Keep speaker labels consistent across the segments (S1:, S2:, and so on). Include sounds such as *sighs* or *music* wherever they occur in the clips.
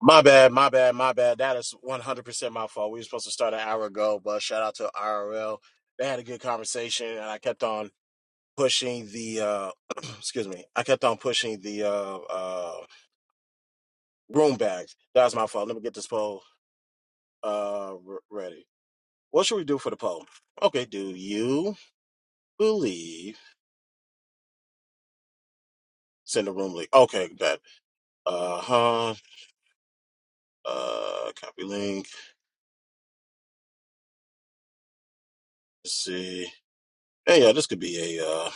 S1: My bad, my bad, my bad. That is 100% my fault. We were supposed to start an hour ago, but shout out to IRL. They had a good conversation, and I kept on pushing the, uh, *clears throat* excuse me, I kept on pushing the uh, uh, room bags. That was my fault. Let me get this poll uh, re- ready. What should we do for the poll? Okay, do you believe? Send a room link. Okay, bet. Uh huh. Uh, copy link. Let's see. Hey, yeah, this could be a, uh,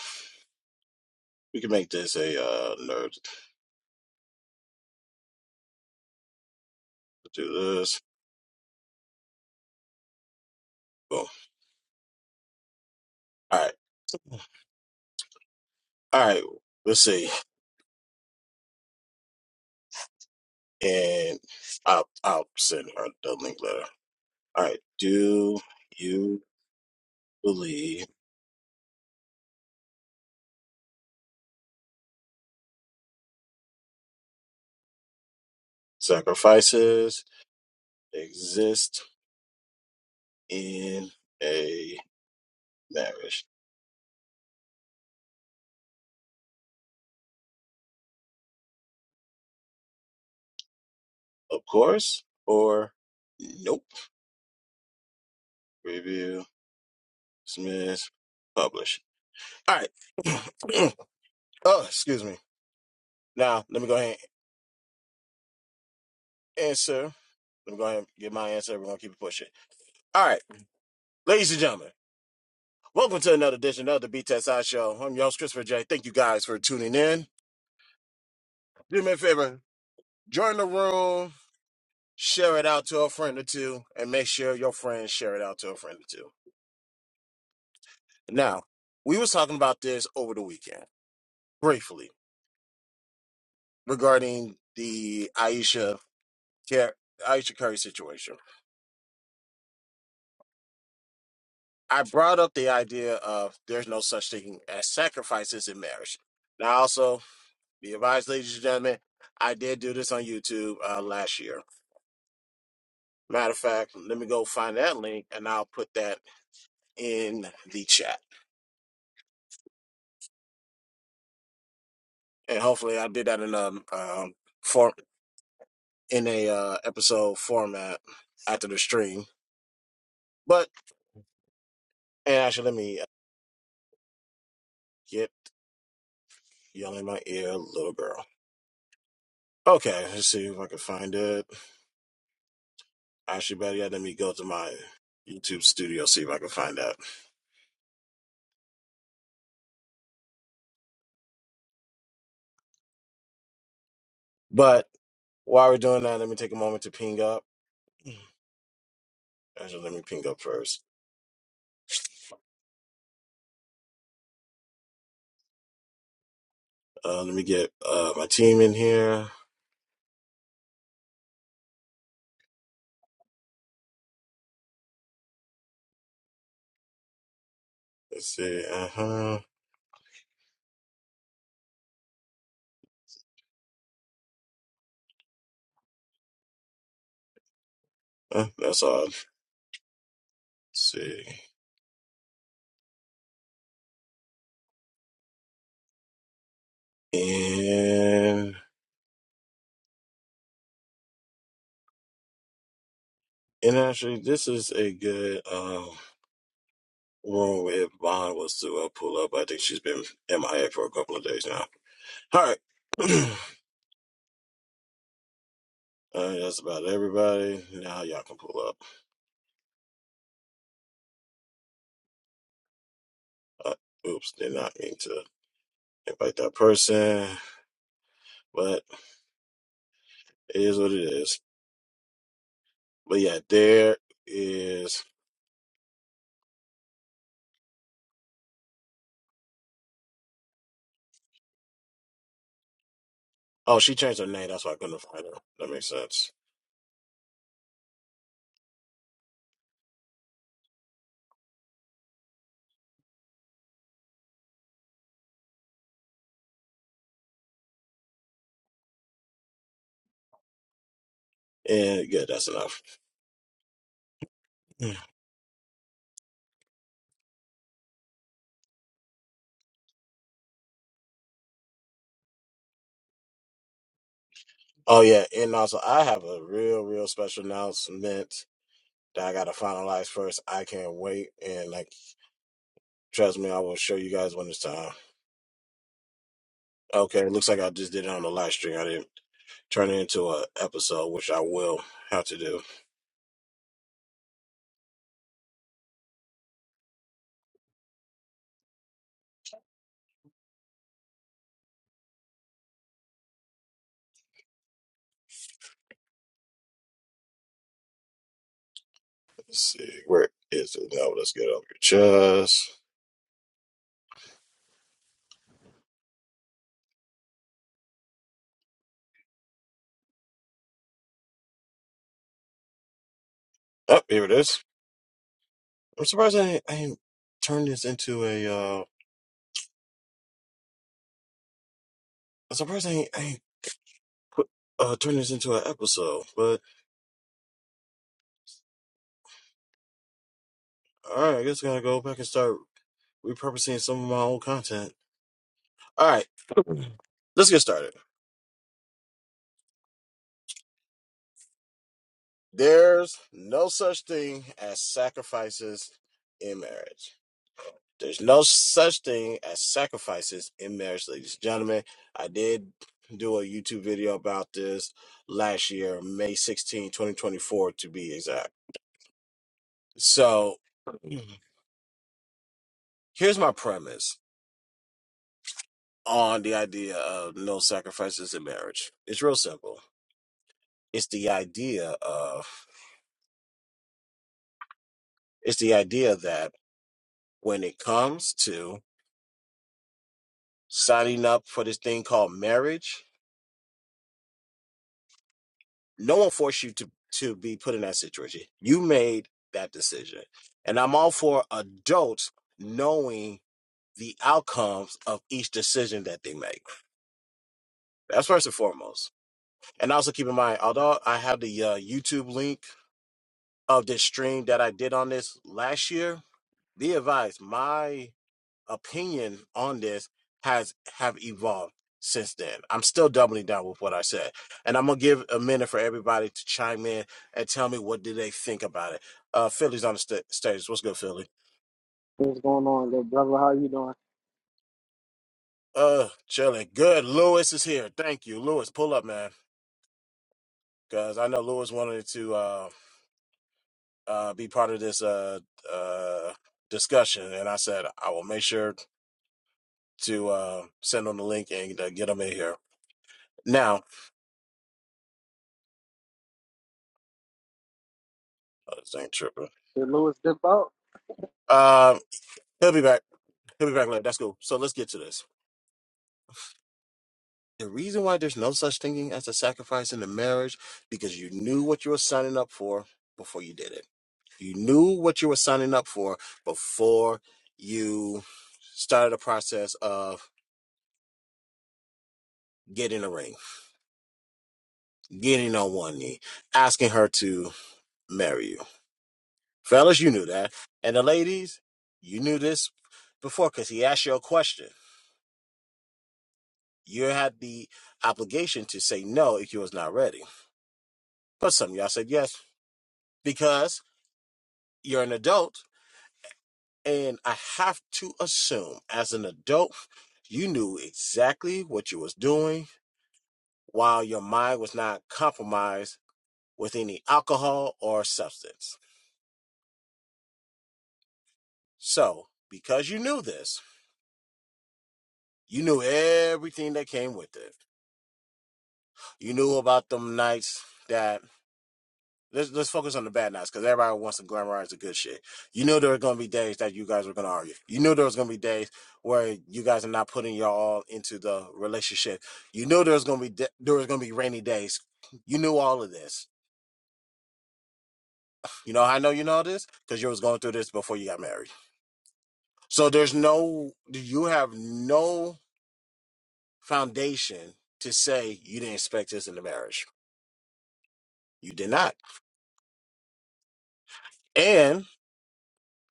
S1: we can make this a uh, nerd Just boom. All right, all right. Let's see, and I'll I'll send her the link letter. All right. Do you believe sacrifices exist in a marriage? Of course, or nope. Review, dismiss, publish. All right. *clears throat* oh, excuse me. Now let me go ahead and answer. Let me go ahead and get my answer. We're gonna keep it pushing. All right, ladies and gentlemen. Welcome to another edition of the B Test I Show. I'm your host, Christopher J. Thank you guys for tuning in. Do me a favor, join the room, share it out to a friend or two, and make sure your friends share it out to a friend or two. Now, we was talking about this over the weekend, briefly, regarding the Aisha Car- Aisha Curry situation. I brought up the idea of there's no such thing as sacrifices in marriage. Now, also, be advised, ladies and gentlemen, I did do this on YouTube uh, last year Matter of fact, let me go find that link and I'll put that in the chat. And hopefully, I did that in a um, form in a uh, episode format after the stream. But and actually, let me uh, get yelling in my ear, little girl. Okay, let's see if I can find it. Actually, better yet, let me go to my YouTube studio see if I can find that. But while we're doing that, let me take a moment to ping up. *clears throat* Actually, let me ping up first. Uh, let me get uh, my team in here. Let's see. Uh huh. Uh, That's all. Let's see. And and actually, this is a good um, room if Vaughn was to uh, pull up. I think she's been MIA for a couple of days now. All right. *clears throat* uh, that's about everybody. Now y'all can pull up. Uh, oops, did not mean to invite that person, but it is what it is. But yeah, there is. Oh, she changed her name. That's why I couldn't find her. That makes sense. And yeah, that's enough. Oh yeah, and also I have a real, real special announcement that I gotta finalize first. I can't wait, and like trust me, I will show you guys when it's time. Okay, looks like I just did it on the live stream. I didn't turn it into a episode, which I will have to do. Let's see, where is it? now. let's get it off your chest. Oh, here it is. I'm surprised I ain't, I ain't turned this into a. uh I'm surprised I ain't, I ain't uh, turned this into an episode. But all right, I guess I gotta go back and start repurposing some of my old content. All right, let's get started. There's no such thing as sacrifices in marriage. There's no such thing as sacrifices in marriage, ladies and gentlemen. I did do a YouTube video about this last year, May 16, 2024, to be exact. So here's my premise on the idea of no sacrifices in marriage. It's real simple. It's the idea of, it's the idea that when it comes to signing up for this thing called marriage. No one forced you to, to be put in that situation. You made that decision. And I'm all for adults knowing the outcomes of each decision that they make. That's first and foremost. And also keep in mind, although I have the uh, YouTube link of this stream that I did on this last year, be advised, my opinion on this has have evolved since then. I'm still doubling down with what I said. And I'm gonna give a minute for everybody to chime in and tell me what do they think about it. Uh Philly's on the sta stage. What's good, Philly?
S2: What's going on, good brother? How you doing?
S1: Uh chilling. Good. Lewis is here. Thank you. Lewis, pull up, man. Cause I know Lewis wanted to uh uh be part of this uh uh discussion and I said I will make sure to uh send him the link and uh, get him in here. Now, oh, this ain't tripping.
S2: Did Lewis dip out?
S1: Uh, he'll be back. He'll be back. later. That's cool. So let's get to this. The reason why there's no such thing as a sacrifice in the marriage because you knew what you were signing up for before you did it. You knew what you were signing up for before you started the process of getting a ring, getting on one knee, asking her to marry you. Fellas, you knew that. And the ladies, you knew this before because he asked you a question. You had the obligation to say no if you was not ready. But some of y'all said yes because you're an adult and i have to assume as an adult you knew exactly what you was doing while your mind was not compromised with any alcohol or substance so because you knew this you knew everything that came with it you knew about them nights that Let's let's focus on the bad nights because everybody wants to glamorize the good shit. You knew there were going to be days that you guys were going to argue. You knew there was going to be days where you guys are not putting your all into the relationship. You knew there was going to be da- there was going to be rainy days. You knew all of this. You know I know you know this because you was going through this before you got married. So there's no you have no foundation to say you didn't expect this in the marriage. You did not. And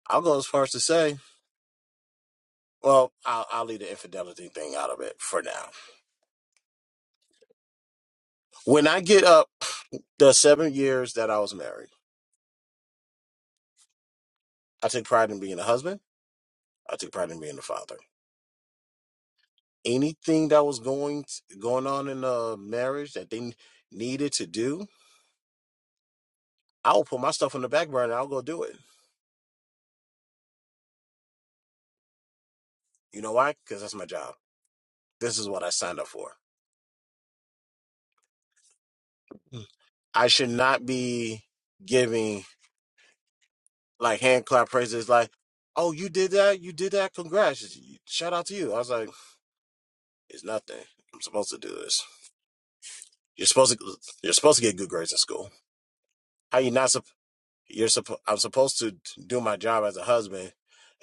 S1: I'll go as far as to say, well, I'll, I'll leave the infidelity thing out of it for now When I get up the seven years that I was married, I took pride in being a husband. I took pride in being a father. Anything that was going going on in a marriage that they needed to do, I will put my stuff on the back burner. I'll go do it. You know why? Because that's my job. This is what I signed up for. Mm. I should not be giving like hand clap praises like, oh, you did that, you did that, congrats, shout out to you. I was like, it's nothing. I'm supposed to do this. You're supposed to you're supposed to get good grades in school How you not? sup- You're supposed. I'm supposed to do my job as a husband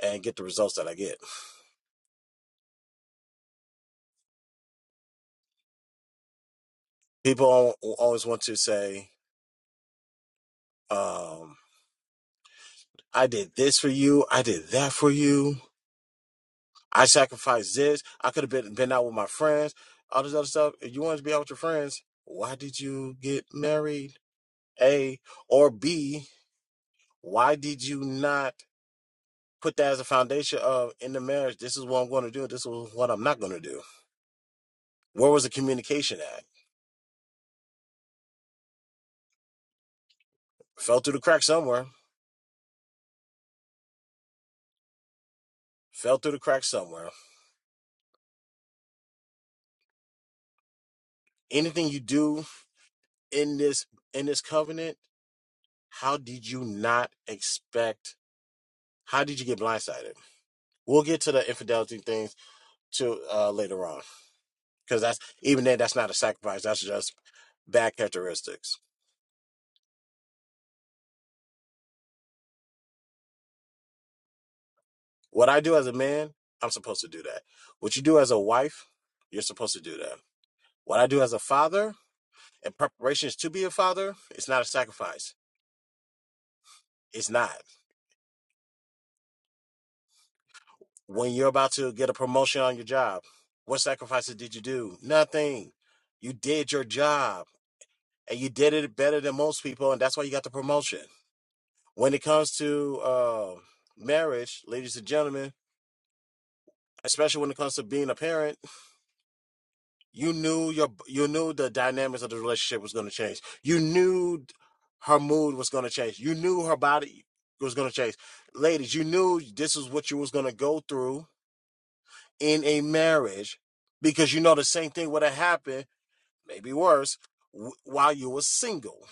S1: and get the results that I get. People al- always want to say, um, "I did this for you. I did that for you. I sacrificed this. I could have been been out with my friends. All this other stuff. If you wanted to be out with your friends, why did you get married? A or B? Why did you not?" Put that as a foundation of in the marriage. This is what I'm going to do. This is what I'm not going to do. Where was the communication at? fell through the crack somewhere. fell through the cracks somewhere. Anything you do in this in this covenant, how did you not expect? How did you get blindsided? We'll get to the infidelity things to uh, later on, because that's even then that's not a sacrifice. That's just bad characteristics. What I do as a man, I'm supposed to do that. What you do as a wife, you're supposed to do that. What I do as a father, in preparations to be a father, it's not a sacrifice. It's not. When you're about to get a promotion on your job, what sacrifices did you do? Nothing. You did your job and you did it better than most people, and that's why you got the promotion. When it comes to uh, marriage, ladies and gentlemen, especially when it comes to being a parent, you knew your you knew the dynamics of the relationship was going to change. You knew her mood was going to change. You knew her body was going to change. Ladies, you knew this is what you was going to go through in a marriage because you know the same thing would have happened, maybe worse, w- while you were single.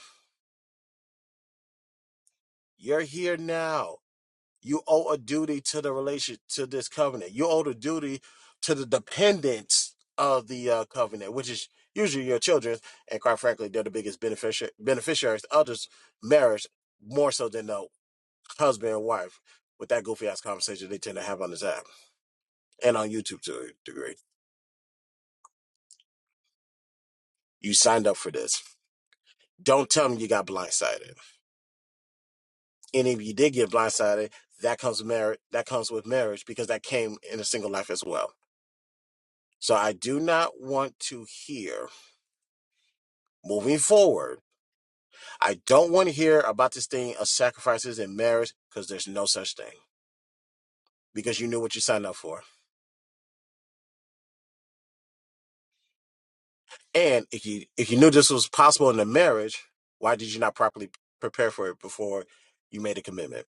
S1: You're here now. You owe a duty to the relation to this covenant. You owe the duty to the dependents of the uh, covenant, which is usually your children, and quite frankly, they're the biggest beneficia- beneficiaries of this marriage, more so than the husband and wife. With that goofy ass conversation they tend to have on this app and on YouTube to a degree. You signed up for this. Don't tell me you got blindsided. And if you did get blindsided, that comes marriage. That comes with marriage because that came in a single life as well. So I do not want to hear moving forward. I don't want to hear about this thing of sacrifices in marriage because there's no such thing. Because you knew what you signed up for, and if you if you knew this was possible in the marriage, why did you not properly prepare for it before you made a commitment?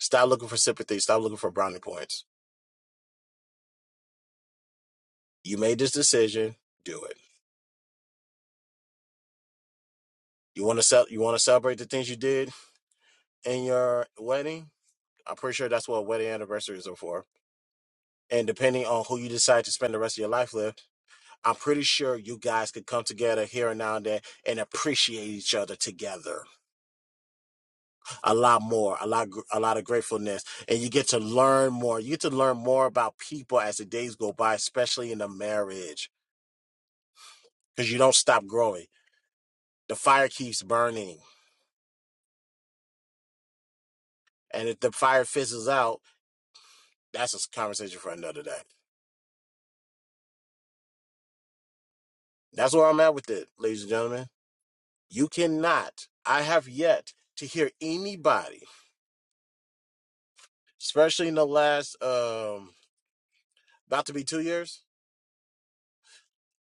S1: Stop looking for sympathy. Stop looking for brownie points. You made this decision. Do it. You want to sell. You want to celebrate the things you did in your wedding. I'm pretty sure that's what wedding anniversaries are for. And depending on who you decide to spend the rest of your life with, I'm pretty sure you guys could come together here and now and then and appreciate each other together a lot more, a lot, gr- a lot of gratefulness, and you get to learn more. You get to learn more about people as the days go by, especially in a marriage, because you don't stop growing. The fire keeps burning, and if the fire fizzles out, that's a s- conversation for another day. That's where I'm at with it, ladies and gentlemen. You cannot. I have yet to hear anybody, especially in the last um about to be two years.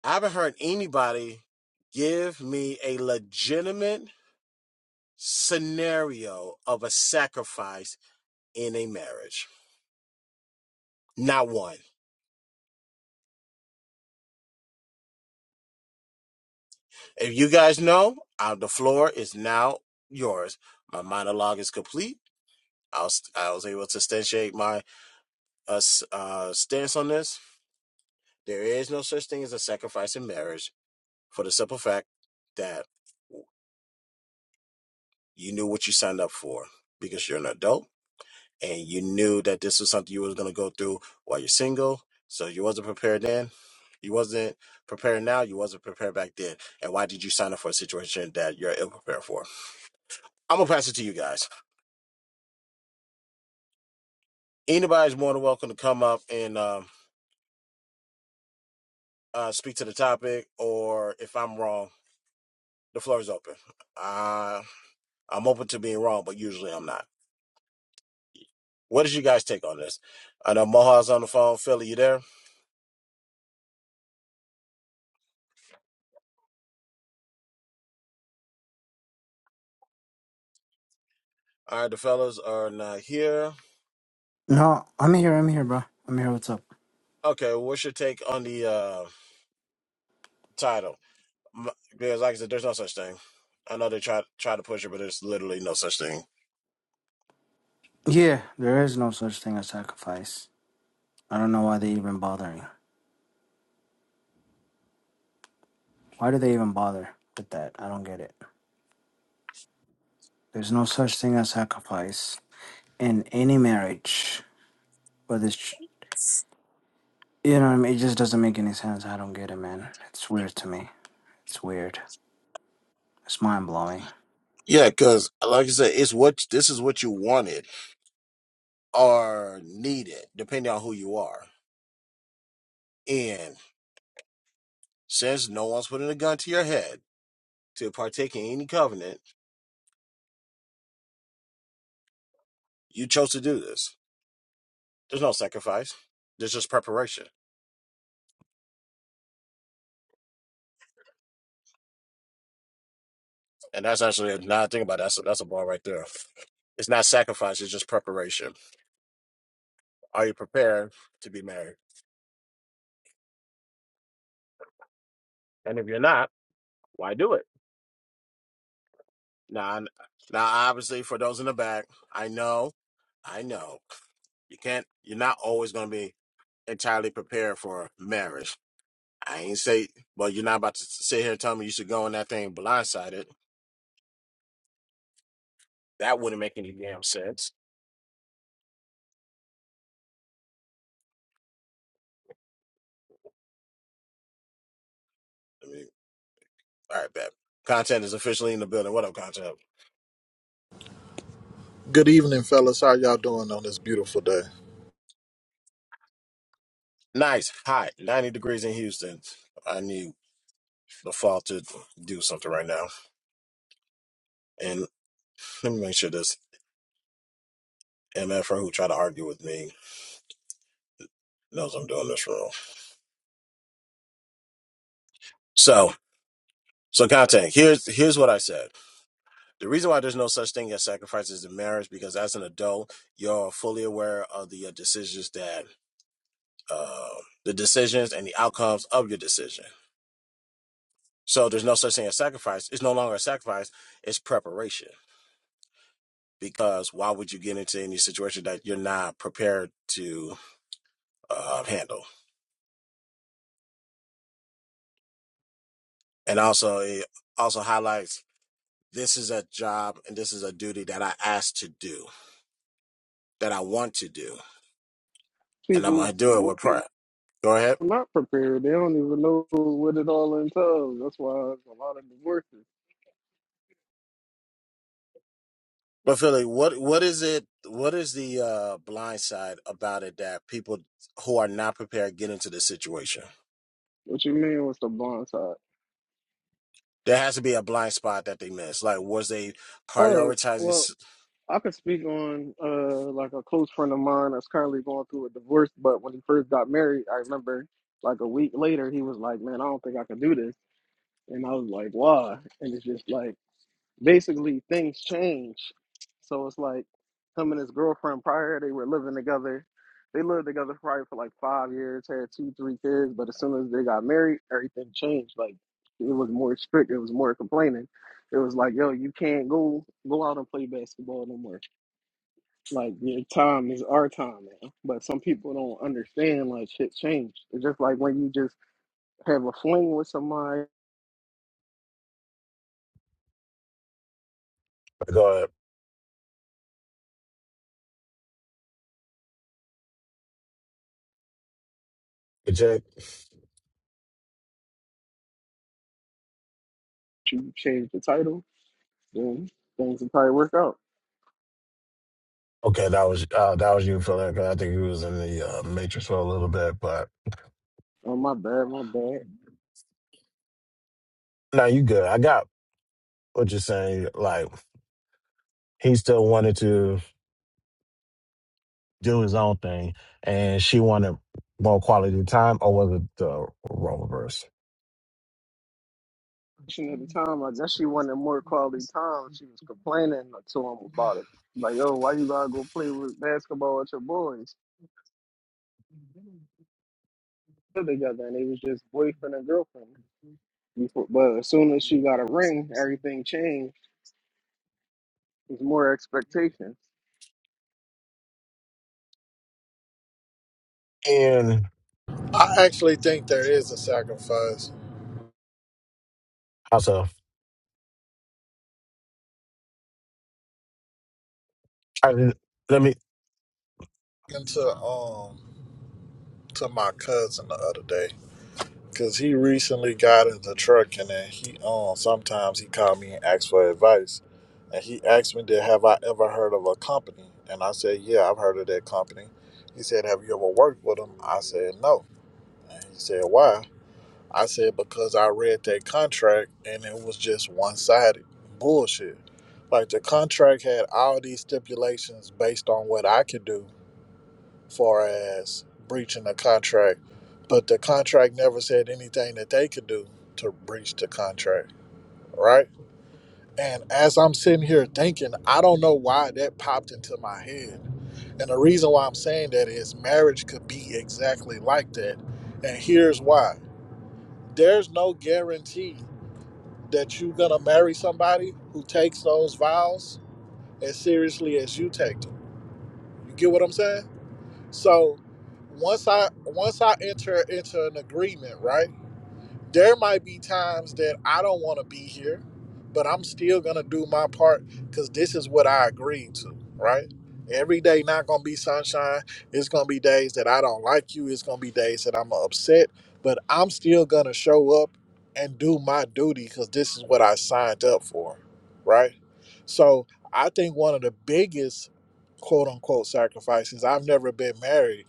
S1: I haven't heard anybody give me a legitimate scenario of a sacrifice in a marriage. Not one. If you guys know, uh, the floor is now yours. My monologue is complete. I was, I was able to substantiate my uh, uh, stance on this. There is no such thing as a sacrifice in marriage for the simple fact that you knew what you signed up for because you're an adult and you knew that this was something you was going to go through while you're single. So you wasn't prepared then. You wasn't prepared now. You wasn't prepared back then. And why did you sign up for a situation that you're ill prepared for? I'm gonna pass it to you guys. Anybody's more than welcome to come up and um, uh, speak to the topic, or if I'm wrong, the floor is open. Uh, I'm open to being wrong, but usually I'm not. What is you guys' take on this? I know Moha's on the phone. Philly, you there? All right, the fellas are not here.
S3: No, I'm here. I'm here, bro. I'm here. What's up?
S1: Okay, well, what's your take on the uh, title? M- Because, like I said, there's no such thing. I know they try try to push it, but there's literally no such thing.
S3: Yeah, there is no such thing as sacrifice. I don't know why they even bothering. Why do they even bother with that? I don't get it. There's no such thing as sacrifice in any marriage. But it's, you know what I mean? It just doesn't make any sense. I don't get it, man. It's weird to me. It's weird. It's mind blowing.
S1: Yeah, because like I said, it's what this is what you wanted or needed, depending on who you are. And since no one's putting a gun to your head to partake in any covenant, you chose to do this. There's no sacrifice. There's just preparation And that's actually now I think about it, that's a, that's a ball right there. It's not sacrifice; it's just preparation. Are you prepared to be married? And if you're not, why do it? Now, I- now, obviously, for those in the back, I know, I know, you can't. You're not always going to be entirely prepared for marriage. I ain't say, well, you're not about to sit here and tell me you should go in that thing blindsided. That wouldn't make any damn sense. I mean, All right, bet. Content is officially in the building. What up, content?
S4: Good evening, fellas. How y'all doing on this beautiful day?
S1: Nice, hot, 90 degrees in Houston. I need the fall to do something right now. And let me make sure this MFR who tried to argue with me knows I'm doing this wrong. So, so content, here's here's what I said. The reason why there's no such thing as sacrifices in marriage because as an adult, you're fully aware of the uh, decisions that uh, the decisions and the outcomes of your decision. So there's no such thing as sacrifice. It's no longer a sacrifice. It's preparation because why would you get into any situation that you're not prepared to uh, handle? And also, it also highlights this is a job and this is a duty that I asked to do, that I want to do, and I'm going
S2: People
S1: to do it with pride. Go ahead.
S2: not prepared. They don't even know what it all entails. That's why there's a lot of divorces.
S1: But Philly, what what is it? What is the uh, blind side about it that people who are not prepared get into this situation?
S2: What you mean? What's the blind side?
S1: There has to be a blind spot that they miss. Like, was they
S2: Oh,
S1: prioritizing?
S2: well, I could speak on uh like a close friend of mine that's currently going through a divorce. But when he first got married, I remember like a week later he was like, "Man, I don't think I can do this," and I was like, "Why?" And it's just like basically things change. So it's like him and his girlfriend prior, they were living together. They lived together probably for like five years, had two, three kids, but as soon as they got married, everything changed. Like it was more strict, it was more complaining. It was like, yo, you can't go go out and play basketball no more. Like your time is our time now. But some people don't understand like shit changed. It's just like when you just have a fling with somebody,
S1: Go ahead, Jake.
S2: you change the title, then things will probably work out.
S1: Okay, that was uh, that was you, Philip. 'cause I think you was in the uh, matrix for a little bit, but
S2: Oh my bad, my bad.
S1: no, you good. I got what you're saying. Like he still wanted to do his own thing, and she wanted more quality time, or was it the role reverse?
S2: She At the time, I guess she wanted more quality time. She was complaining to him about it. Like, yo, why you gotta go play with basketball with your boys? They're together, and they was just boyfriend and girlfriend. Before, but as soon as she got a ring, everything changed. There's more expectations,
S1: And
S4: I actually think there is a sacrifice
S1: also, I, let me.
S4: into um to my cousin the other day because he recently got in the truck and then he um sometimes he called me and asked for advice and he asked me did have I ever heard of a company and I said yeah I've heard of that company. He said have you ever worked with them? I said no. And he said why? I said because I read that contract and it was just one sided bullshit. Like the contract had all these stipulations based on what I could do far as breaching the contract, but the contract never said anything that they could do to breach the contract, right? And as I'm sitting here thinking, I don't know why that popped into my head. And the reason why I'm saying that is marriage could be exactly like that. And here's why there's no guarantee that you're gonna marry somebody who takes those vows as seriously as you take them. You get what I'm saying? So once I once I enter into an agreement, right? there might be times that I don't want to be here, but I'm still going to do my part because this is what I agreed to, right? Every day not going to be sunshine. It's going to be days that I don't like you. It's going to be days that I'm upset, but I'm still going to show up and do my duty because this is what I signed up for, right? So I think one of the biggest quote unquote sacrifices, I've never been married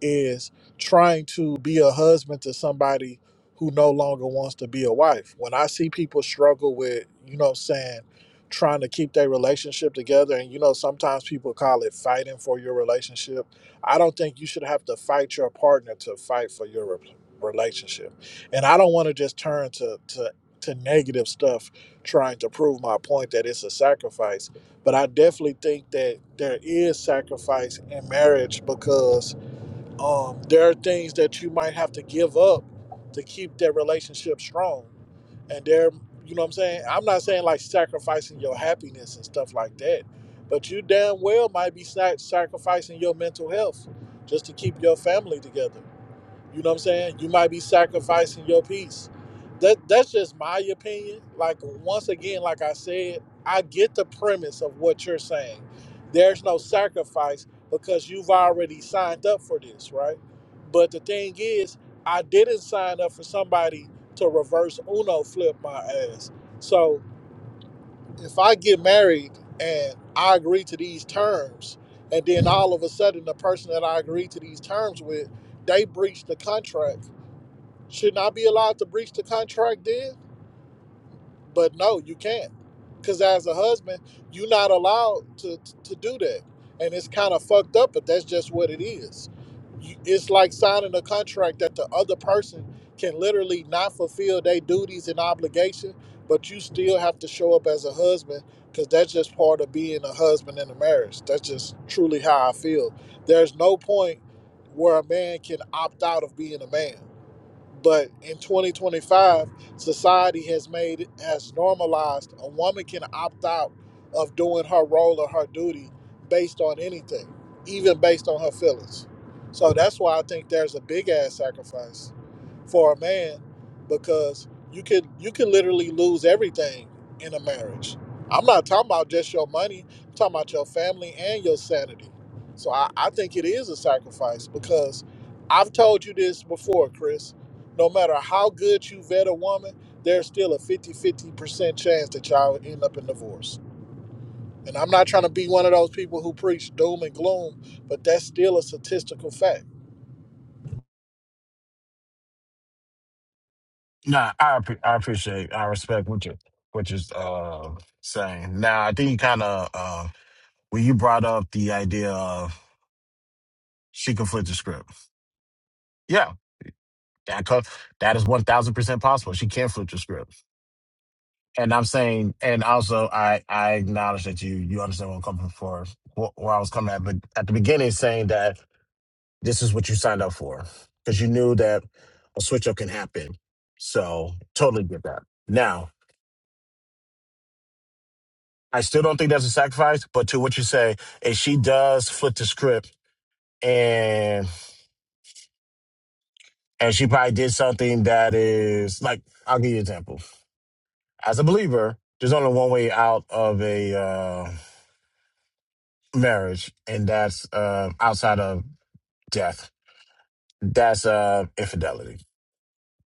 S4: is trying to be a husband to somebody who no longer wants to be a wife. When I see people struggle with, you know what I'm saying, trying to keep their relationship together, and you know, sometimes people call it fighting for your relationship. I don't think you should have to fight your partner to fight for your re- relationship. And I don't want to just turn to, to, to negative stuff trying to prove my point that it's a sacrifice. But I definitely think that there is sacrifice in marriage because um, there are things that you might have to give up to keep that relationship strong and there you know what i'm saying i'm not saying like sacrificing your happiness and stuff like that but you damn well might be sac- sacrificing your mental health just to keep your family together you know what I'm saying? You might be sacrificing your peace. That that's just my opinion. Like once again, like I said, I get the premise of what you're saying. There's no sacrifice because you've already signed up for this, right? But the thing is, I didn't sign up for somebody to reverse Uno flip my ass. So if I get married and I agree to these terms, and then all of a sudden the person that I agreed to these terms with, they breach the contract Shouldn't I be allowed to breach the contract then? But no, you can't. Because as a husband, you're not allowed to, to do that. And it's kind of fucked up, but that's just what it is. You- It's like signing a contract that the other person can literally not fulfill their duties and obligation, but you still have to show up as a husband because that's just part of being a husband in a marriage. That's just truly how I feel. There's no point where a man can opt out of being a man but in 2025, society has made has normalized a woman can opt out of doing her role or her duty based on anything, even based on her feelings. So that's why I think there's a big ass sacrifice for a man because you could you could literally lose everything in a marriage. I'm not talking about just your money. I'm talking about your family and your sanity. So I, I think it is a sacrifice because I've told you this before, Chris. No matter how good you vet a woman, there's still a fifty-fifty percent chance that y'all end up in divorce. And I'm not trying to be one of those people who preach doom and gloom, but that's still a statistical fact.
S1: Nah, I appre- I appreciate, I respect what you what you're uh, saying. Now, I think you kind of uh, when you brought up the idea of she can flip the script. Yeah, That co- that is one thousand percent possible. She can flip the script, and I'm saying, and also I I acknowledge that you you understand what I'm coming for, wh- where I was coming at, but at the beginning saying that this is what you signed up for because you knew that a switch up can happen. So totally get that. Now I still don't think that's a sacrifice, but to what you say, if she does flip the script and and she probably did something that is like I'll give you an example. as a believer, there's only one way out of a uh, marriage, and that's uh, outside of death. That's uh, infidelity,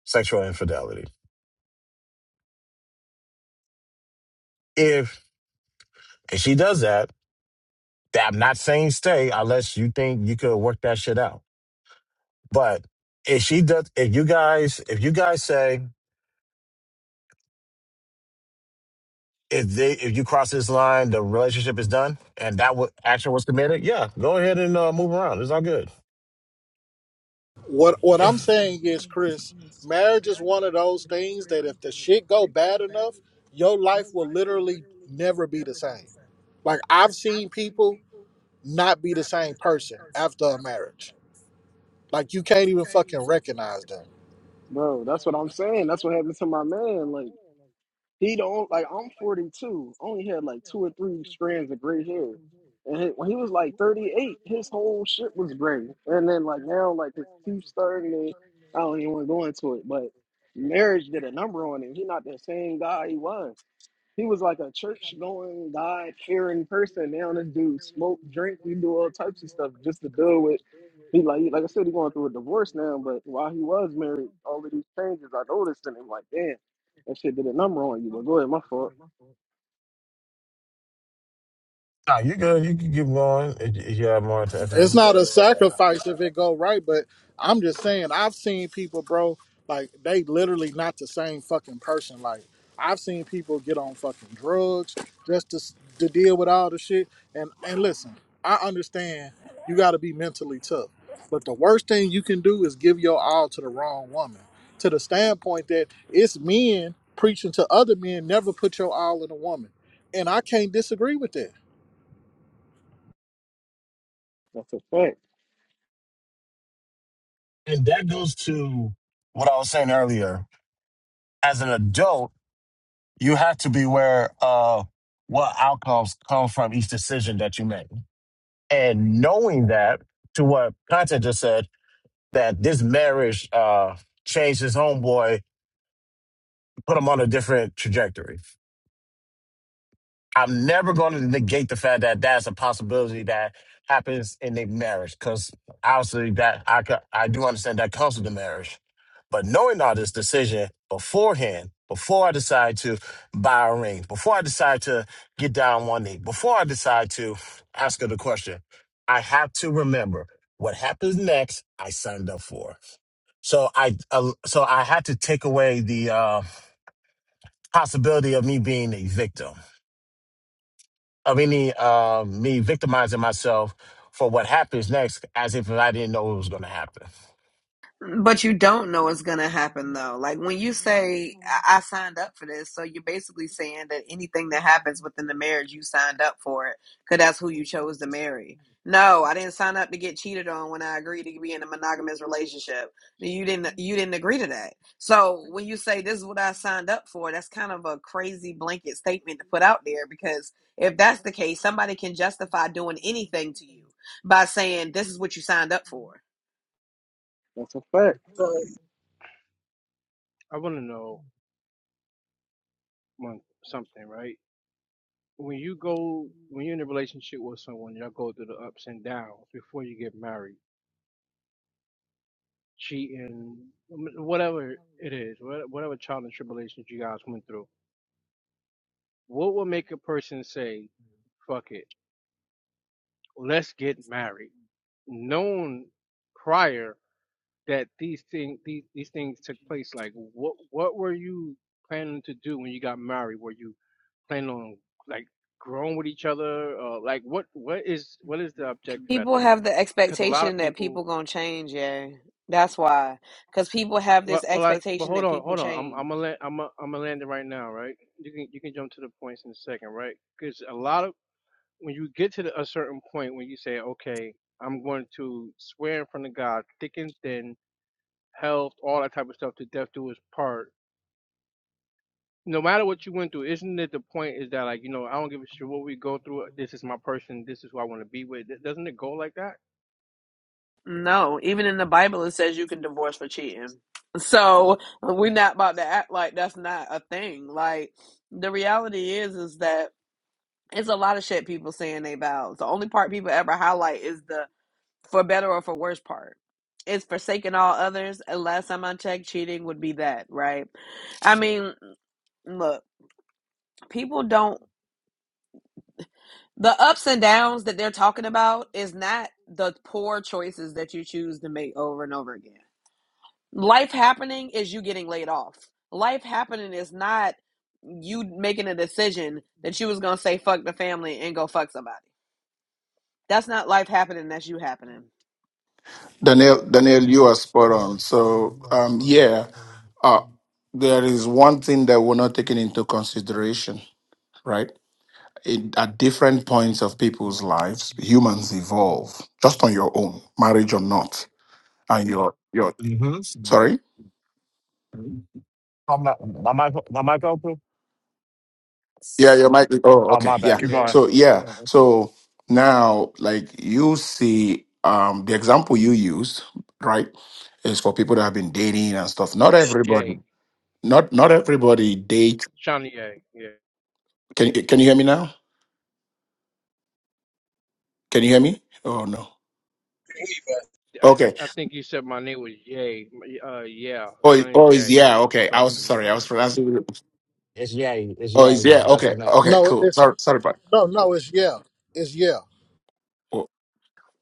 S1: sexual infidelity. If and she does that, that- I'm not saying stay unless you think you could work that shit out. But if she does, if you guys, if you guys say if they if you cross this line, the relationship is done, and that wa action was committed, yeah, go ahead and uh, move around. It's all good. *laughs*
S4: What what
S1: Yeah.
S4: I'm saying is, Chris, marriage is one of those things that if the shit go bad enough, your life will literally never be the same. Like I've seen people not be the same person after a marriage. Like you can't even fucking recognize them.
S2: bro. That's what I'm saying. That's what happened to my man. Like. He don't like I'm 42. Only had like two or three strands of gray hair, and he- when he was like 38, his whole shit was gray. And then like now, like his teeth starting to. I don't even want to go into it, but marriage did a number on him. He not the same guy he was. He was like a church going, God fearing person. Now this dude smoke, drink, he do all types of stuff just to deal with. He like like I said, he going through a divorce now, but while he was married, all of these changes I noticed in him like, damn, that shit did a number on you. But go ahead, my fault.
S1: Nah, you good. You can keep going if, if you have more to add.
S4: It's not a sacrifice if it go right, but I'm just saying I've seen people, bro, like they literally not the same fucking person. Like I've seen people get on fucking drugs just to s- to deal with all the shit. And and listen, I understand you got to be mentally tough, but the worst thing you can do is give your all to the wrong woman. To the standpoint that it's men preaching to other men, never put your all in a woman, and I can't disagree with that.
S2: That's a fact.
S1: And that goes to what I was saying earlier. As an adult, you have to be aware of what outcomes come from each decision that you make. And knowing that, to what Content just said, that this marriage uh, changed his homeboy, put him on a different trajectory. I'm never going to negate the fact that that's a possibility that happens in a marriage because obviously that I co- I do understand that comes with the marriage. But knowing all this decision beforehand, before I decide to buy a ring, before I decide to get down on one knee, before I decide to ask her the question, I have to remember what happens next. I signed up for. So I uh, so I had to take away the uh, possibility of me being a victim of any uh, me victimizing myself for what happens next as if I didn't know it was going to happen.
S5: But you don't know what's gonna happen though. Like when you say I-, I signed up for this, so you're basically saying that anything that happens within the marriage, you signed up for it because that's who you chose to marry. No, I didn't sign up to get cheated on when I agreed to be in a monogamous relationship. You didn't. You didn't agree to that. So when you say this is what I signed up for, that's kind of a crazy blanket statement to put out there because if that's the case, somebody can justify doing anything to you by saying this is what you signed up for.
S2: That's a fact.
S6: So I want to know one something, right? When you go, when you're in a relationship with someone, y'all go through the ups and downs before you get married, cheating, um, whatever it is, wha- whatever trial and tribulations you guys went through. What would make a person say, "Fuck it, let's get married"? Known prior that these thing these these things took place like what what were you planning to do when you got married were you planning on like growing with each other uh, like what what is what is the objective
S5: People
S6: after that
S5: have the
S6: because a lot
S5: expectation
S6: of
S5: that
S6: people
S5: people gonna change, yeah. That's why. Because people have
S6: well
S5: this
S6: well I well
S5: expectation
S6: hold
S5: that
S6: on
S5: people
S6: hold on I'm
S5: change.
S6: I'm a land, I'm a, I'm a landing right now right you can you can jump to the points in a second right because a lot of when you get to the, a certain point when you say okay I'm going to swear in front of God thick and thin health all that type of stuff to death do his part no matter what you went through, isn't it the point is that like you know I don't give a shit what we go through. This is my person. This is who I want to be with. Th- Doesn't it go like that?
S5: No, even in the Bible it says you can divorce for cheating. So we're not about to act like that's not a thing. Like the reality is is that it's a lot of shit people saying they vows. The only part people ever highlight is the for better or for worse part. It's forsaking all others. And last time I checked, cheating would be that, right? I mean, look, people don't. The ups and downs that they're talking about is not the poor choices that you choose to make over and over again. Life happening is you getting laid off. Life happening is not you making a decision that you was going to say fuck the family and go fuck somebody. That's not life happening, that's you happening.
S7: Daniel, Daniel, you are spot on. So, um, yeah, uh, there is one thing that we're not taking into consideration, right? In, at different points of people's lives, humans evolve just on your own, marriage or not. And your your sorry, yeah, your mic. Oh, okay, yeah.
S6: Yeah,
S7: So yeah, so now like you see, um, the example you used, right, is for people that have been dating and stuff. Not everybody,
S6: Jay.
S7: not not everybody dates
S6: Shawnee Yay. Yeah,
S7: Can can you hear me now? Can you hear me? Oh no.
S6: I,
S7: Okay.
S6: I think you said my name was Jay. Uh, yeah,
S7: Oh,
S6: my name is
S7: oh, is
S6: Jay.
S7: yeah.
S6: If you're
S7: Okay. I
S6: talking
S7: was
S6: to me,
S7: sorry. I was pronouncing.
S1: It's Yay. It's
S7: Oh, is
S1: Yay.
S7: yeah.
S1: That's
S7: Okay.
S1: his name.
S7: Okay.
S4: No,
S7: Cool.
S4: it's
S7: Sorry. Sorry, but.
S4: No, no, it's yeah. It's yeah.
S7: oh.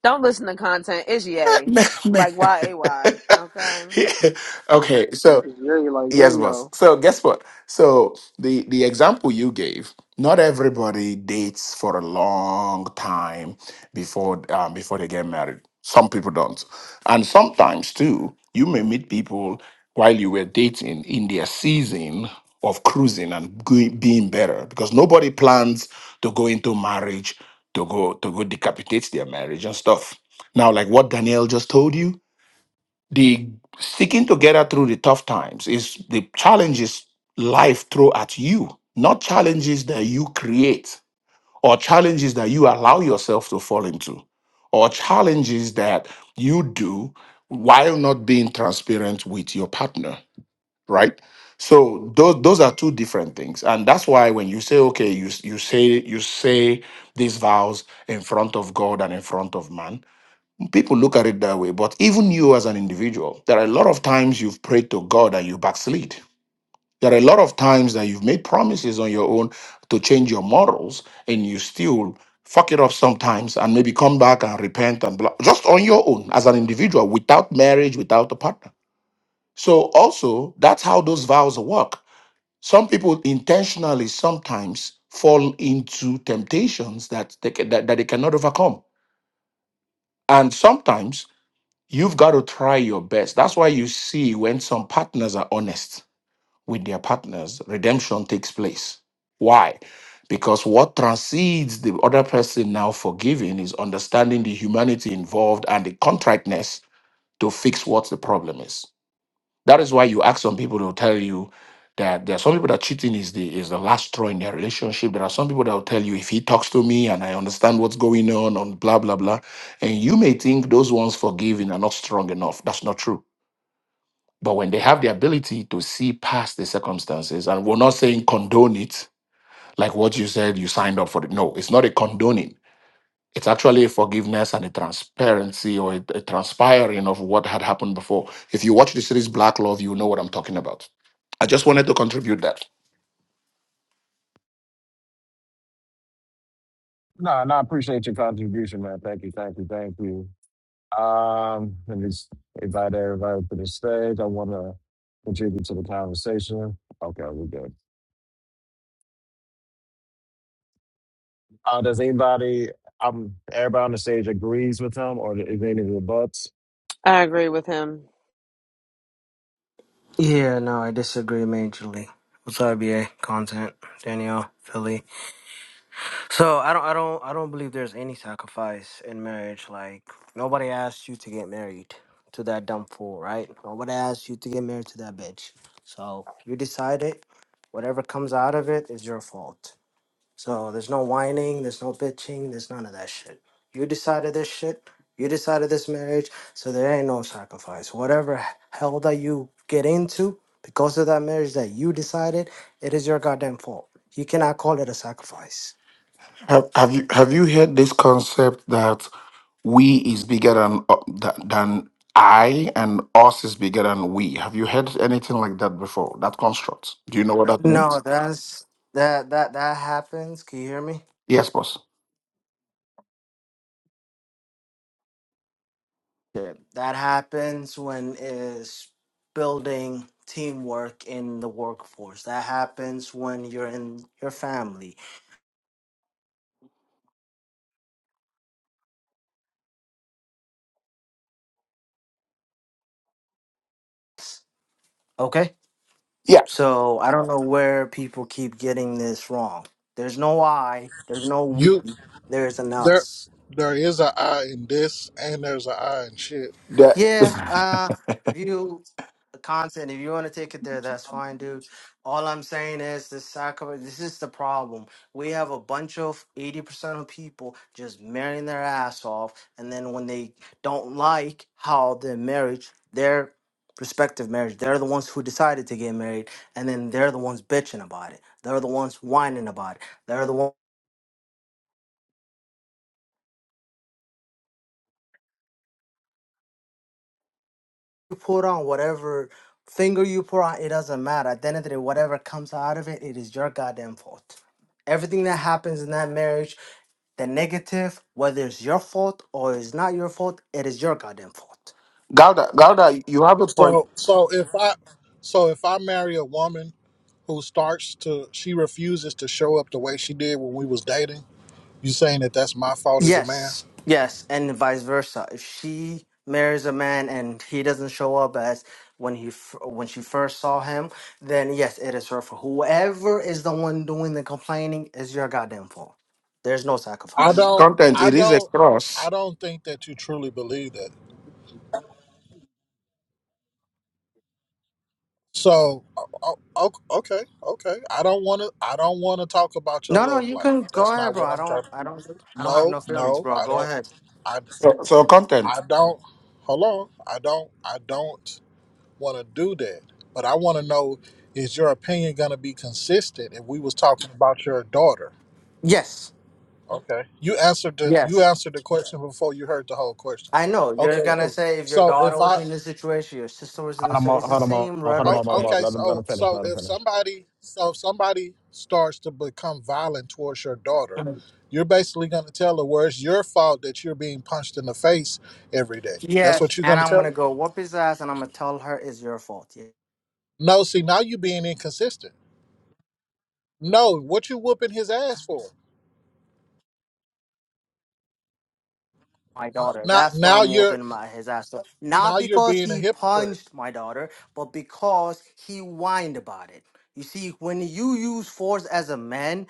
S5: Don't listen to content. It's
S7: *laughs*
S5: ye
S7: Man, man.
S5: Like Y A Y.
S7: *laughs*
S5: Okay.
S7: Yeah. okay. so
S2: Yeah, like yeah,
S7: Yes, boss.
S2: yo.
S7: So guess what? So the the example you gave, not everybody dates for a long time before um, before they get married. Some people don't, and sometimes too, you may meet people while you were dating in their season of cruising and going, being better because nobody plans to go into marriage to go to go decapitate their marriage and stuff. Now, like what Danielle just told you, the sticking together through the tough times is the challenges life throw at you not challenges that you create or challenges that you allow yourself to fall into or challenges that you do while not being transparent with your partner right so those those are two different things and that's why when you say okay you you say you say these vows in front of god and in front of man People look at it that way, but even you as an individual, there are a lot of times you've prayed to God and you backslid. There are a lot of times that you've made promises on your own to change your morals and you still fuck it up sometimes and maybe come back and repent and blah, just on your own as an individual without marriage, without a partner. So, also, that's how those vows work. Some people intentionally sometimes fall into temptations that they, ca- that, that they cannot overcome. And sometimes You've got to try your best. That's why you see when some partners are honest with their partners, redemption takes place. Why? Because what transcends the other person now forgiving is understanding the humanity involved and the contriteness to fix what the problem is. That is why you ask some people to tell you that there are some people that cheating is the is the last straw in their relationship. There are some people that will tell you if he talks to me and I understand what's going on on blah blah blah. And you may think those ones forgiving are not strong enough. That's not true. But when they have the ability to see past the circumstances, and we're not saying condone it, like what you said, you signed up for it. No, it's not a condoning it's actually a forgiveness and a transparency or a, a transpiring of what had happened before. If you watch the series Black Love, you know what I'm talking about. I just wanted to contribute that.
S5: I agree with him.
S3: Yeah, no, I disagree majorly. What's up, BA? Content, Danielle, Philly. So I don't I don't I don't believe there's any sacrifice in marriage. Like nobody asked you to get married to that dumb fool, right? Nobody asked you to get married to that bitch. So you decide it. Whatever comes out of it is your fault. So there's no whining, there's no bitching, there's none of that shit. You decided this shit. You decided this marriage. So there ain't no sacrifice. Whatever hell that you get into because of that marriage that you decided, it is your goddamn fault. You cannot call it a sacrifice.
S7: Have, have you have you heard this concept that we is bigger than uh, tha- than I and us is bigger than we? Have you heard anything like that before? That construct. Do you know what that means?
S3: No, that's that that that happens. Can you hear me?
S7: Yes, boss.
S3: Yeah. That happens when is building teamwork in the workforce. That happens when you're in your family. Okay?
S7: Yeah.
S3: So I don't know where people keep getting this wrong. There's no I, there's no we,
S4: You
S3: there's an
S4: there
S3: us.
S4: there is a I in this and there's a I in shit.
S7: The,
S3: Yeah,
S7: *laughs*
S3: uh, if you the content, if you want to take it there, that's fine, dude. All I'm saying is this sacrament. This is the problem. We have a bunch of eighty percent of people just marrying their ass off, and then when they don't like how their marriage, their prospective marriage, they're the ones who decided to get married, and then they're the ones bitching about it. They're the ones whining about it. They're the ones. you put on, whatever finger you put on, it doesn't matter. At the end of the day, whatever comes out of it, it is your goddamn fault. Everything that happens in that marriage, the negative, whether it's your fault or it's not your fault, it is your goddamn fault.
S7: Galda, Gouda, you have a point.
S4: So so if I so if I marry a woman who starts to she refuses to show up the way she did when we was dating, you saying that that's my fault as a man?
S3: Yes, yes, and vice versa. If she marries a man and he doesn't show up as when he f- when she first saw him, then yes, it is her fault. Whoever is the one doing the complaining is your goddamn fault. There's no
S4: I
S3: sacrifice.
S4: don't
S7: Content.
S4: I
S7: It is a
S4: don't I
S7: cross.
S4: don't think that you truly believe that. So o- o- okay, okay. I don't want to I don't want to talk about your
S3: No, no,
S4: love
S3: you can
S4: life.
S3: go
S4: That's
S3: ahead,
S4: not
S3: bro.
S4: what
S3: I
S4: I'm trying
S3: don't,
S4: to
S3: I don't, I don't have
S4: No,
S3: no feelings,
S4: no.
S3: bro.
S4: I
S3: Go
S4: don't
S3: ahead.
S7: So, so content.
S4: I don't. Hold on. I don't. I don't want to do that. But I want to know: Is your opinion going to be consistent? If we was talking about your daughter,
S3: Yes,
S4: okay. You answered the you
S3: yes.
S4: answered the question before you heard the whole question.
S3: I know
S4: Okay,
S3: you're gonna
S4: cool.
S3: say if your
S4: So
S3: daughter
S4: if
S3: was
S4: I
S3: in this situation, your sister was in this.
S1: Hold on, hold
S3: It's
S1: on,
S3: the
S1: hold him on,
S3: same
S1: hold him
S4: oh,
S3: rhetoric,
S1: on, hold him on.
S3: bro.
S4: okay,
S1: Let him, let him
S4: so
S1: finish.
S4: so
S1: Let him
S4: if
S1: finish.
S4: somebody so if somebody starts to become violent towards your daughter, you're basically going to tell her where it's your fault that you're being punched in the face every day. That's
S3: Yes,
S4: what you're
S3: and
S4: going to
S3: I'm
S4: tell her.
S3: gonna go whoop his ass, and I'm gonna tell her it's your fault.
S4: No, see now you're being inconsistent. No, what you whooping his ass for?
S3: my daughter.
S4: Now,
S3: That's what
S4: now
S3: I'm
S4: you're
S3: whooping my his ass for.
S4: now
S3: Not
S4: you're
S3: because
S4: being a
S3: he
S4: hypocrite.
S3: punched my daughter, but because he whined about it. You see, when you use force as a man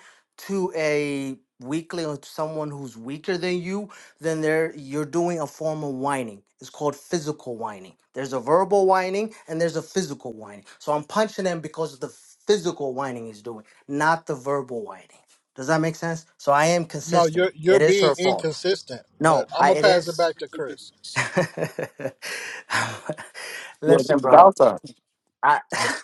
S3: to a weakling or to someone who's weaker than you, then there you're doing a form of whining. It's called physical whining. There's a verbal whining and there's a physical whining. So I'm punching him because of the physical whining he's doing, not the verbal whining. Does that make sense? So I am
S4: No,
S3: consistent.
S4: you're you're
S3: It is
S4: being
S3: her fault.
S4: inconsistent. But
S3: No,
S4: I'm
S3: I,
S4: gonna
S3: it
S4: pass it
S3: is.
S4: back to Chris.
S3: *laughs* Listen, bro.
S7: Yeah,
S3: I *laughs*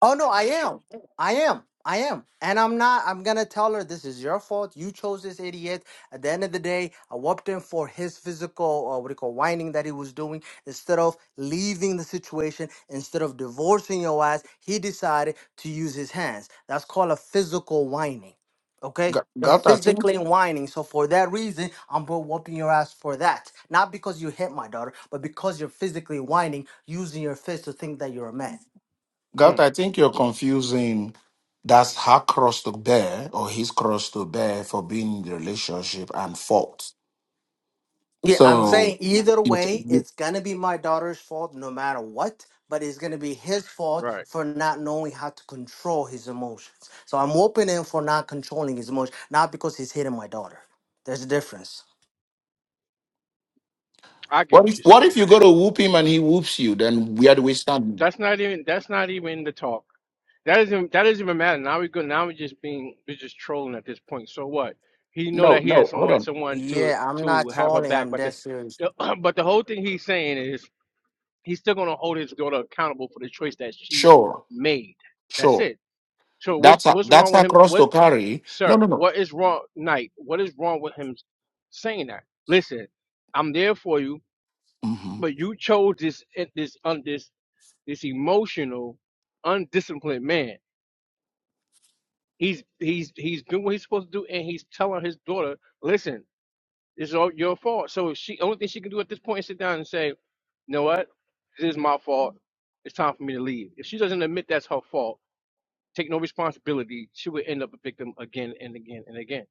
S3: Oh no, I am. I am. I am. And I'm not I'm gonna tell her this is your fault. You chose this idiot. At the end of the day, I whooped him for his physical uh, what do you call whining that he was doing. Instead of leaving the situation, instead of divorcing your ass, he decided to use his hands. That's called a physical whining. Okay?
S7: Ga-
S3: You're
S7: Gat, I think,
S3: physically whining. So for that reason, I'm gonna whooping your ass for that. Not because you hit my daughter, but because you're physically whining, using your fist to think that you're a man.
S7: God,
S6: mm,
S7: I think you're confusing. That's her cross to bear or his cross to bear for being in the relationship and fault.
S3: Yeah, I'm
S6: what?
S7: So,
S3: saying either
S7: you,
S3: way,
S7: you,
S3: it's gonna be my daughter's fault no matter what, but it's gonna be his fault
S6: Right,
S3: for not knowing how to control his emotions. So I'm whooping him for not controlling his emotions, not because he's hitting my daughter. There's a difference.
S6: I get
S7: what
S6: what
S7: if
S6: you're
S7: what
S6: saying.
S7: if you go to whoop him and he whoops you? Then where do we stand?
S6: That's not even that's not even the talk. That isn't that doesn't even matter. Now we go now we're just being we're just trolling at this point. So what? He know
S7: No,
S6: that he has
S7: no, hold
S6: someone
S7: on.
S6: someone to
S3: Yeah, I'm not
S6: to have her
S3: trolling.
S6: back,
S3: I'm
S6: but
S3: dead
S6: this
S3: serious.
S6: the, *clears throat* but the whole thing he's saying is he's still gonna hold his daughter accountable for the choice that she
S7: Sure,
S6: made. That's
S7: sure.
S6: it. So what's
S7: That's a,
S6: what's
S7: that's
S6: wrong with
S7: her
S6: him?
S7: cross
S6: What
S7: to carry. No,
S6: sir,
S7: no, no.
S6: what is wrong Knight? What is wrong with him saying that? Listen, I'm there for you,
S7: hmm
S6: but you chose this this on this this emotional, undisciplined man. He's he's he's doing what he's supposed to do, and he's telling his daughter, "Listen, this is all your fault." So she only thing she can do at this point is sit down and say, "You know what? This is my fault. It's time for me to leave." If she doesn't admit that's her fault, take no responsibility, she would end up a victim again and again and again.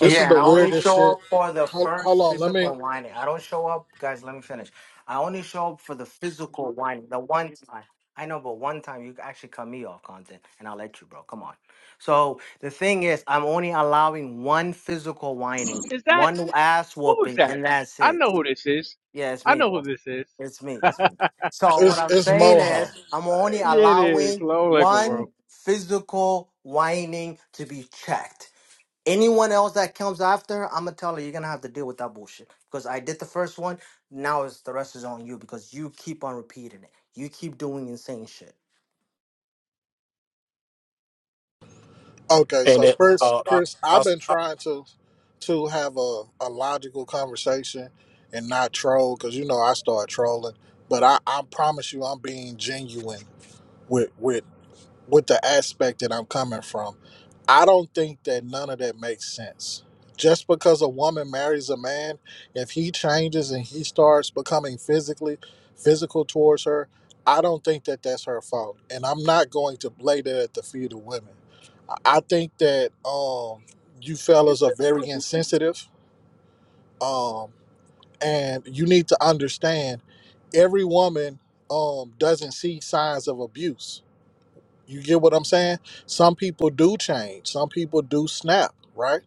S4: This is
S3: Yeah, and
S4: the
S3: I only
S4: weirdest
S3: show
S4: shit.
S3: up for the
S4: Hold,
S3: first
S4: hold on, let me.
S3: physical whining. I don't show up, guys. Let me finish. I only show up for the physical whining, the one time. I know, but one time you actually cut me off content, and I'll let you, bro. Come on. So the thing is, I'm only allowing one physical whining,
S6: Is that
S3: one ass
S6: who was
S3: whooping,
S6: that?
S3: and that's
S6: I
S3: it.
S6: know who this is.
S3: Yeah, it's
S6: I
S3: me,
S6: know
S3: bro.
S6: who this is.
S3: It's me. It's me. So what
S4: It's
S3: I'm
S4: it's
S3: saying is,
S4: Mohawk.
S3: I'm only
S6: Yeah, it is.
S3: allowing
S6: Low liquor, bro.
S3: one physical whining to be checked. Anyone else that comes after, I'm gonna tell her you're gonna have to deal with that bullshit. Because I did the first one, now it's the rest is on you because you keep on repeating it. You keep doing insane shit.
S4: Okay,
S1: And
S4: so
S1: it,
S4: Chris,
S1: uh, I,
S4: Chris, I've been
S1: I,
S4: trying to to have a, a logical conversation and not troll because you know I start trolling. But I, I promise you, I'm being genuine with with with the aspect that I'm coming from, I don't think that none of that makes sense. Just because a woman marries a man, if he changes and he starts becoming physically physical towards her, I don't think that that's her fault, and I'm not going to lay that at the feet of women. I I think that um, you fellas are very insensitive, um, and you need to understand every woman um, doesn't see signs of abuse you get what I'm saying? Some people do change. Some people do snap, right?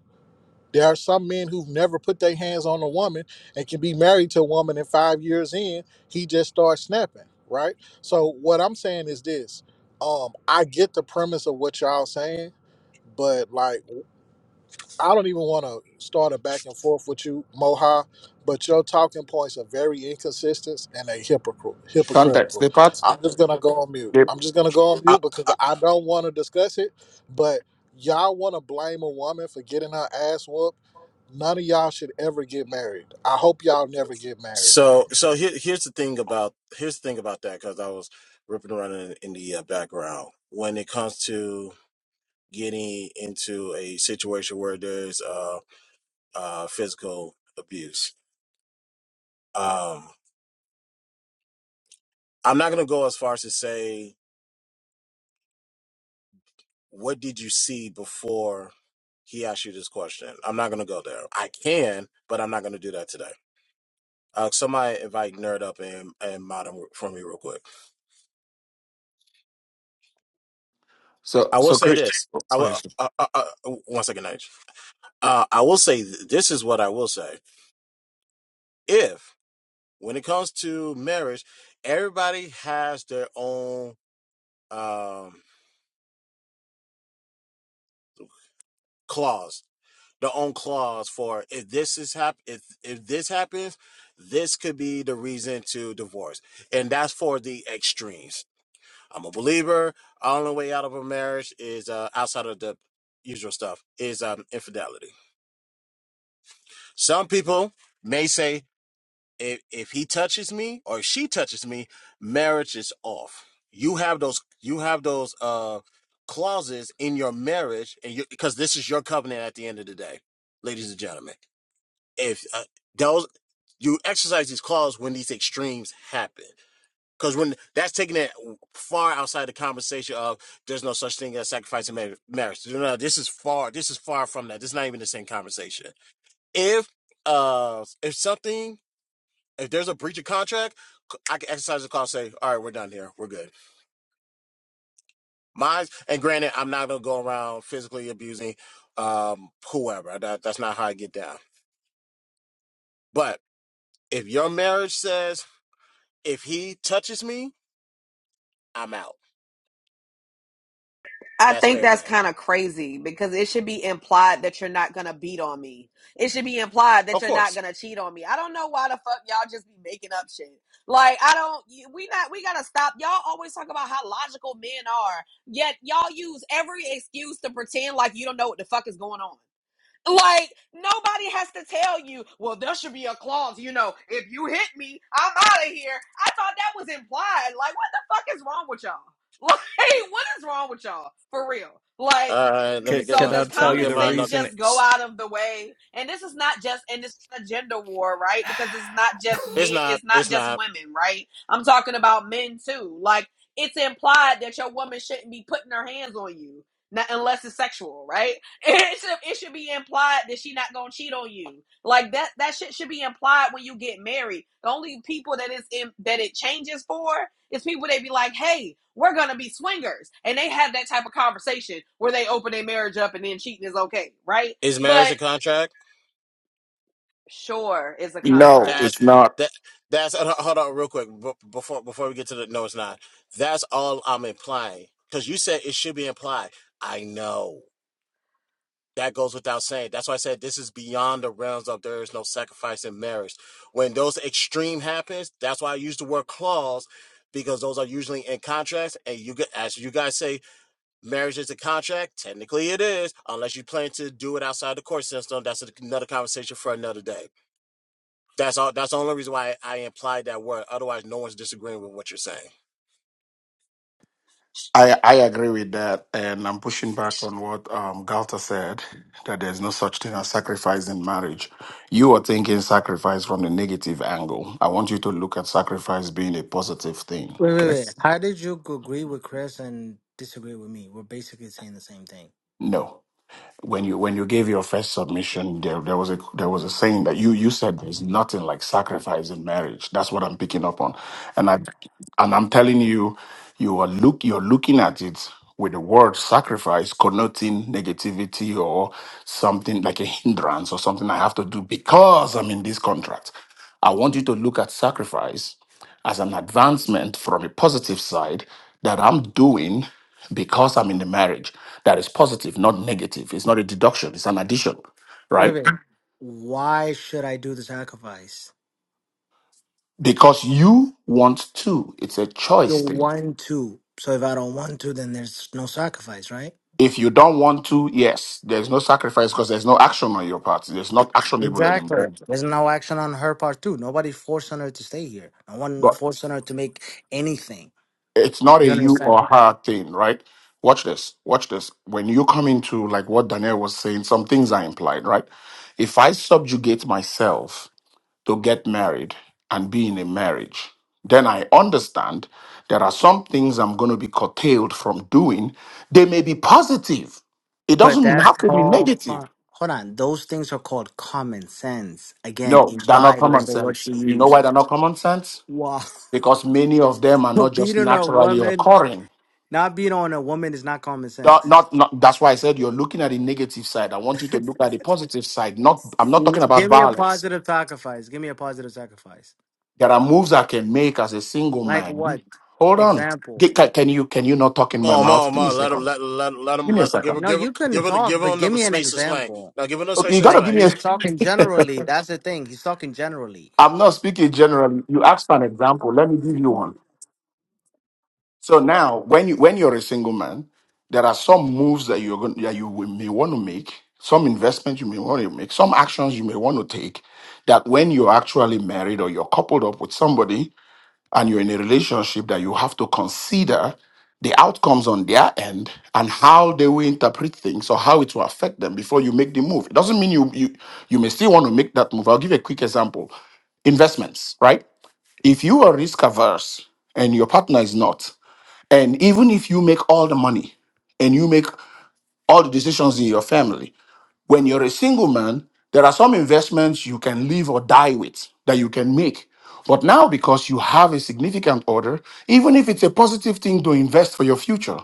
S4: There are some men who've never put their hands on a woman and can be married to a woman and five years in, he just starts snapping, right? So what I'm saying is this. Um, I get the premise of what y'all saying, but like I don't even want to start a back and forth with you, Moha, but your talking points are very inconsistent and they hypocritical.
S7: Context.
S4: Hypocritical.
S7: The part.
S4: I'm just gonna go on mute.
S7: Yep.
S4: I'm just gonna go on
S1: I,
S4: mute because
S1: I,
S4: I don't want to discuss it. But y'all want to blame a woman for getting her ass whooped. None of y'all should ever get married. I hope y'all never get married.
S1: so so here, here's the thing about here's the thing about that because I was ripping around in, in the uh, background when it comes to getting into a situation where there's uh, uh, physical abuse. Um, I'm not gonna go as far as to say what did you see before he asked you this question? I'm not gonna go there. I can, but I'm not gonna do that today. Uh, somebody invite nerd up and and modern for me real quick.
S7: So,
S1: I will
S7: so
S1: say
S7: Chris.
S1: this. I will uh, uh, uh, one second, H. Uh, I will say th- this is what I will say. If when it comes to marriage, everybody has their own. Um, clause the own clause for if this is hap- if if this happens, this could be the reason to divorce, and that's for the extremes. I'm a believer. The Only way out of a marriage is uh, outside of the usual stuff is um, infidelity. Some people may say if if he touches me or if she touches me, marriage is off. You have those you have those uh clauses in your marriage, and you because this is your covenant at the end of the day, ladies and gentlemen. If uh, those you exercise these clauses when these extremes happen. Because when that's taking it far outside the conversation of there's no such thing as sacrificing marriage. No, no, this is far. This is far from that. This is not even the same conversation. If uh, if something if there's a breach of contract, I can exercise the clause. Say, all right, we're done here. We're good. Mine. And granted, I'm not gonna go around physically abusing um whoever. That, that's not how I get down. But if your marriage says if he touches me, I'm out.
S5: I
S1: That's
S5: think
S1: fair
S5: that's
S1: game.
S5: kind of crazy because it should be implied that you're not gonna beat on me. It should be implied that
S1: Of
S5: you're not
S1: course.
S5: gonna cheat on me. I don't know why the fuck y'all just be making up shit. Like I don't. We not. We gotta stop. Y'all always talk about how logical men are, yet y'all use every excuse to pretend like you don't know what the fuck is going on. Like nobody has to tell you, well, there should be a clause, you know, if you hit me, I'm out of here. I thought that was implied. Like, what the fuck is wrong with y'all? *laughs* Like, what is wrong with y'all? For real. Like,
S1: All right. Let me
S8: Can,
S5: mm, so
S1: get
S8: can
S1: my.
S8: I
S5: does
S1: Let
S8: tell
S1: me
S8: you
S5: common
S1: get
S8: the
S1: my.
S5: sense
S1: another-
S8: reason?
S5: just go
S1: It's
S5: out of the way? And this is not just and it's a gender war, right? Because it's not just men,
S8: *laughs*
S1: not.
S5: it's not
S1: It's
S5: just
S1: not.
S5: women, right? I'm talking about men too. Like, it's implied that your woman shouldn't be putting her hands on you, not unless it's sexual, right? It should, it should be implied that she not gonna cheat on you. Like that that shit should be implied when you get married. The only people that is in that it changes for is people they be like, hey, we're gonna be swingers, and they have that type of conversation where they open their marriage up and then cheating is okay, right?
S1: Is marriage
S5: But
S1: a contract?
S5: sure, it's a
S7: No,
S5: contract.
S1: That's
S7: it's not.
S1: that. That's uh, hold on real quick b- before before we get to the. No, it's not. That's all I'm implying because you said it should be implied. I know that goes without saying. That's why I said this is beyond the realms of there is no sacrifice in marriage. When those extreme happens, that's why I use the word clause because those are usually in contracts. And you get as you guys say, marriage is a contract. Technically, it is unless you plan to do it outside the court system. That's another conversation for another day. That's all. That's the only reason why I implied that word. Otherwise, no one's disagreeing with what you're saying.
S7: I, I agree with that, and I'm pushing back on what um, Galta said that there's no such thing as sacrifice in marriage. You are thinking sacrifice from the negative angle. I want you to look at sacrifice being a positive thing.
S3: Wait, wait,
S7: Okay.
S3: wait. How did you g- agree with Chris and disagree with me? We're basically saying the same thing.
S7: No. when you when you gave your first submission there there was a there was a saying that you you said there's nothing like sacrifice in marriage that's what i'm picking up on and i and i'm telling you you are look you're looking at it with the word sacrifice connoting negativity or something like a hindrance or something i have to do because i'm in this contract i want you to look at sacrifice as an advancement from a positive side that I'm doing because I'm in the marriage that is positive, not negative. It's not a deduction, it's an addition,
S3: Wait,
S7: right?
S3: wait. Why should I do the sacrifice?
S7: Because you want to, it's a
S3: You're
S7: choice thing.
S3: one two. So if I don't want to, then there's no sacrifice, right?
S7: If you don't want to, yes, there's no sacrifice because there's no action on your part. It's not actionable
S3: Exactly.
S7: anymore.
S3: There's no action on her part too. Nobody forcing her to stay here. No one
S7: But
S3: forcing her to make anything.
S7: it's not a
S3: You
S7: you or
S3: understand?
S7: her thing, right? Watch this. Watch this. When you come into like what Daniel was saying, some things are implied, right? If I subjugate myself to get married and be in a marriage, then I understand there are some things I'm going to be curtailed from doing. They may be positive, it
S3: But
S7: doesn't
S3: that's
S7: have to be
S3: called.
S7: negative.
S3: co- Hold on. Those things are called common sense. Again,
S7: No, they're not
S3: implied was
S7: common
S3: the word
S7: sense.
S3: she
S7: You know
S3: used.
S7: why they're not common sense?
S3: Wow. *laughs*
S7: Because many of them are not just
S3: beating a
S7: naturally
S3: woman,
S7: occurring.
S3: not beating on a woman is not common
S7: Not,
S3: sense.
S7: not, not, that's why I said you're looking at the negative side. I want you
S3: *laughs*
S7: to look at the positive side. Not, I'm not talking about
S3: Give me a
S7: violence.
S3: positive sacrifice. Give me a positive sacrifice.
S7: There are moves I can make as a single
S3: Like
S7: man.
S3: what?
S7: Hold on. G-
S3: Example.
S7: ca- Can you can you not talk in my
S1: Mom,
S7: mouth?
S1: mom,
S7: Give me a
S1: mom. Let him,
S7: second.
S1: let, let, let
S7: Give
S1: him,
S7: me a
S1: let, give
S7: second.
S1: him,
S3: No,
S1: give him,
S3: you couldn't
S1: give him,
S3: talk,
S1: give
S3: but
S1: him
S3: give
S1: the
S3: me an
S1: space to explain.
S3: example.
S1: Now, give him the
S7: Okay,
S1: space
S7: you
S1: to
S7: gotta
S3: Like
S7: give
S1: explain.
S7: me a.
S3: he's talking generally. That's the thing. He's talking generally.
S7: I'm not speaking generally. You asked for an example. Let me give you one. So now, when you when you're a single man, there are some moves that you're going that you will- may want to make, some investments you may want to make, some actions you may want to take. That when you're actually married or you're coupled up with somebody, and you're in a relationship that you have to consider the outcomes on their end and how they will interpret things or how it will affect them before you make the move. It doesn't mean you you you may still want to make that move. I'll give you a quick example. Investments, right? If you are risk averse and your partner is not, and even if you make all the money and you make all the decisions in your family, when you're a single man, there are some investments you can live or die with that you can make. But now, because you have a significant order, even if it's a positive thing to invest for your future,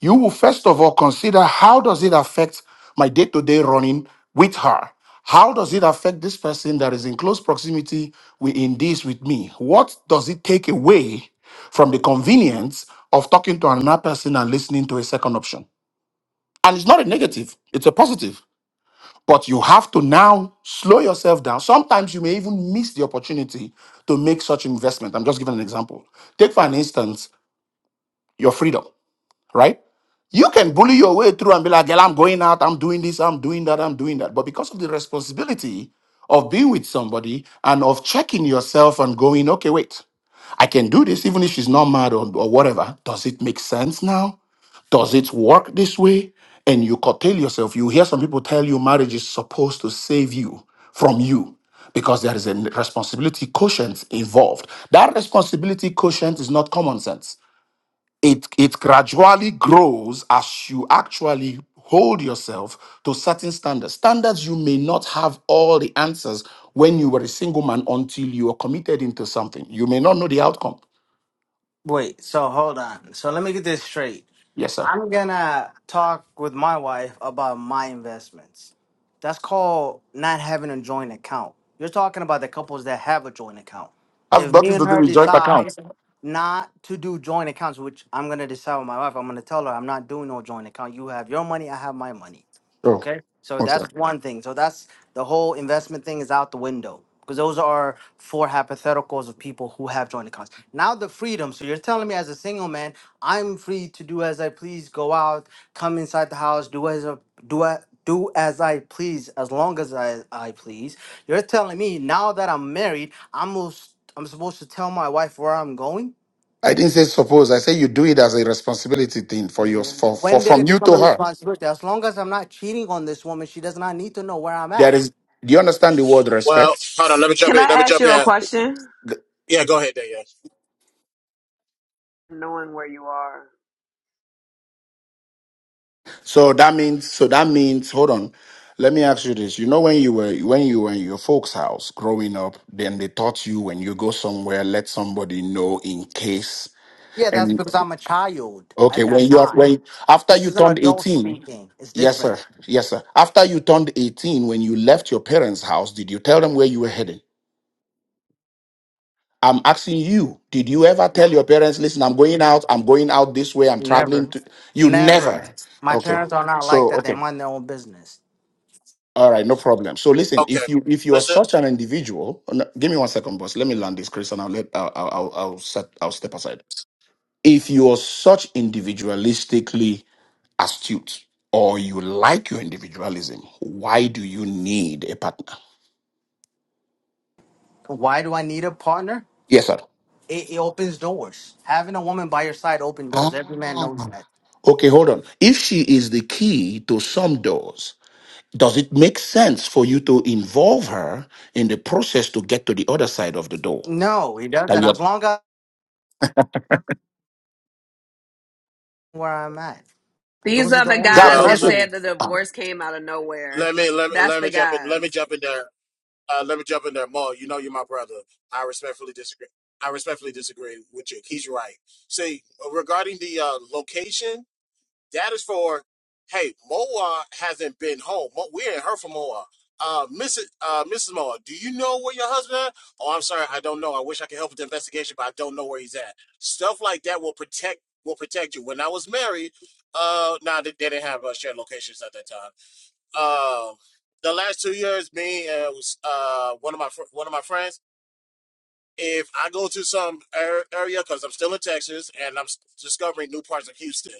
S7: you will first of all consider how does it affect my day-to-day running with her how does it affect this person that is in close proximity with, in this with me what does it take away from the convenience of talking to another person and listening to a second option and it's not a negative it's a positive but you have to now slow yourself down. Sometimes you may even miss the opportunity to make such investment. I'm just giving an example. Take, for an instance, your freedom, right? You can bully your way through and be like, girl, I'm going out, I'm doing this, I'm doing that, I'm doing that. But because of the responsibility of being with somebody and of checking yourself and going, okay, wait, I can do this even if she's not mad or, or whatever. Does it make sense now? Does it work this way? And you curtail yourself. You hear some people tell you marriage is supposed to save you from you because there is a responsibility quotient involved. That responsibility quotient is not common sense. It, it gradually grows as you actually hold yourself to certain standards. Standards you may not have all the answers when you were a single man until you are committed into something. You may not know the outcome.
S3: Wait, so hold on. So let me get this straight.
S7: Yes, sir.
S3: I'm gonna talk with my wife about my investments. That's called not having a joint account. You're talking about the couples that have a joint account.
S7: Have
S3: If me
S7: nothing to
S3: and
S7: do
S3: her
S7: with joint account.
S3: decide not to do joint accounts, which I'm gonna decide with my wife, I'm gonna tell her I'm not doing no joint account. You have your money, I have my money.
S7: Oh,
S3: Okay? So
S7: okay.
S3: that's one thing. So that's the whole investment thing is out the window. Because those are four hypotheticals of people who have joint accounts. Now the freedom. So you're telling me as a single man I'm free to do as I please, go out, come inside the house, do as a, do a, do as I please, as long as I, I please. You're telling me now that I'm married, I'm most, I'm supposed to tell my wife where I'm going?
S7: I didn't say suppose. I say you do it as a responsibility thing for yours, for, for
S3: When did it
S7: from you
S3: become a
S7: to her.
S3: responsibility? As long as I'm not cheating on this woman, she does not need to know where I'm
S7: There
S3: at.
S7: is. Do you understand the word
S1: Well,
S7: respect?
S1: hold on. Let me jump
S5: Can
S1: in.
S5: I
S1: Let me
S5: ask
S1: jump
S5: you a
S1: in.
S5: question?
S1: Yeah, go ahead, there. Yeah.
S5: Knowing where you are,
S7: So that means. So that means. Hold on. Let me ask you this. You know when you were when you were in your folks' house growing up, then they taught you when you go somewhere, let somebody know in case.
S3: Yeah, that's
S7: And
S3: because I'm a child
S7: okay,
S3: at that
S7: when you are
S3: time.
S7: when after
S3: This
S7: you
S3: is an
S7: turned
S3: adult
S7: eighteen,
S3: speaking. It's
S7: yes
S3: different.
S7: sir, yes sir. After you turned eighteen, when you left your parents' house, did you tell them where you were heading? I'm asking you, did you ever tell your parents, listen, I'm going out, I'm going out this way, I'm
S3: Never.
S7: traveling to you
S3: Never.
S7: never.
S3: My
S7: Okay.
S3: parents are not like
S7: So
S3: that. They
S7: okay.
S3: mind their own business.
S7: All right, no problem. So listen,
S1: Okay.
S7: if you if you are
S1: Listen.
S7: such an individual, no, give me one second, boss. Let me land this, Chris, and I'll let I'll I'll, I'll I'll set I'll step aside. If you are such individualistically astute, or you like your individualism, why do you need a partner?
S3: Why do I need a partner?
S7: Yes, sir.
S3: It, it opens doors. Having a woman by your side opens doors. Every man knows
S7: Ah.
S3: that.
S7: Okay, hold on. If she is the key to some doors, Does it make sense for you to involve her in the process to get to the other side of the door?
S3: No, he
S7: That
S3: doesn't.
S7: you're,
S3: As long as I'm where I'm at,
S5: these
S3: those are the
S5: other
S3: only
S7: Gal,
S5: guys
S7: can
S3: three
S7: I
S1: Well,
S5: have
S7: ask
S1: let,
S7: you?
S5: said the
S3: rules.
S7: Ah,
S5: divorce came out of nowhere.
S1: let me, let me,
S5: That's
S1: let
S5: the
S1: me jump in. Let
S5: guys.
S1: me jump in there. Uh, let me jump in there, Mom. You know you're my brother. I respectfully disagree. I respectfully disagree with you. He's right. See, regarding the uh, location. That is for, hey, Moa hasn't been home. we ain't heard from Moa. Uh, Mrs. Uh, Mrs. Moa, do you know where your husband at? Oh, I'm sorry, I don't know. I wish I could help with the investigation, but I don't know where he's at. Stuff like that will protect will protect you. When I was married, uh, now nah, they, they didn't have uh, shared locations at that time. Uh, the last two years, me and was, uh one of my one of my friends. If I go to some area because I'm still in Texas and I'm discovering new parts of Houston,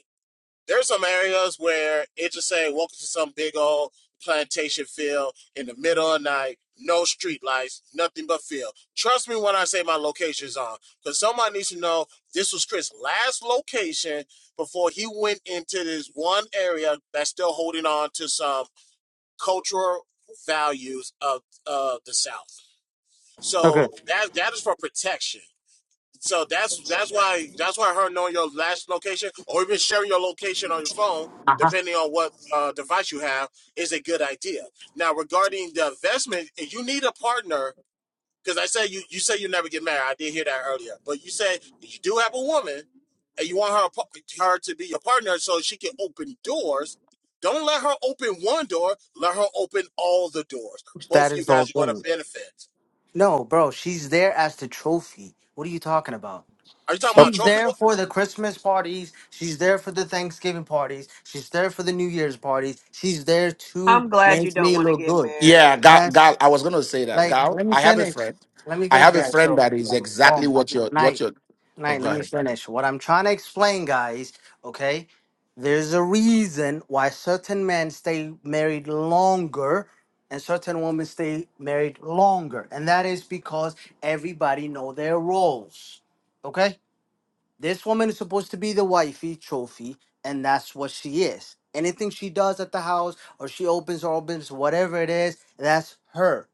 S1: there's some areas where it just say welcome to some big old plantation field in the middle of the night, no street lights, nothing but field. Trust me when I say my location's on, because somebody needs to know this was Chris' last location before he went into this one area that's still holding on to some cultural values of uh, the South.
S3: Okay.
S1: So that that is for protection. So that's that's why that's why her knowing your last location or even sharing your location on your phone,
S3: Uh huh.
S1: depending on what uh, device you have, is a good idea. Now regarding the investment, you need a partner, because I said you you say you never get married. I did hear that earlier, but you said you do have a woman and you want her her to be your partner so she can open doors. Don't let her open one door. Let her open all the doors. Both
S3: That
S1: of you
S3: is the whole
S1: guys are going to
S3: point.
S1: benefit.
S3: No, bro, she's there as the trophy. What are you talking about?
S1: Are you talking about a
S7: okay.
S3: She's
S1: trophy?
S3: there for the Christmas parties. She's there for the Thanksgiving parties. She's there for the New Year's parties. She's there to
S5: I'm glad you
S3: make
S5: don't
S3: me
S5: want to
S3: look
S5: get
S3: good.
S5: married.
S7: Yeah, Gal,
S3: That's
S7: Gal, I was going to say that.
S3: Like,
S7: Gal,
S3: let me
S7: I have a
S3: finish.
S7: friend.
S3: Let me
S7: I
S3: finish,
S7: have a
S3: guys.
S7: friend
S3: So,
S7: that is exactly
S3: um, I
S7: what
S3: think-
S7: you're, what
S3: night,
S7: you're, oh,
S3: night.
S7: go
S3: Let me
S7: ahead.
S3: finish. What I'm trying to explain, guys. Okay, there's a reason why certain men stay married longer, and certain women stay married longer, and that is because everybody know their roles. Okay, this woman is supposed to be the wifey trophy, and that's what she is. Anything she does at the house, or she opens or opens whatever it is, that's her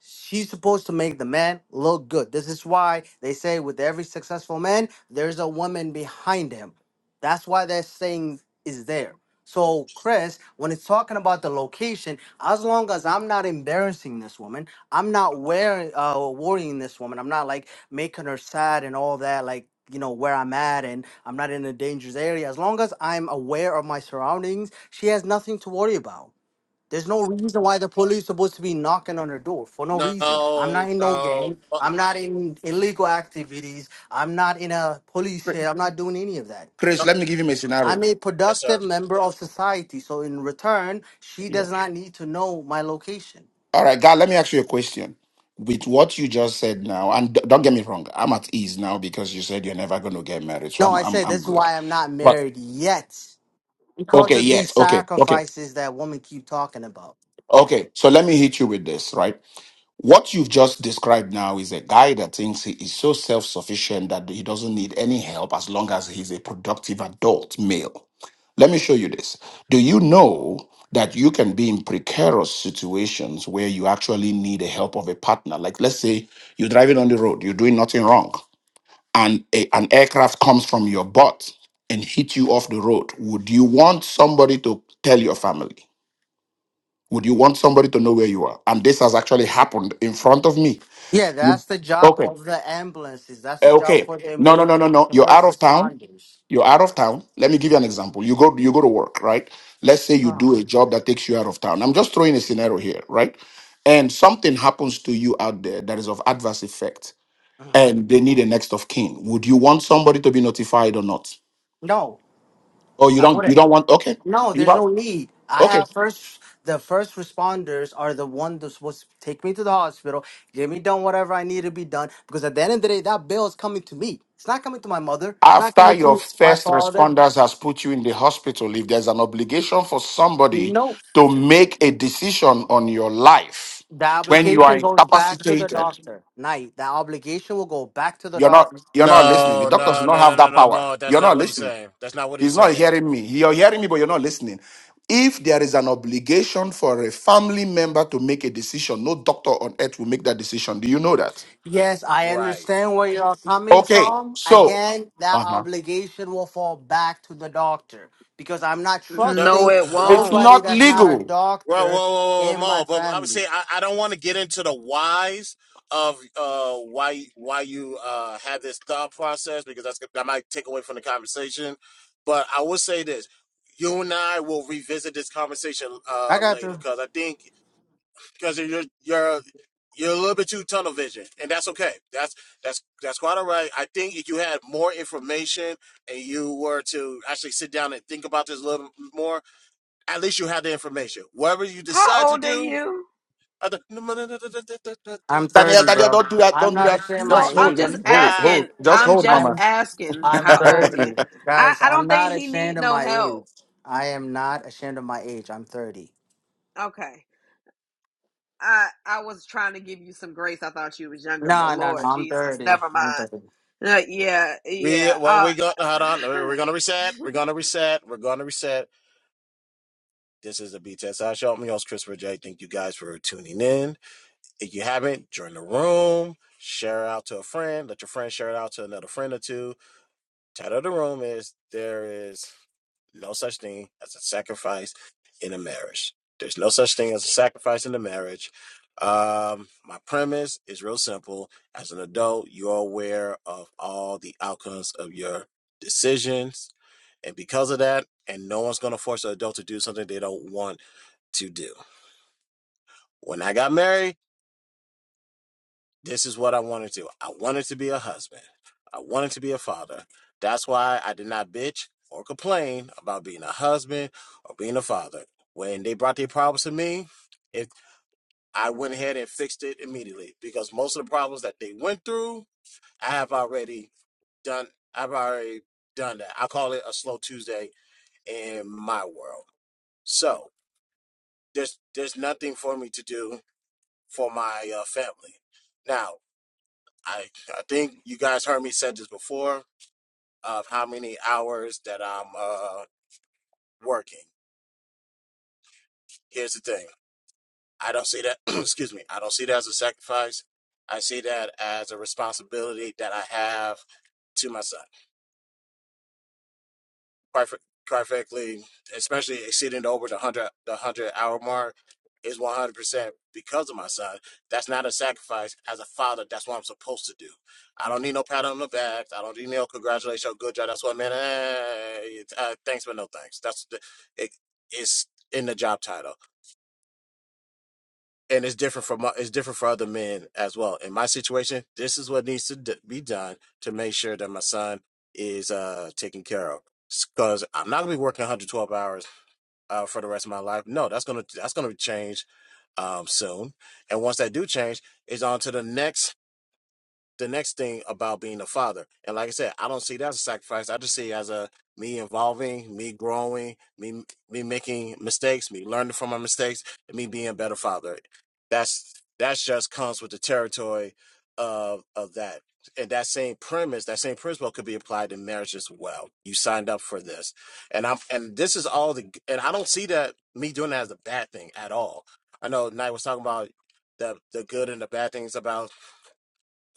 S3: She's supposed to make the man look good. This is why they say with every successful man, there's a woman behind him. That's why that saying is there. So, Chris, when it's talking about the location, as long as I'm not embarrassing this woman, I'm not wearing, uh, worrying this woman, I'm not like making her sad and all that, like, you know, where I'm at and I'm not in a dangerous area. As long as I'm aware of my surroundings, she has nothing to worry about. There's no reason why the police supposed to be knocking on her door for no reason. I'm
S1: No,
S3: not in no gang.
S1: no.
S3: I'm not in illegal activities. I'm not in a police cell. I'm not doing any of that.
S7: Chris, let me give him a
S3: I'm
S7: scenario.
S3: a
S1: Yes, sir.
S3: productive member of society. So in return, she
S7: Yeah.
S3: does not need to know my location.
S7: All right, Gal, let me ask you a question. With what you just said now, and d- don't get me wrong, I'm at ease now because you said you're never going to get married, so
S3: No,
S7: I'm,
S3: I
S7: I'm,
S3: said
S7: I'm
S3: this is
S7: good.
S3: why I'm not
S7: But,
S3: married yet. Because
S7: okay,
S3: of
S7: yes,
S3: these
S7: okay, okay.
S3: sacrifices that women keep talking about.
S7: Okay, so let me hit you with this, right? What you've just described now is a guy that thinks he is so self sufficient that he doesn't need any help as long as he's a productive adult male. Let me show you this. Do you know that you can be in precarious situations where you actually need the help of a partner? Like, let's say you're driving on the road, you're doing nothing wrong, and a, an aircraft comes from your butt and hit you off the road. Would you want somebody to tell your family? Would you want somebody to know where you are? And this has actually happened in front of me.
S3: Yeah,
S7: You-
S3: that's the job
S7: Okay.
S3: of the ambulances. That's
S7: Eh,
S3: the job
S7: Okay.
S3: for the
S7: No, no, no,
S3: immortal,
S7: no, no.
S3: the
S7: You're
S3: first
S7: out of town.
S3: responders.
S7: You're out of town. Let me give you an example. You go you go to work, right? Let's say you do
S3: Oh,
S7: a job that takes you out of town. I'm just throwing a scenario here, right? And something happens to you out there that is of adverse effect
S3: mhm.
S7: and they need a next of kin. Would you want somebody to be notified or not?
S3: No,
S7: Or you
S3: I
S7: don't you
S3: wouldn't.
S7: don't want okay.
S3: No,
S7: You
S3: there's
S7: don't.
S3: no need. I
S7: okay.
S3: have first. The first responders are the one that's supposed to take me to the hospital, get me done whatever I need to be done. Because at the end of the day, that bill is coming to me. It's not coming to my mother. It's not
S7: After
S3: coming
S7: your
S3: to my
S7: first
S3: father.
S7: responders has put you in the hospital, if there's an obligation for somebody
S3: No,
S7: to make a decision on your life
S3: the
S7: when you are
S3: obligation goes back to the
S7: incapacitated,
S3: doctor. Night. The obligation will go back to the
S7: you're not
S3: doctor.
S7: you're not listening. The
S1: No,
S7: doctors do
S1: no,
S7: not
S1: no, no,
S7: have
S1: no,
S7: that
S1: no,
S7: power.
S1: Mo. That's
S7: You're not
S1: not what he's
S7: listening.
S1: saying. That's not what he's
S7: He's not
S1: saying.
S7: hearing me. You're hearing me, but you're not listening. If there is an obligation for a family member to make a decision, no doctor on earth will make that decision. Do you know that?
S3: Yes, I
S1: Right.
S3: understand where you're coming
S7: Okay,
S3: from.
S7: so
S3: Again, that
S7: uh-huh.
S3: obligation will fall back to the doctor because I'm not
S1: No. *sighs*
S5: No,
S3: trusting
S5: it
S7: it's
S5: won't.
S3: nobody
S7: not
S3: that's not a
S7: legal.
S1: Well,
S3: doctor
S1: well, whoa, whoa,
S3: in my
S1: Mo. But I would say
S3: family.
S1: I, I don't want to get into the whys of uh why why you uh have this thought process because that's that might take away from the conversation. But I will say this: you and I will revisit this conversation
S3: I
S1: uh
S3: got
S1: later
S3: you.
S1: because I think because you're you're you're a little bit too tunnel vision, and that's okay. That's that's that's quite all right. I think if you had more information and you were to actually sit down and think about this a little more, at least you have the information. Whatever you decide
S5: How
S1: to
S5: old are
S1: do,
S5: you?
S1: other- no, no, no, no, no, no, no, no, no, no,
S3: I'm
S1: no.
S7: Daniel,
S3: 30,
S7: Daniel,
S3: bro.
S7: don't do that.
S3: I'm
S7: Don't do
S3: not
S7: that.
S3: ashamed of my
S5: No,
S7: Just hold,
S5: I'm
S3: age.
S5: just
S7: baby. Hold,
S1: God
S7: hold.
S5: asking.
S7: Just
S5: I'm
S1: damn
S7: hold,
S1: it.
S5: just
S3: I'm
S7: mama.
S5: asking
S7: *laughs*
S3: I'm
S5: how old am I?
S3: 30.
S5: I,
S3: Guys,
S5: I
S3: I'm
S5: don't
S3: not
S5: think he
S3: ashamed
S5: need
S3: of
S5: no
S3: my age.
S5: help.
S3: I am not ashamed of my age. I'm 30.
S5: Okay. I I was trying to give you some grace. I thought you was younger, but
S3: No, no, no.
S5: Lord
S3: I'm
S5: Jesus,
S3: 30.
S5: never
S3: I'm
S5: mind.
S3: 30.
S5: Uh, yeah,
S1: We
S5: yeah.
S1: well
S5: Uh
S1: we
S5: *sighs*
S1: got hold on.
S5: *laughs*
S1: We're gonna reset. We're gonna reset. We're gonna reset. This is the B test. I show me host Christopher J. Thank you guys for tuning in. If you haven't, join the room, share it out to a friend, let your friend share it out to another friend or two. Title of the room is There is No Such Thing as a Sacrifice in a Marriage. There's no such thing as a sacrifice in a marriage. Um, my premise is real simple. As an adult, you're aware of all the outcomes of your decisions. And because of that, and no one's going to force an adult to do something they don't want to do. When I got married, this is what I wanted to. do. I wanted to be a husband. I wanted to be a father. That's why I did not bitch or complain about being a husband or being a father. When they brought their problems to me, it, I went ahead and fixed it immediately because most of the problems that they went through, I have already done. I've already done that. I call it a slow Tuesday in my world. So there's there's nothing for me to do for my uh, family. Now I I think you guys heard me said this before of how many hours that I'm uh working. Here's the thing. I don't see that *clears throat* excuse me, I don't see that as a sacrifice. I see that as a responsibility that I have to my son. perfect, perfectly, especially exceeding over the hundred the hundred hour mark, is one hundred percent because of my son. That's not a sacrifice. As a father, that's what I'm supposed to do. I don't need no pat on the back. I don't need no congratulations. Good job. That's what man. eh, uh, thanks, but no thanks. That's the, it, it's in the job title, and it's different from it's different for other men as well. In my situation, this is what needs to d- be done to make sure that my son is uh taken care of because I'm not gonna be working 112 hours uh, for the rest of my life. No, that's gonna that's gonna change um, soon. And once that do change, it's on to the next the next thing about being a father. And like I said, I don't see that as a sacrifice. I just see it as a me evolving, me growing, me me making mistakes, me learning from my mistakes, and me being a better father. That's that's just comes with the territory of of that. And that same premise, that same principle could be applied to marriage as well. You signed up for this. And I'm and this is all the and I don't see that me doing that as a bad thing at all. I know Knight was talking about the the good and the bad things about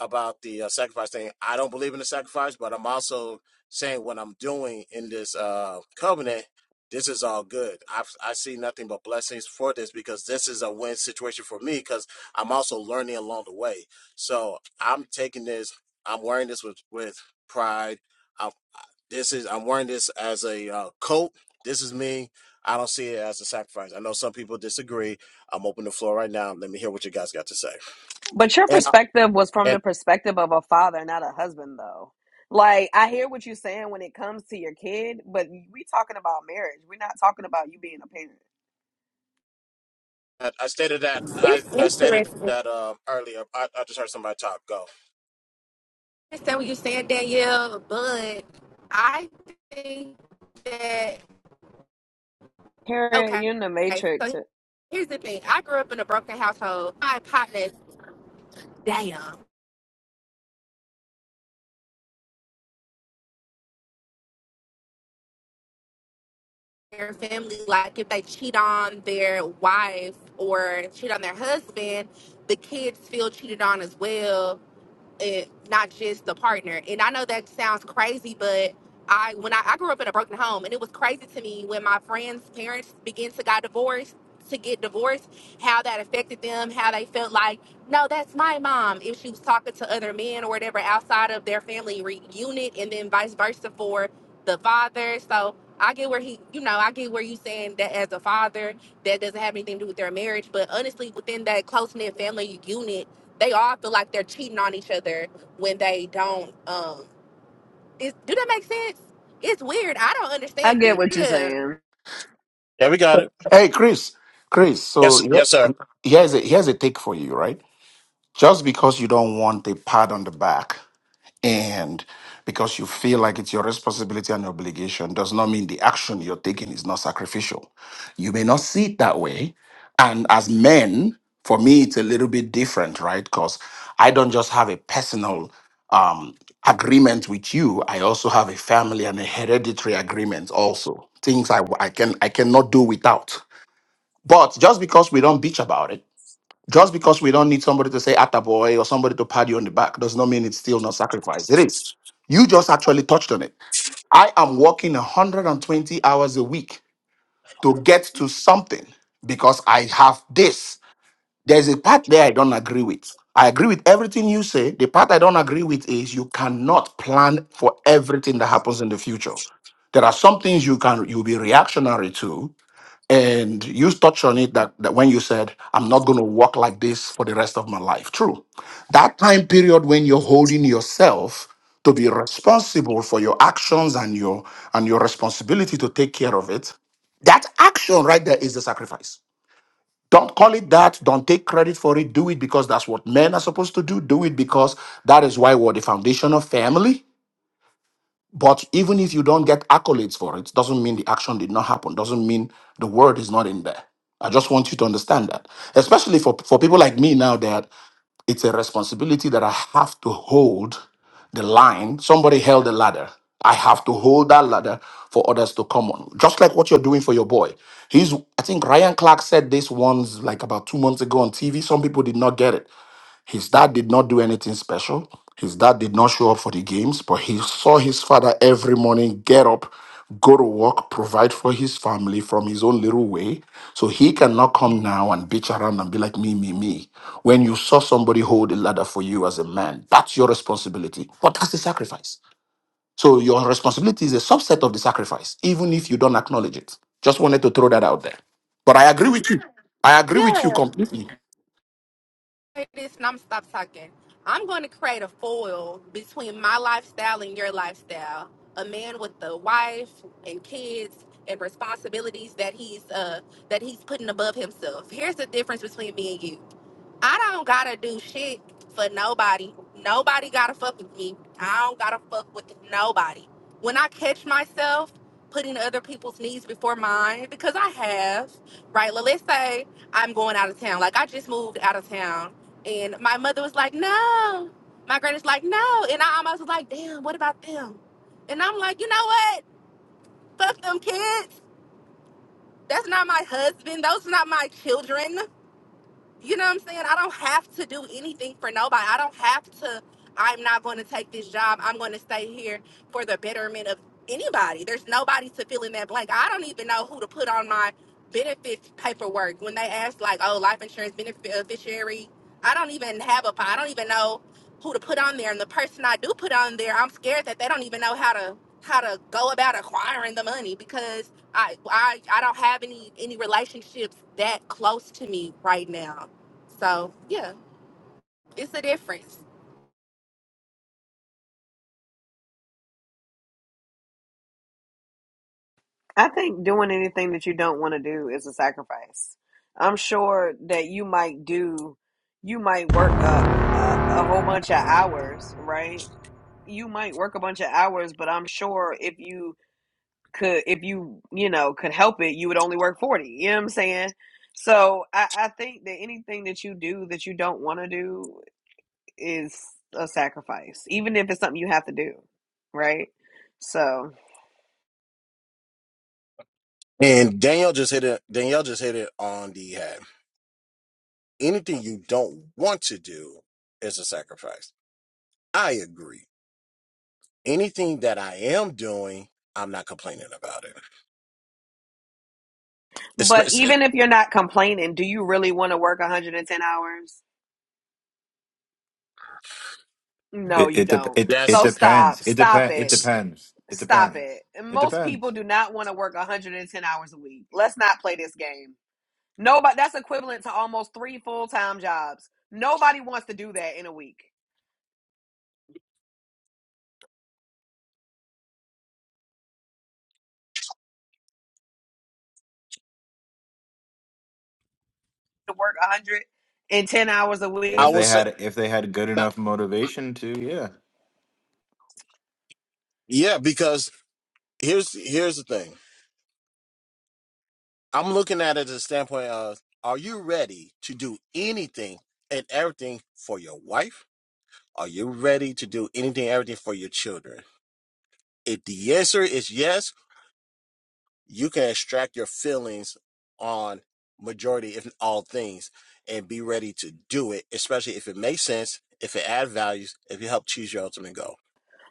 S1: about the uh, sacrifice thing. I don't believe in the sacrifice, but I'm also saying what I'm doing in this uh, covenant. This is all good. I I see nothing but blessings for this because this is a win situation for me because I'm also learning along the way. So I'm taking this. I'm wearing this with with pride. I'm, this is I'm wearing this as a uh, coat. This is me. I don't see it as a sacrifice. I know some people disagree. I'm open the floor right now. Let me hear what you guys got to say.
S5: But your
S1: And
S5: perspective was from
S1: And
S5: the perspective of a father, not a husband though. Like I hear what you're saying when it comes to your kid, but we talking about marriage. We're not talking about you being a parent.
S1: I stated that I,
S9: It's
S1: I stated
S9: interesting.
S1: that um, earlier. I, I just heard somebody talk. Go.
S9: I understand what you're saying, Danielle, but I think that
S5: Harriet,
S9: okay.
S5: you in the Matrix.
S9: So here's the thing. I grew up in a broken household. My partners, damn, their family, like if they cheat on their wife or cheat on their husband, the kids feel cheated on as well it, not just the partner. And I know that sounds crazy, but I when I, I grew up in a broken home, and it was crazy to me when my friends' parents began to got divorced to get divorced, how that affected them, how they felt like, no, that's my mom if she was talking to other men or whatever outside of their family re- unit, and then vice versa for the father. So I get where he, you know, I get where you saying that as a father that doesn't have anything to do with their marriage, but honestly, within that close knit family unit they all feel like they're cheating on each other when they don't. Um, is, do that make sense? It's weird. I don't
S5: I
S9: understand
S5: get
S9: it.
S5: what you're
S9: Yeah,
S5: saying.
S1: Yeah, we got it.
S7: hey, Chris. Chris, so
S1: Yes,
S7: here-
S1: yes, sir.
S7: here's a, here's a take for you, right? Just because you don't want a pad on the back And because you feel like it's your responsibility and obligation does not mean the action you're taking is not sacrificial. You may not see it that way. And as men, for me, it's a little bit different, right? Because I don't just have a personal um, agreement with you. I also have a family and a hereditary agreement also. Things I, I can I cannot do without. But just because we don't bitch about it just because we don't need somebody to say attaboy or somebody to pat you on the back does not mean it's still not sacrifice. It is. You just actually touched on it. I am working 120 hours a week to get to something because I have this. There's a part there I don't agree with. I agree with everything you say. The part I don't agree with is you cannot plan for everything that happens in the future. There are some things you can you'll be reactionary to, and you touched on it that, that when you said, I'm not going to walk like this for the rest of my life. True. That time period when you're holding yourself to be responsible for your actions and your and your responsibility to take care of it, that action right there is the sacrifice. Don't call it that. Don't take credit for it. Do it because that's what men are supposed to do. Do it because that is why we're the foundation of family but even if you don't get accolades for it, doesn't mean the action did not happen, doesn't mean the word is not in there. I just want you to understand that, especially for, for people like me now, that it's a responsibility that I have to hold the line. Somebody held the ladder. I have to hold that ladder for others to come on, just like what you're doing for your boy. He's, I think Ryan Clark said this once, like about two months ago on TV. Some people did not get it. His dad did not do anything special. His dad did not show up for the games, but he saw his father every morning get up, go to work, provide for his family from his own little way. So he cannot come now and bitch around and be like, me, me, me. When you saw somebody hold a ladder for you as a man, that's your responsibility. But that's the sacrifice. So your responsibility is a subset of the sacrifice, even if you don't acknowledge it. Just wanted to throw that out there. But I agree with you. I agree with you
S9: yeah.
S7: completely.
S9: Say This and I'm gonna stop talking. I'm going to create a foil between my lifestyle and your lifestyle. A man with a wife and kids and responsibilities that he's uh that he's putting above himself. Here's the difference between me and you. I don't gotta do shit for nobody. Nobody gotta fuck with me. I don't gotta fuck with nobody. When I catch myself putting other people's needs before mine, because I have, right? Well, let's say I'm going out of town. Like I just moved out of town, and my mother was like, "No." My granny's like, "No," and I almost was like, "Damn, what about them?" And I'm like, "You know what? Fuck them kids. That's not my husband. Those are not my children you know what I'm saying? I don't have to do anything for nobody. I don't have to. I'm not going to take this job. I'm going to stay here for the betterment of anybody. There's nobody to fill in that blank. I don't even know who to put on my benefits paperwork when they ask like, oh, life insurance beneficiary. I don't even have a. I don't even know who to put on there. And the person I do put on there, I'm scared that they don't even know how to how to go about acquiring the money because I I I don't have any any relationships that close to me right now. So yeah, it's a difference.
S5: I think doing anything that you don't want to do is a sacrifice. I'm sure that you might do, you might work a, a, a whole bunch of hours, right? You might work a bunch of hours, but I'm sure if you could if you you know could help it you would only work 40 you know what i'm saying so i, I think that anything that you do that you don't want to do is a sacrifice even if it's something you have to do right so
S1: And Danielle just hit it. Danielle just hit it on the head. Anything you don't want to do is a sacrifice. I agree. Anything that I am doing, I'm not complaining about it.
S5: but
S1: Especially,
S5: even if you're not complaining do you really want to work 110 hours no
S10: It
S5: you
S10: it dep
S5: don't
S10: it it
S1: Yes.
S5: so
S10: depends.
S5: stop
S10: It
S5: stop
S10: depend. It
S5: it
S10: depends. It
S5: stop
S10: depends.
S5: it And
S10: It
S5: most people
S10: depends.
S5: do not want to work 110 hours a week let's not play this game Nobody that's equivalent to almost three full-time jobs. Nobody wants to do that in a week. To work 110 hours a
S1: I
S10: If
S5: week.
S1: will
S10: they
S1: say,
S10: had if they had good
S1: not-
S10: enough motivation to, yeah.
S1: yeah, because here's here's the thing. I'm looking at it as a standpoint of: Are you ready to do anything and everything for your wife? Are you ready to do anything, everything for your children? If the answer is yes, you can extract your feelings on majority, if all things, and be ready to do it, especially if it makes sense, if it adds values, if you help choose your ultimate goal.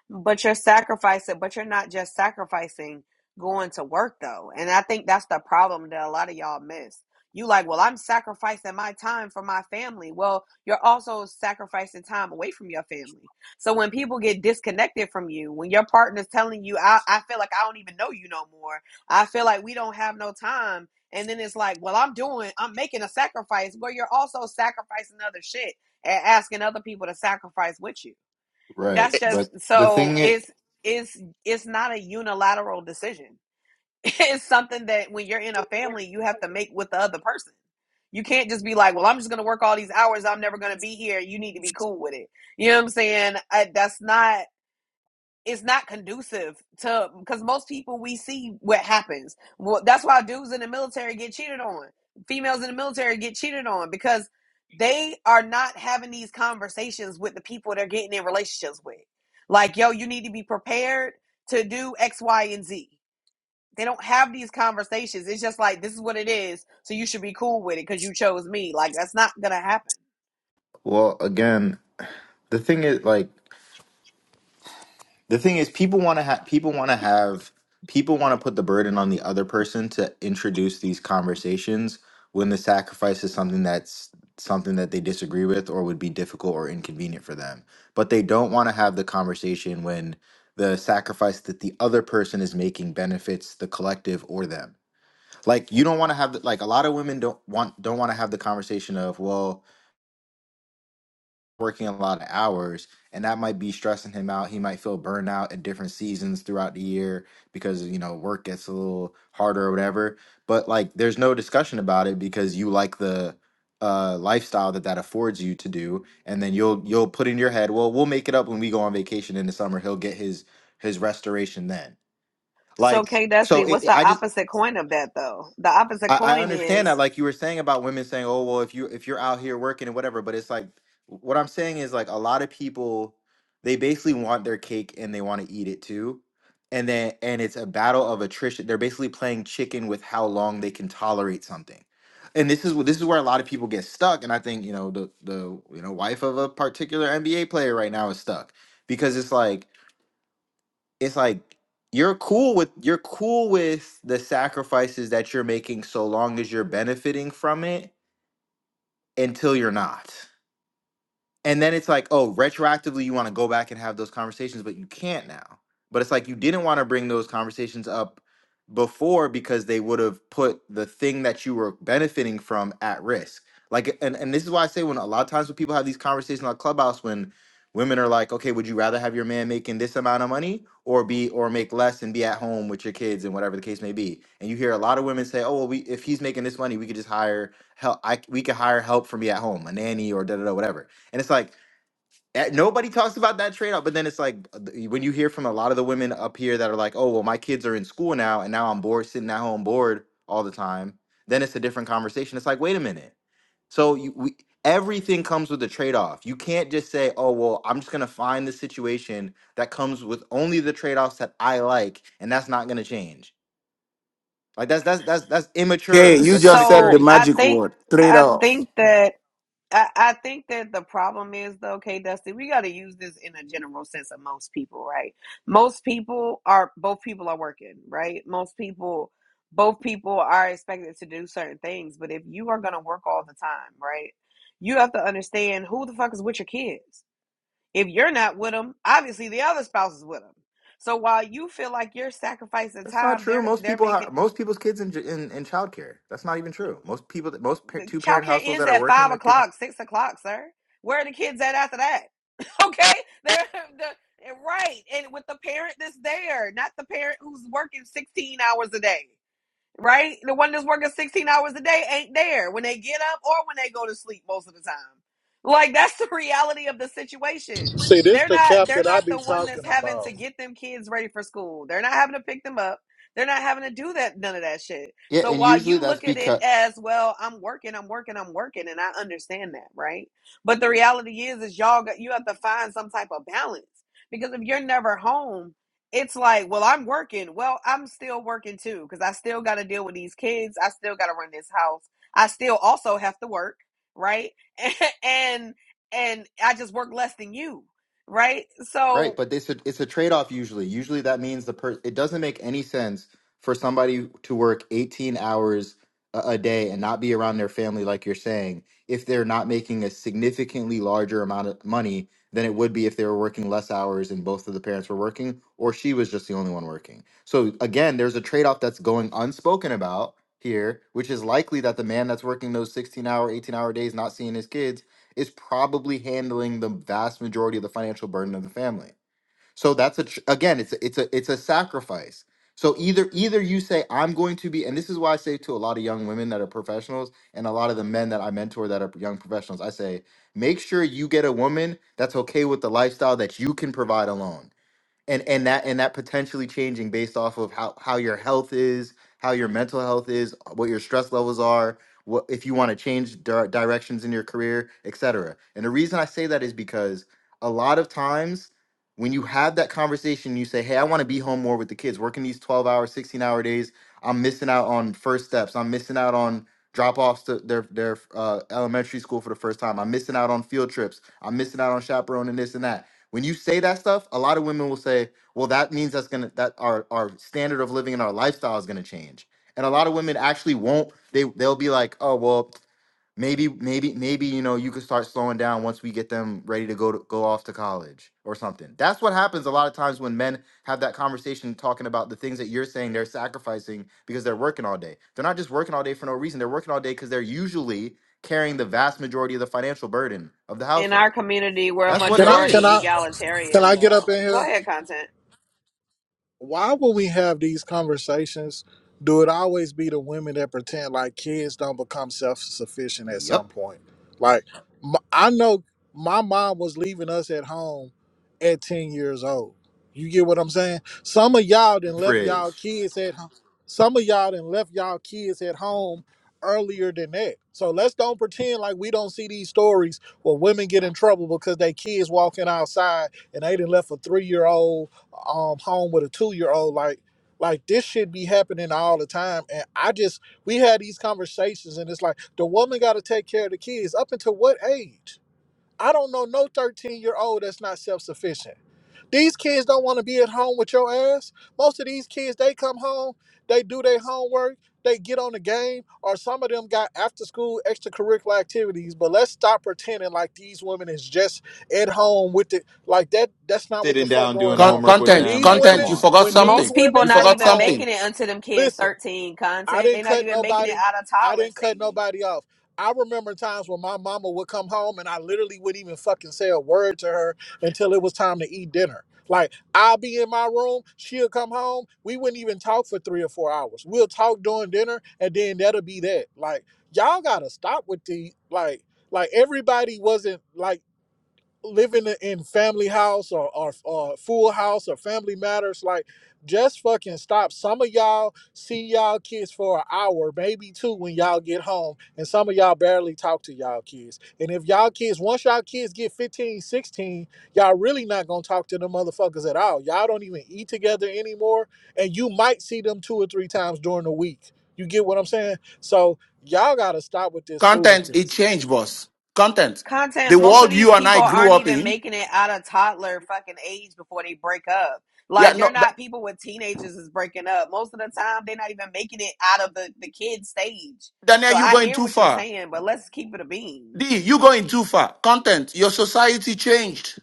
S5: But you're sacrificing, but you're not just sacrificing going to work though. And I think that's the problem that a lot of y'all miss. You like, well, I'm sacrificing my time for my family. Well, you're also sacrificing time away from your family. So when people get disconnected from you, when your partner's telling you, I, I feel like I don't even know you no more. I feel like we don't have no time. And then it's like, well, I'm doing, I'm making a sacrifice. Well, you're also sacrificing other shit and asking other people to sacrifice with you.
S10: Right.
S5: That's just
S10: But the
S5: so
S10: thing is,
S5: it's it's it's not a unilateral decision. *laughs* It's something that when you're in a family, you have to make with the other person. You can't just be like, "Well, I'm just going to work all these hours. I'm never going to be here. You need to be cool with it." You know what I'm saying? I, that's not it's not conducive to because most people we see what happens. Well, that's why dudes in the military get cheated on. Females in the military get cheated on because they are not having these conversations with the people they're getting in relationships with. Like, yo, you need to be prepared to do X, Y, and Z. They don't have these conversations. It's just like this is what it is, so you should be cool with it because you chose me. Like that's not gonna happen.
S10: well, again, the thing is like. The thing is, people want to have people want to have people want to put the burden on the other person to introduce these conversations when the sacrifice is something that's something that they disagree with or would be difficult or inconvenient for them. But they don't want to have the conversation when the sacrifice that the other person is making benefits the collective or them. Like you don't want to have the, like a lot of women don't want don't want to have the conversation of, well, working a lot of hours and that might be stressing him out he might feel burnout at different seasons throughout the year because you know work gets a little harder or whatever but like there's no discussion about it because you like the uh lifestyle that that affords you to do and then you'll you'll put in your head well we'll make it up when we go on vacation in the summer he'll get his his restoration then
S5: So,
S10: like
S5: K
S10: so
S5: Dusty,
S10: it,
S5: what's the
S10: i just
S5: opposite coin of that, though? The opposite
S10: I, I
S5: coin
S10: understand that,
S5: is
S10: like you were saying about women saying, "Oh, well, if you if you're out here working and whatever," but it's like what I'm saying is like a lot of people they basically want their cake and they want to eat it too, and then and it's a battle of attrition. They're basically playing chicken with how long they can tolerate something, and this is wh- this is where a lot of people get stuck. And I think you know the the you know wife of a particular NBA player right now is stuck because it's like it's like you're cool with you're cool with the sacrifices that you're making so long as you're benefiting from it until you're not and then it's like oh retroactively you want to go back and have those conversations but you can't now but it's like you didn't want to bring those conversations up before because they would have put the thing that you were benefiting from at risk like and, and this is why i say when a lot of times when people have these conversations on clubhouse when women are like okay would you rather have your man making this amount of money or be or make less and be at home with your kids and whatever the case may be and you hear a lot of women say oh well we if he's making this money we could just hire help i we could hire help for me at home a nanny or da da da whatever and it's like eh, nobody talks about that trade off. But then it's like uh, th- when you hear from a lot of the women up here that are like, "Oh, well, my kids are in school now, and now I'm bored, sitting at home bored all the time." Then it's a different conversation. It's like, wait a minute. So you, we, everything comes with a trade off. You can't just say, "Oh, well, I'm just gonna find the situation that comes with only the trade offs that I like, and that's not gonna change." Like that's that's that's that's
S7: Kay,
S10: immature.
S7: you
S10: That's
S7: just said
S5: so.
S7: the
S10: immaturity.
S5: I
S7: magic
S5: think
S7: word. Trade
S5: I
S7: off.
S5: think that I, I think that the problem is though, K Dusty, we got to use this in a general sense of most people, right? Most people are both people are working, right? Most people, both people are expected to do certain things, but if you are going to work all the time, right, you have to understand who the fuck is with your kids. If you're not with them, obviously the other spouse is with them. So while you feel like you're sacrificing
S10: That's not
S5: time,
S10: true.
S5: they're
S10: Most
S5: they're
S10: people
S5: making.
S10: are most people's kids in in in childcare. That's not even
S5: mm,
S10: true. Most people, most two parent
S5: Childcare
S10: households
S5: ends
S10: that are
S5: at
S10: working,
S5: five
S10: their kids.
S5: o'clock, six o'clock, sir. Where are the kids at after that? *laughs* okay, they're the right, and with the parent that's there, not the parent who's working sixteen hours a day right? The one that's working 16 hours a day ain't there when they get up or when they go to sleep most of the time. Like that's the reality of the situation.
S4: See, this
S5: They're
S4: the
S5: not
S4: cap
S5: they're
S4: that I
S5: not
S4: be
S5: the one that's
S4: talking
S5: having to
S4: about.
S5: get them kids ready for school. They're not having to pick them up. They're not having to do that none of that shit.
S10: Yeah,
S5: So
S10: and
S5: while
S10: usually
S5: you
S10: that's
S5: look at it
S10: because
S5: as, well, I'm working, I'm working, I'm working and I understand that, right? But the reality is is y'all got you have to find some type of balance because if you're never home it's like, well, I'm working. Well, I'm still working too because I still got to deal with these kids. I still got to run this house. I still also have to work, right? *laughs* and and I just work less than you, right?
S10: Right,
S5: So
S10: but it's a it's a trade-off usually. Usually that means the per it doesn't make any sense for somebody to work 18 hours a, a day and not be around their family like you're saying if they're not making a significantly larger amount of money than it would be if they were working less hours and both of the parents were working or she was just the only one working. So again, there's a trade-off that's going unspoken about here, which is likely that the man that's working those 16-hour, 18-hour days not seeing his kids is probably handling the vast majority of the financial burden of the family. So that's a tr- again, it's a, it's a it's a sacrifice. So either either you say I'm going to be, and this is why I say to a lot of young women that are professionals and a lot of the men that I mentor that are young professionals, I say make sure you get a woman that's okay with the lifestyle that you can provide alone and and that and that potentially changing based off of how how your health is how your mental health is what your stress levels are what if you want to change dir- directions in your career etc and the reason i say that is because a lot of times when you have that conversation you say hey i want to be home more with the kids working these 12 hour 16 hour days i'm missing out on first steps i'm missing out on drop offs to their their uh, elementary school for the first time i'm missing out on field trips i'm missing out on chaperoning this and that when you say that stuff, a lot of women will say, "Well, that means that's gonna that our our standard of living and our lifestyle is gonna change." And a lot of women actually won't. They they'll be like, "Oh, well, maybe maybe maybe you know you could start slowing down once we get them ready to go to go off to college or something." That's what happens a lot of times when men have that conversation talking about the things that you're saying they're sacrificing because they're working all day. They're not just working all day for no reason. They're working all day because they're usually carrying the vast majority of the financial burden of the
S5: in our
S10: household.
S5: community, we're a
S10: That's what
S4: Can
S10: it
S4: I? Can
S5: majority
S10: is.
S4: I? Can
S5: egalitarian,
S4: I get up
S5: though.
S4: in
S5: Go
S4: here?
S5: ahead, content.
S4: why would we have these conversations? Do it always be the women that pretend like kids don't become self sufficient at some
S10: Yep.
S4: point? Like, m- I know my mom was leaving us at home at 10 years old. You get what I'm saying? Some of y'all then left y'all
S10: fridge,
S4: kids at home. Some of y'all then left y'all kids at home earlier than that. So let's don't pretend like we don't see these stories where women get in trouble because they kids walking outside and they done left a three year old um home with a two year old. Like like this should be happening all the time. And I just we had these conversations and it's like the woman gotta take care of the kids. Up until what age? I don't know no 13 year old that's not self sufficient. These kids don't want to be at home with your ass. Most of these kids, they come home, they do their homework, they get on the game, or some of them got after school extracurricular activities. But let's stop pretending like these women is just at home with it. Like that, that's not what the
S10: sitting
S4: fuck
S10: down doing
S4: going
S7: Con-
S4: on.
S10: homework with
S4: When
S7: content,
S10: them.
S4: these
S10: Like, come
S7: content.
S4: women,
S7: You
S10: on,
S7: forgot
S4: when these
S7: something.
S5: Most people
S4: women
S7: You
S5: not
S4: come
S7: forgot
S5: even
S4: home,
S7: something.
S5: making it until them kids
S4: listen.
S5: 13
S4: I
S5: content. They
S4: didn't
S5: not
S4: cut
S5: even making it
S4: nobody.
S5: out of
S4: I
S5: toddler
S4: didn't cut
S5: stage.
S4: nobody off. I remember times when my mama would come home and I literally wouldn't even fucking say a word to her until it was time to eat dinner. Like I'll be in my room, she'll come home. We wouldn't even talk for three or four hours. We'll talk during dinner, and then that'll be that. Like y'all gotta stop with the like. Like everybody wasn't like living in family house or, or or full house or family matters like just fucking stop some of y'all see y'all kids for an hour maybe two when y'all get home and some of y'all barely talk to y'all kids and if y'all kids once y'all kids get fifteen, sixteen, y'all really not gonna talk to them motherfuckers at all y'all don't even eat together anymore and you might see them two or three times during the week you get what i'm saying so y'all gotta stop with this
S7: Content, it
S4: foolishness
S7: changed, boss. Content. The
S5: content most of
S7: world
S5: these
S7: you and
S5: people
S7: I grew
S5: aren't
S7: up
S5: even
S7: in.
S5: making it out of toddler fucking age before they break up
S7: Yeah,
S5: like
S7: no,
S5: they're
S7: Da-
S5: not people with teenagers is breaking up most of the time they're not even making it out of the the kid stage
S7: Daniel,
S5: so
S7: you
S5: i
S7: going
S5: hear
S7: too
S5: what you're
S7: far.
S5: saying but let's keep it a beam
S7: D, you going too far. Content. Your society changed.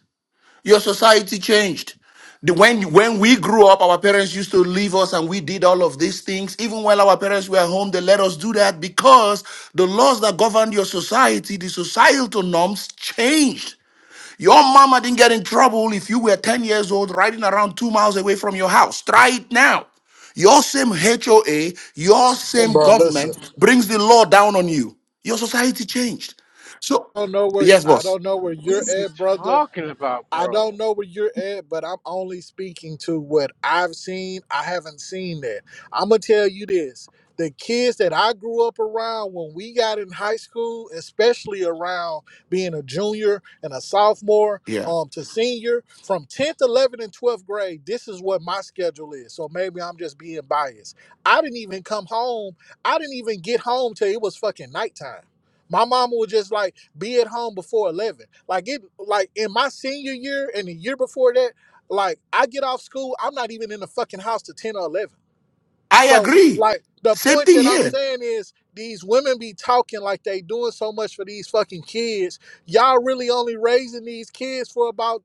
S7: Your society changed. The- When, when we grew up, our parents used to leave us and we did all of these things. Even while our parents were home, they let us do that because the laws that governed your society, the societal norms changed. Your mama didn't get in trouble if you were 10 years old riding around two miles away from your house. Try it now. Your same HOA, your same
S4: bro listen
S7: government brings the law down on you. Your society changed. So,
S4: don't know where
S7: yes,
S4: I
S7: boss.
S4: don't know where you're
S6: What you
S4: at, brother.
S6: talking about,
S4: I
S6: bro?
S4: don't know where you're at, but I'm only speaking to what I've seen. I haven't seen that. I'm gonna tell you this: the kids that I grew up around when we got in high school, especially around being a junior and a sophomore
S7: Yeah.
S4: um, to senior, from 10th, 11th, and 12th grade, this is what my schedule is. So maybe I'm just being biased. I didn't even come home. I didn't even get home till it was fucking nighttime. My mama was just like be at home before 11 like it like in my senior year and the year before that like i get off school i'm not even in the fucking house to 10 or 11
S7: I
S4: so
S7: agree.
S4: like the
S7: Same
S4: point
S7: thing
S4: that i'm
S7: here.
S4: saying is these women be talking like they doing so much for these fucking kids y'all really only raising these kids for about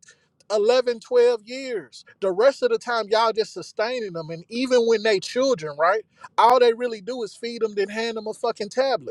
S4: 11, 12 years the rest of the time y'all just sustaining them and even when they children right all they really do is feed them then hand them a fucking tablet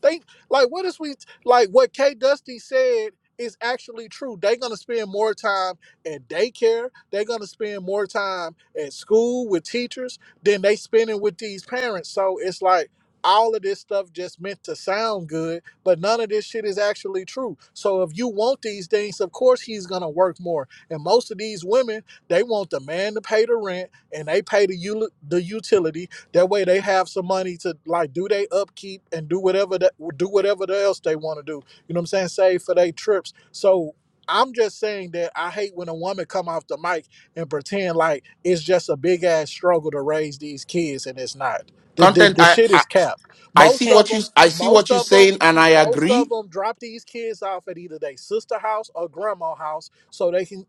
S4: Think like what is we like what K Dusty said is actually true. They're gonna spend more time at daycare. They're gonna spend more time at school with teachers than they spending with these parents. So it's like all of this stuff just meant to sound good, but none of this shit is actually true. So if you want these things, of course he's gonna work more. And most of these women, they want the man to pay the rent and they pay the ul- the utilities that way they have some money to like do they upkeep and do whatever that do whatever else they want to do. You know what I'm saying? Save for their trips. So I'm just saying that I hate when a woman come off the mic and pretend like it's just a big ass struggle to raise these kids and it's not. The, the,
S7: Content.
S4: the
S7: I,
S4: shit
S7: I
S4: is capped.
S7: I
S4: Most
S7: see
S5: Eh,
S4: of
S7: what you
S4: them,
S7: I see what
S4: most
S7: you're
S4: of them,
S7: saying, and I
S4: most of
S7: agree.
S4: them drop these kids off at either their sister house or grandma house so they can.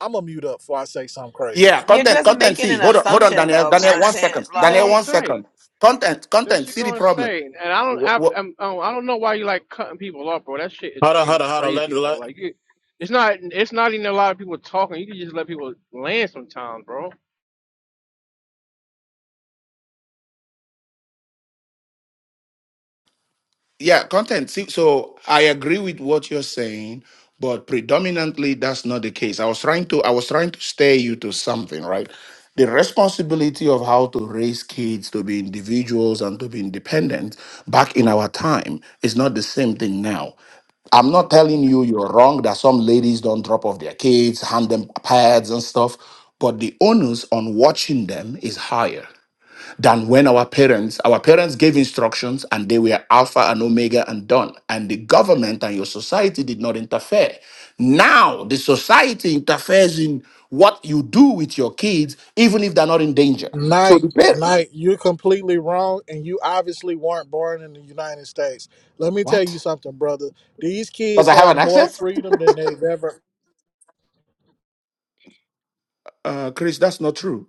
S4: I'm gonna mute up before I say something crazy.
S7: Yeah.
S5: you're
S7: Content.
S5: just
S7: Content.
S5: making
S7: See.
S5: an
S7: Hold on. Hold on,
S5: assumption
S7: Daniel.
S5: though
S7: Daniel. One
S5: content
S6: What
S7: second.
S6: you
S7: Daniel.
S6: gonna
S5: like
S7: One
S6: say?
S7: second. Content.
S6: That
S7: Content.
S6: she
S7: See the
S6: going to
S7: problem.
S6: say? and I don't. I, I'm, I don't I don't know why you like cutting people off, bro. That shit is
S1: Hold on, hold
S6: getting
S1: on, hold on. Let,
S6: crazy, bro.
S1: let
S6: Like you, it's not. It's not even a lot of people talking. You can just let people land sometimes, bro.
S7: Yeah, content. See, so I agree with what you're saying, but predominantly that's not the case. I was trying to I was trying to steer you to something, right? The responsibility of how to raise kids to be individuals and to be independent back in our time is not the same thing now. I'm not telling you you're wrong that some ladies don't drop off their kids, hand them pads and stuff, but the onus on watching them is higher than when our parents our parents gave instructions and they were alpha and omega and done and the government and your society did not interfere now the society interferes in what you do with your kids even if they're not in danger so
S4: Night,
S7: the parent
S4: night, you're completely wrong, and you obviously weren't born in the United States. Let me tell you
S7: what
S4: something, brother. These
S7: because
S4: kids
S7: i have
S4: have
S7: an
S4: more
S7: accent
S4: freedom than they've ever
S7: uh chris that's not true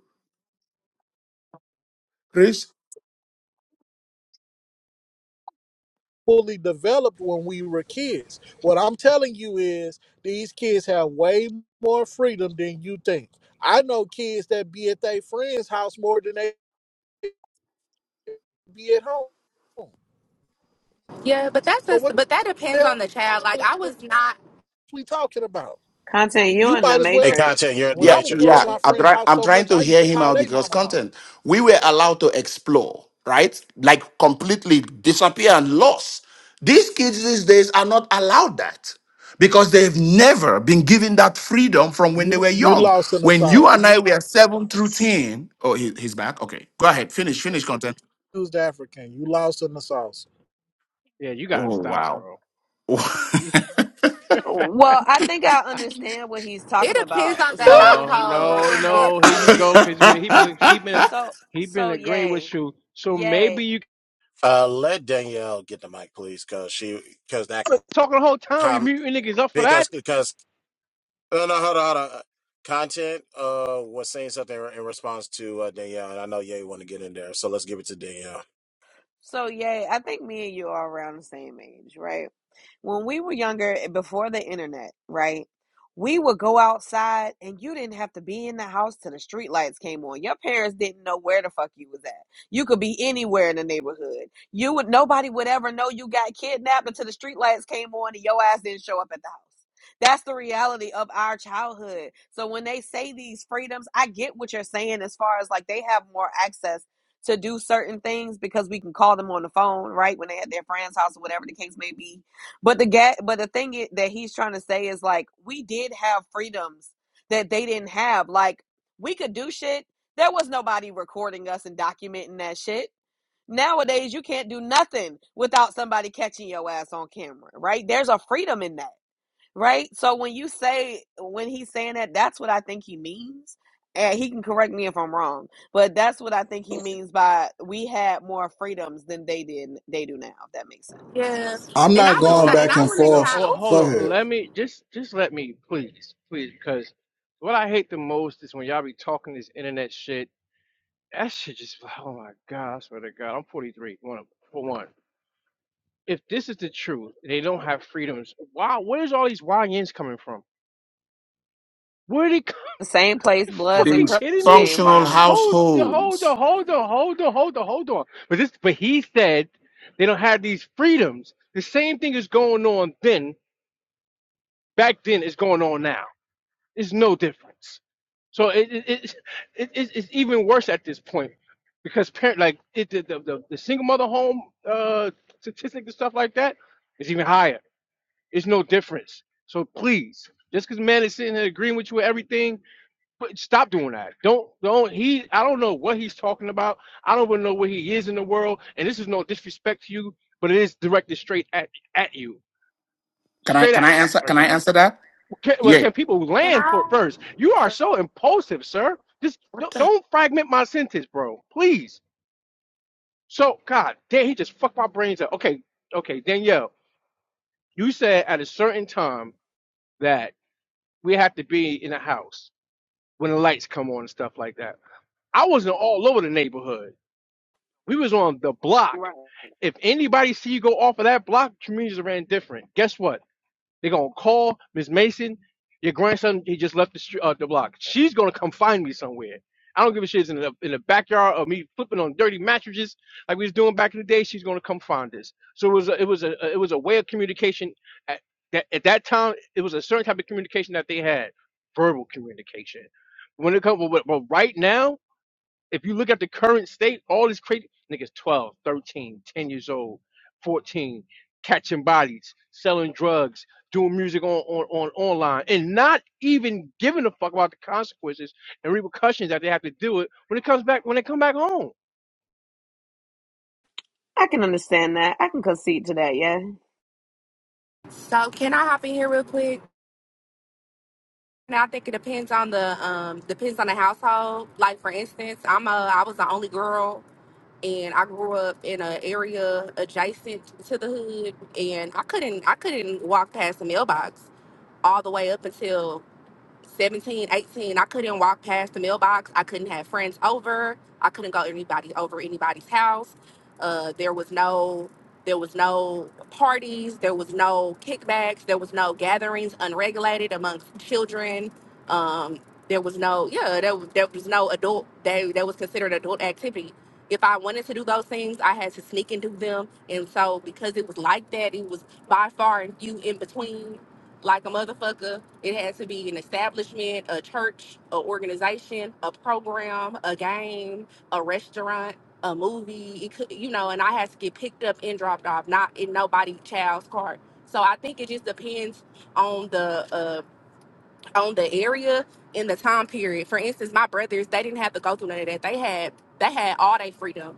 S4: fully developed when we were kids. What I'm telling you is, these kids have way more freedom than you think. I know kids that be at their friend's house more than they be at home.
S9: Yeah, but that's
S4: So,
S9: just
S4: what
S9: but that depends on
S4: the
S9: the child. Like
S4: hell
S9: I
S4: is
S9: was not.
S4: we talking about?
S5: content
S4: You,
S5: you
S4: you
S5: in the
S4: might as
S1: hey,
S4: well.
S1: content,
S5: matrix
S1: you're in the
S4: When
S7: Yeah,
S4: I was
S1: matrix.
S4: growing up
S7: yeah.
S4: my
S7: I'm,
S4: friend's
S7: try-
S4: house
S7: I'm
S4: so
S7: trying
S4: much,
S7: to
S4: I used
S7: hear
S4: to
S7: him
S4: call
S7: out
S4: they
S7: because
S4: mama mama.
S7: content. We were allowed to explore, right? Like completely disappear and lost. These kids these days are not allowed that because they've never been given that freedom from when they
S4: You
S7: were
S4: you
S7: young.
S4: lost in the
S7: When you
S4: sauce.
S7: and I were seven through ten, oh, he, he's back. Okay, go ahead. Finish. Finish content.
S4: Used African. You lost in the sauce.
S6: Yeah, you gotta
S7: Oh
S6: stop,
S7: wow.
S6: bro.
S7: *laughs*
S6: You-
S5: well i think i understand what he's
S9: It
S5: talking
S9: depends
S5: about
S9: on the
S5: so when
S6: No,
S5: we were
S9: household,
S6: no,
S9: and
S5: growing up
S6: no. Here you
S5: right
S9: definitely
S6: go, cause he been he been he been
S5: so
S6: he been
S5: so
S6: agreeing
S5: yay
S6: with you. So
S5: yay
S6: maybe you
S1: Uh, let Danielle get the mic, please, because she because that
S6: talking the whole time. You
S1: comment
S6: muting niggas up for that?
S1: because because No, no, hold on, hold on. Content uh, was saying something in response to uh, Danielle, and I know Ye want to get in there, so let's give it to Danielle.
S5: So yay, I think me and you are around the same age, right? When we were younger, eh, before the internet, right? We would go outside and you didn't have to be in the house till the street lights came on. Your parents didn't know where the fuck you was at. You could be anywhere in the neighborhood. You would nobody would ever know you got kidnapped until the street lights came on and your ass didn't show up at the house. That's the reality of our childhood. So when they say these freedoms, I get what you're saying as far as like they have more access to do certain things because we can call them on the phone, right? When they at their friend's house or whatever the case may be. But the ga- but the thing i- that he's trying to say is like we did have freedoms that they didn't have. Like we could do shit. There was nobody recording us and documenting that shit. Nowadays you can't do nothing without somebody catching your ass on camera, right? There's a freedom in that. Right? So when you say when he's saying that, that's what I think he means. And he can correct me if I'm wrong, but that's what I think he means by we had more freedoms than they did they do now, if that makes sense.
S9: yeah.
S4: I'm
S9: And
S4: not
S9: I
S6: You
S9: was
S6: know
S4: going
S6: what?
S9: and
S4: back
S9: I
S4: and
S9: want to
S6: No,
S4: forth.
S9: try.
S6: Oh, hold
S9: Ooh,
S4: Go
S6: on.
S4: ahead.
S6: Let me just just let me please, please, because what I hate the most is when y'all be talking this internet shit That shit just, *laughs* oh my God, I swear to God, I'm 43, one, for one. If this is the truth, they don't have freedoms. Why, where's all these YNs coming from? Where are they coming?
S5: The same
S6: *laughs*
S5: place Bloods and
S6: fucking kidding
S5: Crips
S6: me?
S5: came
S7: Functional
S5: from.
S6: Hold, hold on,
S7: households.
S6: hold on, hold on, hold on, hold on. But this, but he said they don't have these freedoms. The same thing is going on then, back then is going on now. It's no difference. So it it, it, it it's it's even worse at this point because parent like it the the, the, the single mother home uh statistic and stuff like that is even higher. It's no difference. So please, just because man is sitting here agreeing with you with everything, but stop doing that. Don't don't he I don't know what he's talking about. I don't even know where he is in the world. And this is no disrespect to you, but it is directed straight at at you,
S7: Can I
S6: straight
S7: can I
S6: at you
S7: answer?
S6: right
S7: Can I
S6: now.
S7: answer that?
S6: Can, well,
S7: Yeah.
S6: can people
S9: can
S6: land for
S9: I?
S6: first? You are so impulsive, sir. Just
S7: What
S6: don't,
S7: the?
S6: don't fragment my sentence, bro. Please. So, God, damn, he just fucked my brains up. Okay, okay, Danielle, you said at a certain time that we have to be in the house when the lights come on and stuff like that. I wasn't all over the neighborhood. We was on the block.
S5: Right.
S6: If anybody see you go off of that block, communities ran different. Guess what? They're gonna call Miss Mason. Your grandson, he just left the street, uh, the block. She's gonna come find me somewhere. I don't give a shit. It's in the in the backyard of me flipping on dirty mattresses like we was doing back in the day. She's gonna come find us. So it was a, it was a uh, it was a way of communication. At that, at that time, it was a certain type of communication that they had, verbal communication. When it comes, but, but right now if you look at the current state, all this crazy niggas 12, 13, 10 years old, 14, catching bodies, selling drugs, doing music on, on, on online, and not even giving a fuck about the consequences and repercussions that they have to deal with when it comes back when they come back home.
S5: I can understand that. I can concede to that, yeah.
S9: So can I hop in here real quick? Now I think it depends on the um depends on the household. Like for instance, I'm a I was the only girl and I grew up in an area adjacent to the hood, and I couldn't I couldn't walk past the mailbox all the way up until 17, 18. I couldn't walk past the mailbox. I couldn't have friends over. I couldn't go anybody over anybody's house. Uh, there was no there was no parties, there was no kickbacks, there was no gatherings unregulated amongst children. Um, there was no yeah, there, was- there was no adult they that was considered adult activity. If I wanted to do those things, I had to sneak and do them. And so because it was like that, it was by far and few in between like a motherfucker. It has to be an establishment, a church, a organization, a program, a game, a restaurant, a movie. It could, you know, and I has to get picked up and dropped off, not in nobody child's car. So I think it just depends on the uh, on the area and the time period. For instance, my brothers, they didn't have to go through none of that. They had they had all their freedom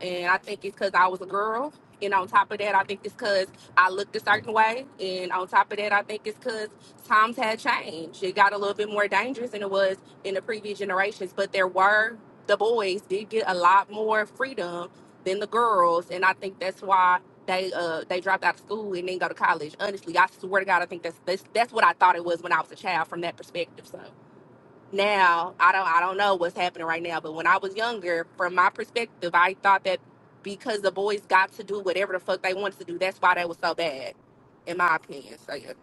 S9: and I think it's because I was a girl. And on top of that, I think it's because I looked a certain way. And on top of that, I think it's because times had changed. It got a little bit more dangerous than it was in the previous generations. But there were, the boys did get a lot more freedom than the girls. And I think that's why they uh, they dropped out of school and didn't go to college. Honestly, I swear to God, I think that's, that's, that's what I thought it was when I was a child from that perspective. So now i don't i don't know what's happening right now but when i was younger from my perspective i thought that because the boys got to do whatever the fuck they wanted to do that's why they was so bad in my opinion so yeah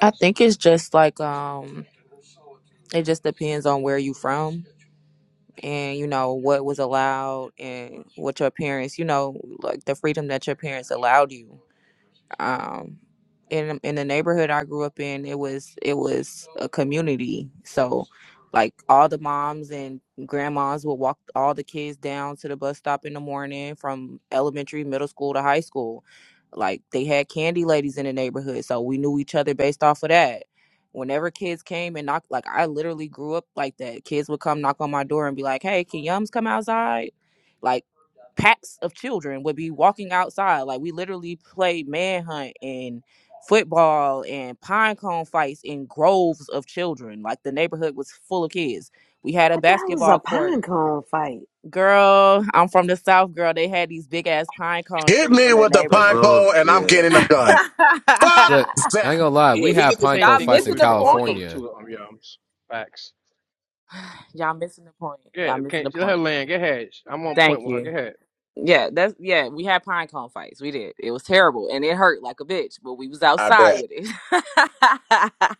S11: I think it's just like um it just depends on where you from and you know what was allowed and what your parents, you know, like the freedom that your parents allowed you um in in the neighborhood I grew up in it was it was a community so like all the moms and grandmas would walk all the kids down to the bus stop in the morning from elementary middle school to high school like they had candy ladies in the neighborhood so we knew each other based off of that whenever kids came and knocked like I literally grew up like that kids would come knock on my door and be like hey can yums come outside Like, packs of children would be walking outside. Like we literally played manhunt and football and pine cone fights in groves of children. Like the neighborhood was full of kids. We had a
S5: What the hell is a
S11: basketball
S5: pine
S11: court.
S5: cone fight?
S11: Girl, I'm from the South, girl. They had these big ass pine cone
S1: Hit
S11: trees
S1: me
S11: in the
S1: with the
S10: those
S1: pine
S11: neighborhood.
S10: little
S1: cone, and I'm
S10: yeah.
S1: getting a gun. Fuck
S12: Look, I ain't
S1: that.
S12: gonna lie.
S6: Yeah,
S12: We
S6: we did
S12: had
S6: the
S11: *laughs*
S6: Same
S11: Y'all
S12: Pineco
S6: thing where
S12: fights in
S11: missing
S6: we
S11: the
S6: from where I'm from
S11: point.
S12: California.
S6: too, um yums. Facts.
S11: *sighs* Y'all missing the point.
S6: Yeah,
S11: Y'all missing
S6: okay,
S11: the
S6: let her
S11: point.
S6: land, get ahead. I'm on point
S11: Thank
S6: with her,
S11: you.
S6: go ahead.
S11: Yeah, that's yeah. We had pine cone fights. We did. It was terrible and it hurt like a bitch, but we was
S1: I
S11: outside
S1: bet.
S11: with it. *laughs*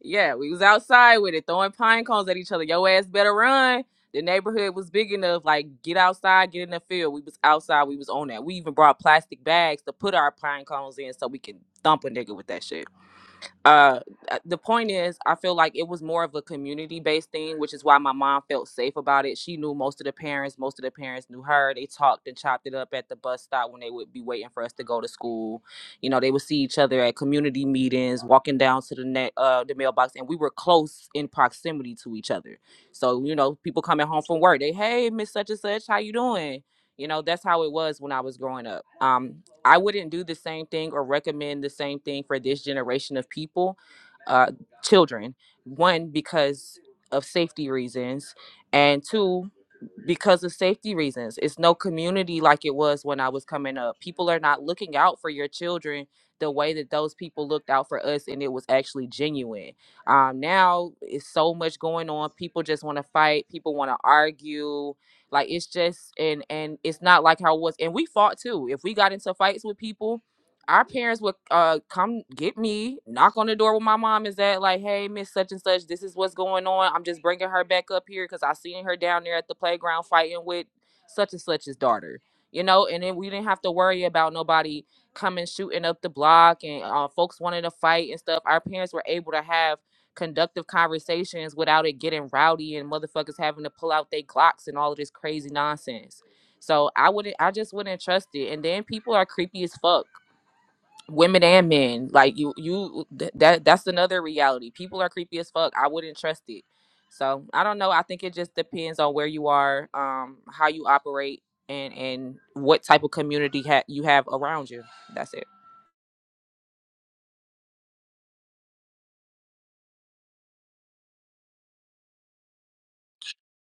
S11: yeah, we was outside with it, throwing pine cones at each other. Yo ass better run. The neighborhood was big enough. Like get outside, get in the field. We was outside. We was on that. We even brought plastic bags to put our pine cones in so we can thump a nigga with that shit uh uh, the point is i feel like it was more of a community based thing which is why my mom felt safe about it she knew most of the parents most of the parents knew her they talked and chopped it up at the bus stop when they would be waiting for us to go to school you know they would see each other at community meetings walking down to the net uh the mailbox and we were close in proximity to each other so you know people coming home from work they hey miss such and such how you doing you know that's how it was when i was growing up um I wouldn't do the same thing or recommend the same thing for this generation of people, uh, children. One, because of safety reasons, and two, because of safety reasons. It's no community like it was when I was coming up. People are not looking out for your children the way that those people looked out for us, and it was actually genuine. Um, now it's so much going on. People just want to fight. People want to argue. Like it's just and and it's not like how it was. And we fought too. If we got into fights with people our parents would uh come get me, knock on the door where my mom is at, like, hey, Miss Such and Such, this is what's going on. I'm just bringing her back up here because I seen her down there at the playground fighting with such and such's daughter, you know. And then we didn't have to worry about nobody coming shooting up the block and uh, folks wanting to fight and stuff. Our parents were able to have conductive conversations without it getting rowdy and motherfuckers having to pull out their Glocks and all of this crazy nonsense. So I wouldn't, I just wouldn't trust it. And then people are creepy as fuck women and men like you you th- that that's another reality people are creepy as fuck i wouldn't trust it so i don't know i think it just depends on where you are um how you operate and and what type of community ha- you have around you that's it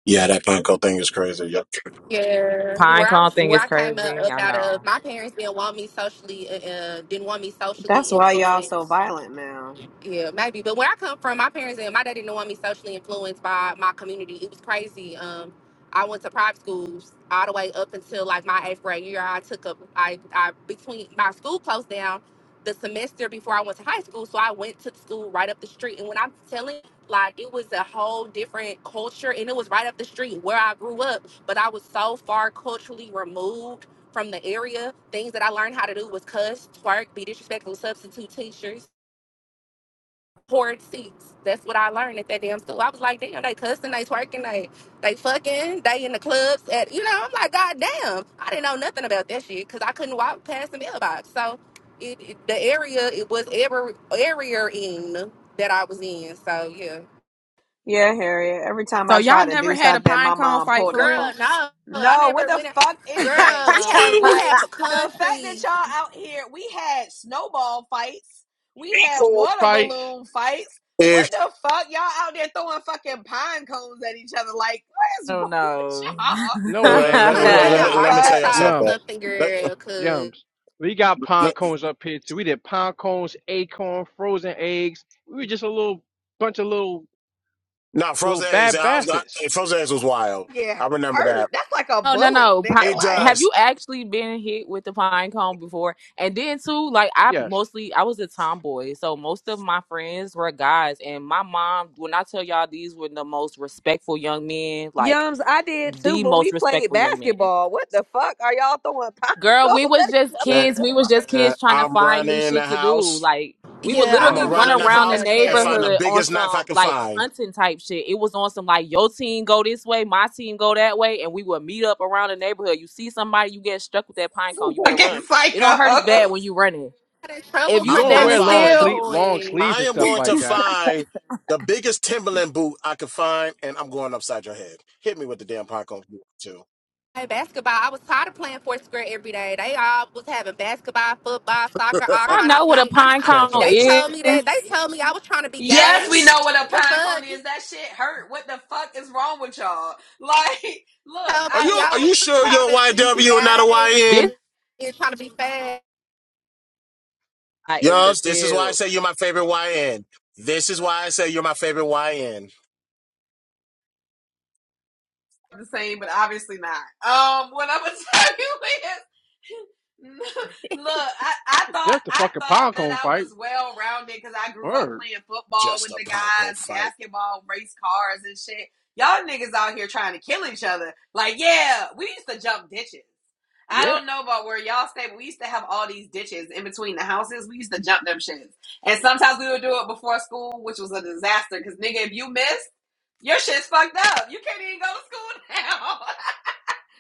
S1: Yeah, that pine cone thing is crazy. Yep.
S9: yeah
S11: pine
S9: where i
S11: cone
S9: was
S11: thing
S9: where
S11: is
S9: i came up,
S11: crazy
S9: up
S11: i
S9: out of
S11: know
S9: my parents didn't want me socially uh, uh, didn't want me socially
S5: That's why y'all so
S9: influenced
S5: violent now.
S9: Yeah, maybe. But where I come from, my parents and my dad didn't want me socially influenced by my community. It was crazy. Um, I went to private schools all the way up until like my eighth grade year. I took up I I between my school closed down the semester before I went to high school, so I went to the school right up the street. And when I'm telling, like, it was a whole different culture, and it was right up the street where I grew up. But I was so far culturally removed from the area. Things that I learned how to do was cuss, twerk, be disrespectful, substitute teachers poured seats. That's what I learned at that damn school. I was like, damn, they cussing, they twerking, they they fucking, they in the clubs at you know, I'm like, God damn. I didn't know nothing about that shit because I couldn't walk past the mailbox. So it, it- the area it was ever area in that I was in. So yeah.
S5: Yeah, Harriet. Every time
S11: So
S5: I
S11: y'all
S5: try to
S11: never
S5: do
S11: had a
S5: something,
S11: pine
S5: my
S11: cone
S5: mom
S11: fight for
S5: pulled up
S11: real?
S9: Girl,
S5: on.
S9: no, I
S5: No,
S9: never
S5: what the
S9: went out.
S5: fuck is
S11: *laughs*
S5: that,
S9: Girl, we
S5: Yums?
S9: have we
S5: Like
S9: have a
S5: the fact that
S9: country.
S5: y'all out here, we had snowball fights, we had
S6: Acorn.
S5: water
S6: Fights.
S5: balloon fights.
S1: If
S5: What the fuck, y'all out there throwing fucking pine cones at each other? Like, *laughs* what is
S11: Oh
S5: wrong with
S11: no.
S5: y'all?
S11: *laughs*
S6: No it
S1: uh,
S6: ain't,
S9: You
S1: let me
S6: no it
S9: Must
S1: let me
S5: What
S9: be
S1: let
S9: in
S1: me
S5: the
S6: ain't,
S1: let me tell
S5: fuck?
S1: y'all
S9: Arkansas or
S6: yums.
S1: something.
S9: something,
S1: Let-
S9: girl, cause
S6: Gems. We got pine
S1: let-
S6: cones up here too. We did pine cones, acorn, frozen eggs. We were just a little bunch of little
S1: No,
S6: little
S1: frozen eggs.
S6: bad
S1: I was got-
S6: bastards.
S1: frozen eggs was wild.
S5: Get
S1: I remember
S5: hurt?
S1: that.
S5: That's like a
S11: oh no
S5: bullet,
S11: no. Pi-
S5: nigga.
S1: It
S5: Like.
S11: Have
S1: does.
S11: you actually been hit with the pine cone before? And then too, like I
S6: Yes,
S11: mostly I was a tomboy, so most of my friends were guys. And my mom, when I tell y'all, these were the most respectful young men, like
S5: Yums, I did too,
S11: the
S5: but
S11: most
S5: we played
S11: respectful young men.
S5: basketball. What the fuck are y'all throwing *laughs* pine
S11: Girl, we
S5: cones
S11: was
S5: at each
S11: just
S5: other
S1: Uh,
S11: kids. We was
S5: for?
S11: just kids trying to
S1: I'm
S11: find new
S1: running the
S11: shit to do.
S1: house.
S11: Like we would
S9: yeah, I
S1: I'm
S11: literally
S1: gonna
S6: bro.
S9: don't
S1: run
S11: run
S9: know
S1: in the
S9: nothing
S11: around the
S1: house
S9: about
S1: and find
S9: that.
S1: the
S11: neighborhood on
S1: biggest knife I
S11: some
S1: can
S11: like
S1: find.
S11: hunting type shit. It was on some like your team go this way, my team go that way, and we would meet up around the neighborhood. You see somebody, you get struck with that pine cone, you better run.
S5: Fucking
S11: It don't hurt as bad
S5: psychos.
S11: when you running.
S9: got in
S11: If
S9: trouble
S6: You
S11: you
S9: for
S1: I'm
S6: go and
S9: trying
S1: gonna
S11: standing
S9: to
S6: wear
S9: play
S6: long
S9: with
S1: find.
S9: the
S11: still,
S6: sleeve long
S9: boys.
S6: sleeves
S1: I
S6: and
S1: am
S6: stuff
S1: going to
S6: like that.
S1: find the biggest Timberland boot I could find, and I'm going upside your head. Hit me with the damn popcorn boot too.
S9: Play basketball. I was tired of playing fourth grade every day. They all was having basketball, football, soccer, all
S11: I
S1: *laughs*
S9: kind of
S11: know what a
S9: shit.
S11: pine
S6: *laughs*
S9: And
S11: cone
S9: they
S11: is.
S9: told me that they
S11: This
S9: told me I was trying to be
S5: Yes,
S9: gay.
S5: we
S1: yes.
S5: know what a
S9: The
S5: pine
S9: fuck?
S5: cone
S9: You
S5: is. That shit hurt. What the fuck is wrong with y'all? *laughs* Like, look,
S9: told
S1: Are
S9: me
S1: you
S9: I
S1: Are you
S5: I.
S9: was
S1: sure
S9: trying
S1: you're
S9: to
S1: a
S9: be
S5: I
S1: YW and not a
S9: gay
S5: *laughs*
S1: YN?
S9: and trying to be fat.
S11: guy in the
S1: Yes. This is why I
S11: field.
S1: say you're my favorite YN. This is why I say you're my favorite YN.
S5: the same, but obviously not. Um, what I'm gonna *laughs* tell you is, *laughs* look, I, I thought
S6: just a
S5: I
S6: fucking
S5: thought
S6: pine
S5: that
S6: cone
S5: I
S6: fight.
S5: was well rounded because I grew up
S6: Word.
S5: playing football
S1: Just
S5: with
S1: a
S5: the
S1: pinecone
S5: guys,
S1: fight.
S5: basketball, race cars, and shit. Y'all niggas out here trying to kill each other. Like, yeah, we used to jump ditches. I
S6: Yeah.
S5: don't know about where y'all stay, but we used to have all these ditches in between the houses. We used to jump them shits. And sometimes we would do it before school, which was a disaster because, nigga, if you missed, your shit's fucked up. You can't even go to school now.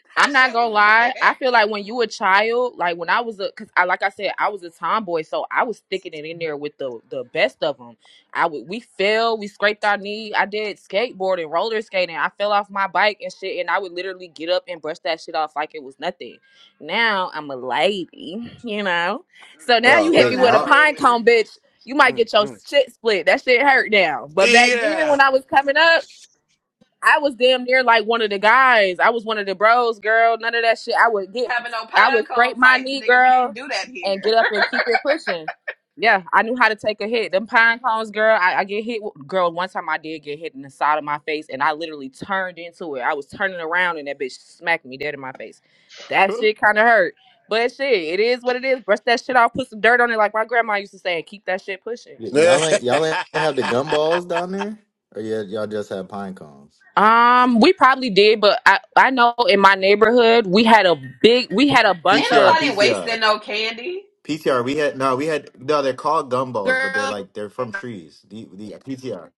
S5: *laughs* that
S11: I'm not
S5: shit
S11: gonna
S5: was
S11: lie. I
S5: bad.
S11: feel like when you a child, like when I was a, cause I like I said, I was a tomboy, so I was sticking it in there with the the best of them. I would we fell, we scraped our knee. I did skateboarding, roller skating. I fell off my bike and shit, and I would literally get up and brush that shit off like it was nothing. Now I'm a lady, you know. So now
S5: I'm
S6: Mm,
S11: you
S1: Oh,
S11: hit
S5: still
S10: Wait,
S11: me with a
S5: not a
S10: y'all,
S11: pine
S5: lady.
S11: cone, bitch. You might
S6: mm,
S11: get your
S6: mm.
S11: shit split. That shit hurt now. But back then,
S1: yeah.
S11: when I was coming up. I was damn near like one of the guys. I was one of the bros, girl. None of that shit. I would get,
S5: Having no
S11: I would
S5: pine cone
S11: scrape my
S5: fights,
S11: knee,
S5: nigga. We didn't
S11: girl,
S5: do that
S11: and
S5: here.
S11: get up and keep it pushing. Yeah, I knew how to take a hit. Them pine cones, girl. I, I get hit, with- girl. One time I did get hit in the side of my face, and I literally turned into it. I was turning around, and that bitch smacked me dead in my face. That
S6: *laughs*
S11: shit kind of hurt, but shit, it is what it is. Brush that shit off, put some dirt on it, like my grandma used to say, and keep that shit pushing.
S10: y- y'all ain't y'all ain't have the
S1: *laughs*
S10: gumballs down there, or yeah, y'all just had pine cones.
S11: Um, we probably did, but I I know in my neighborhood we had a big we had a
S5: *laughs*
S10: P
S5: Ain't
S11: bunch
S10: T R,
S11: of
S10: P
S5: nobody
S10: T
S5: wasting
S10: R,
S5: no candy.
S10: P T R. We had no, we had no. They're called gumballs, but they're
S9: Girl,
S10: like they're from trees. The, the PTR,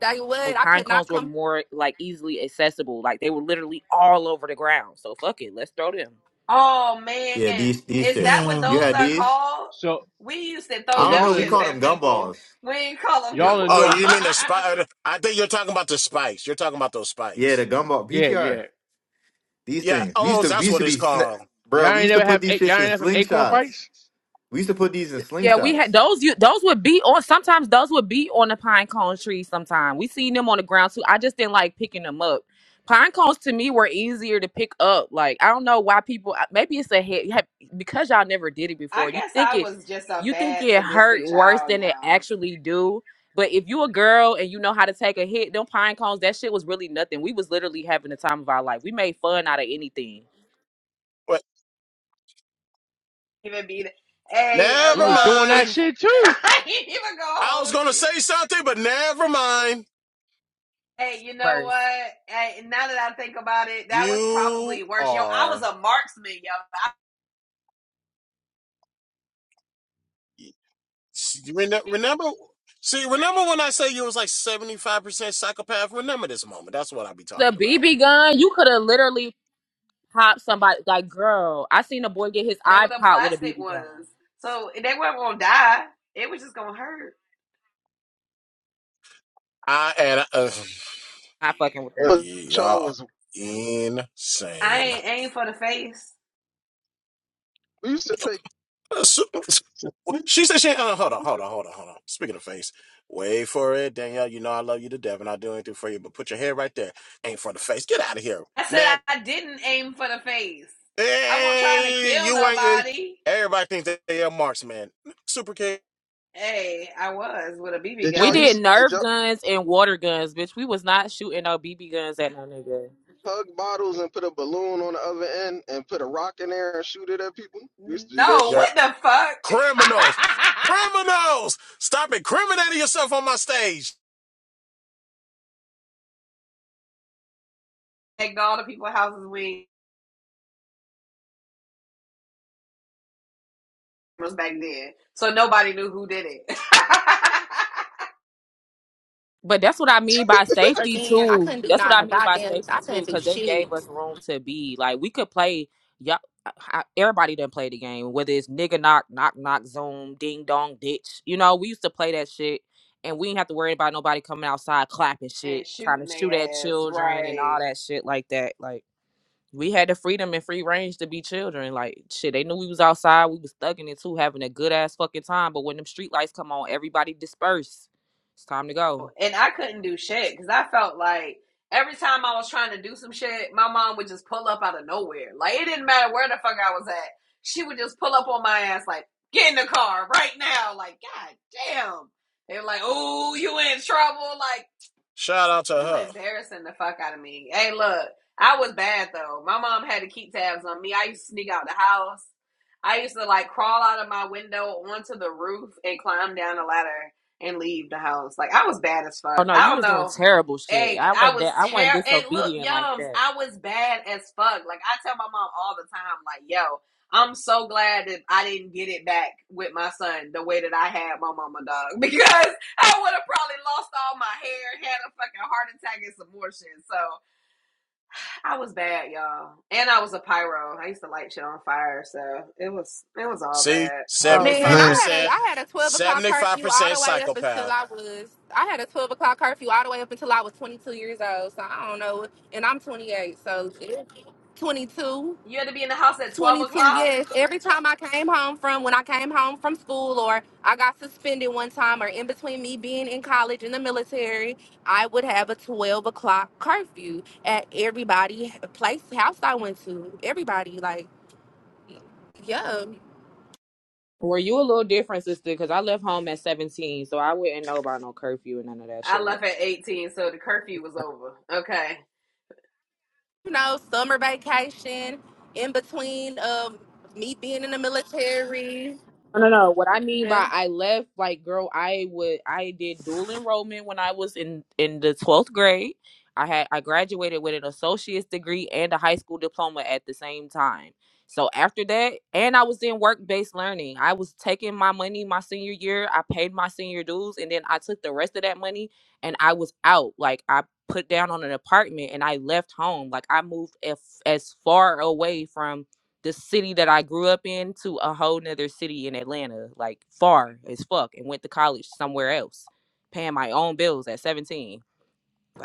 S9: they
S11: oh,
S9: would. I
S11: pine
S9: could not
S11: cones were
S9: come
S11: more like easily accessible. Like they were literally all over the ground. So fuck it, let's throw them.
S5: Oh
S10: Yeah,
S5: man,
S10: these these
S5: is that
S10: shits.
S5: what
S10: You
S5: those
S10: had
S5: are
S10: these?
S5: called?
S6: so
S5: We used to
S6: so
S10: I
S5: throw
S10: don't
S5: them
S10: know.
S6: y'all
S10: We
S6: in the-
S5: shits
S6: no,
S10: called
S5: at
S10: them gumballs.
S5: people. We ain't call them
S10: Yeah,
S6: y'all
S5: coupons.
S6: in the
S5: *laughs*
S1: Oh,
S6: North
S1: you mean the
S5: I
S1: spider? I think you're talking about the spikes. You're talking about those
S10: yeah, the
S1: spikes.
S10: gumball
S6: Yeah,
S10: PTR.
S6: yeah.
S10: These
S1: Yeah.
S10: things. We used
S1: Oh,
S10: to we
S1: that's
S10: used
S1: what
S10: to be,
S1: it's
S10: sna-
S1: called.
S10: bro.
S6: Y'all
S10: We
S6: ain't
S10: used to
S6: never
S10: put
S6: have
S10: these
S6: a- y'all
S10: shits in
S6: ain't never have acorn
S10: slingshots.
S6: fights?
S10: We used to put these in
S11: Yeah, we
S10: slingshots.
S11: had those. You those would be on. Sometimes those would be on the pine cone tree. Sometimes we seen them on the ground too. I just didn't like picking them up. Pine cones to me were easier to pick up. Like I don't know why people. I- Maybe it's a head you because y'all never did it before. You
S5: guess
S11: think
S5: I
S11: it,
S5: was just a
S11: you think
S5: bad
S11: it hurt
S5: sadistic
S11: worse
S5: child,
S11: than it
S5: y'all.
S11: actually do. But if you a girl and you know how to take a hit, them pine cones, that shit was really nothing. We was literally having the time of our life. We made fun out of anything.
S1: Wait,
S5: Even be the, hey, and
S6: We
S1: never
S6: was
S5: look,
S6: doing
S5: *laughs*
S6: that
S1: mind.
S6: shit too.
S5: I ain't even gonna
S1: I was
S5: hold
S1: going to
S5: you.
S1: say something, but never mind.
S5: Hey, you know
S11: First,
S5: what? Hey, now that I think about it, that was probably
S1: You
S5: worse. Yo, I was
S1: are.
S5: a marksman, yo.
S1: See, rene- Remember, see, remember when I say you was like 75% psychopath? Remember this moment. That's what I be
S11: the
S1: talking about.
S11: BB gun, you could have literally pop somebody like girl. I seen a boy get his
S5: They
S11: eye
S5: were the
S11: popped with a
S5: plastic
S11: BB gun.
S5: ones. So they weren't gonna die. It was just gonna hurt.
S1: I and uh,
S11: Not fucking with
S2: Well,
S11: them.
S1: y'all
S2: Y'all
S1: are
S2: was
S5: I
S1: insane.
S5: ain't aim for the face.
S2: we used to take.
S1: Uh, So- She said, she, uh, hold on, hold on, hold on, hold on. Speaking of face, wait for it, Danielle. You know I love you to death, and I'll do anything for you, but put your head right there. Ain't for the face. Get out of here.
S5: I said
S1: Neck.
S5: I didn't aim for the face. I wasn't trying to
S1: Hey,
S5: kill
S1: you ain't. eh,
S5: nobody.
S1: Everybody thinks that they are marks, man. Super K.
S5: Hey, I was with a BB
S2: Did
S11: We
S2: y'all used
S11: did
S5: gun.
S2: to, did
S11: Nerf
S2: y'all
S11: guns and water guns, bitch. We was not shooting no BB guns at no nigga.
S2: hug bottles and put a balloon on the other end and put a rock in there and shoot it at people? We used to do that
S5: No,
S1: You're
S2: shit.
S5: what the fuck?
S1: criminals. Criminals. Stop incriminating yourself on my stage.
S5: *laughs* Take all the people's houses we was back then. So nobody knew who did it. *laughs*
S11: But that's what I mean by safety
S9: again. I
S11: too.
S9: couldn't do
S11: That's what I
S9: nothing.
S11: mean by
S9: Goddamn,
S11: safety
S9: I couldn't
S11: too,
S9: do
S11: because they
S9: shit.
S11: gave us room to be like we could play. Y'all, I- I- everybody done play the game, whether it's nigga knock, knock knock, zoom, ding dong, ditch. You know, we used to play that shit, and we didn't have to worry about nobody coming outside clapping
S5: and
S11: shit, trying to
S5: shooting
S11: shoot at
S5: their ass,
S11: children and all
S5: right?
S11: that shit like that. Like. we had the freedom and free range to be children. Like shit, they knew we was outside. We was thugging it too, having a good ass fucking time. But when them street lights come on, everybody disperse. It's time to go.
S5: And I couldn't do shit because I felt like every time I was trying to do some shit, my mom would just pull up out of nowhere. Like it didn't matter where the fuck I was at, she would just pull up on my ass like, "Get in the car right now!" Like, god damn. They were like, "Oh, you in trouble?" Like,
S1: Shout out to
S5: You
S1: her.
S5: embarrassing the fuck out of me. Hey, look, I was bad though. My mom had to keep tabs on me. I used to sneak out the house. I used to like crawl out of my window onto the roof and climb down the ladder and leave the house. Like I was bad as
S11: Oh
S5: fuck.
S11: no,
S5: I
S11: you
S5: don't
S11: was doing
S5: know.
S11: terrible shit.
S5: Hey,
S11: I
S5: I
S11: wasn't
S5: was
S11: that. I wasn't
S5: terrible. and look,
S11: disobedient like
S5: yums,
S11: that.
S5: I was bad as fuck. Like I tell my mom all the time, like, yo, I'm so glad that I didn't get it back with my son the way that I had my mama dog *laughs* because I would have probably lost all my hair, had a fucking heart attack and some more shit. So I was bad, y'all. And I was a pyro. I used to light shit on fire, so it was it was all
S1: See,
S5: bad.
S11: Oh
S9: Man, I
S2: Man.
S11: no.
S9: had a
S1: 75%,
S9: I had a twelve o'clock curfew all
S1: 75%
S9: the way up until
S1: psychopath.
S9: I was I had a twelve o'clock curfew all the way up until I was twenty two years old. So I don't know, and I'm twenty eight. So it- 22,
S5: You had to be in the house at twelve
S9: twenty-two,
S5: o'clock.
S9: Yes, every time I came home from when I came home from school or I got suspended one time or in between me being in college in the military, I would have a twelve o'clock curfew at everybody place house I went to. Everybody like, yeah.
S11: Were you a little different, sister? Because I left home at seventeen, so I wouldn't know about no curfew and none of that
S5: I
S11: shit like
S5: left at eighteen, so the curfew was over. Okay,
S9: you know, summer vacation in between of me being in the military.
S11: No, no, no. What I mean
S9: Yeah.
S11: by I left, like, girl, I would, I did dual enrollment when I was in in the twelfth grade. I had I graduated with an associate's degree and a high school diploma at the same time. So after that, and I was in work based learning. I was taking my money my senior year. I paid my senior dues, and then I took the rest of that money and I was out. Like I put down on an apartment and I left home. Like I moved as, as far away from the city that I grew up in to a whole nother city in Atlanta, like far as fuck, and went to college somewhere else, paying my own bills at 17.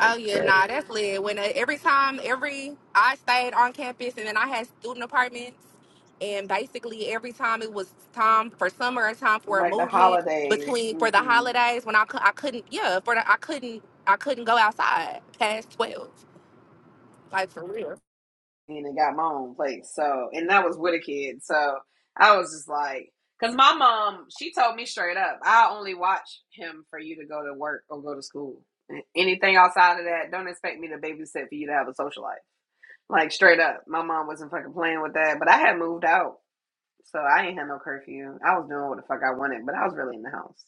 S9: Oh yeah,
S11: yeah.
S9: nah, that's lit. When uh, every time, every I stayed on campus, and then I had student apartments, and basically every time it was time for summer and time for a
S5: like the
S9: movement
S5: holidays.
S9: between for the
S5: hmm
S9: holidays when I cou- I couldn't yeah for the, I couldn't I couldn't go outside past twelve like for real.
S5: and got my own place. So, and that was with a kid. So I was just like, because my mom, she told me straight up, I only watch him for you to go to work or go to school. Anything outside of that, don't expect me to babysit for you to have a social life. Like straight up, my mom wasn't fucking playing with that. But I had moved out, so I ain't had no curfew. I was doing what the fuck I wanted, but I was really in the house.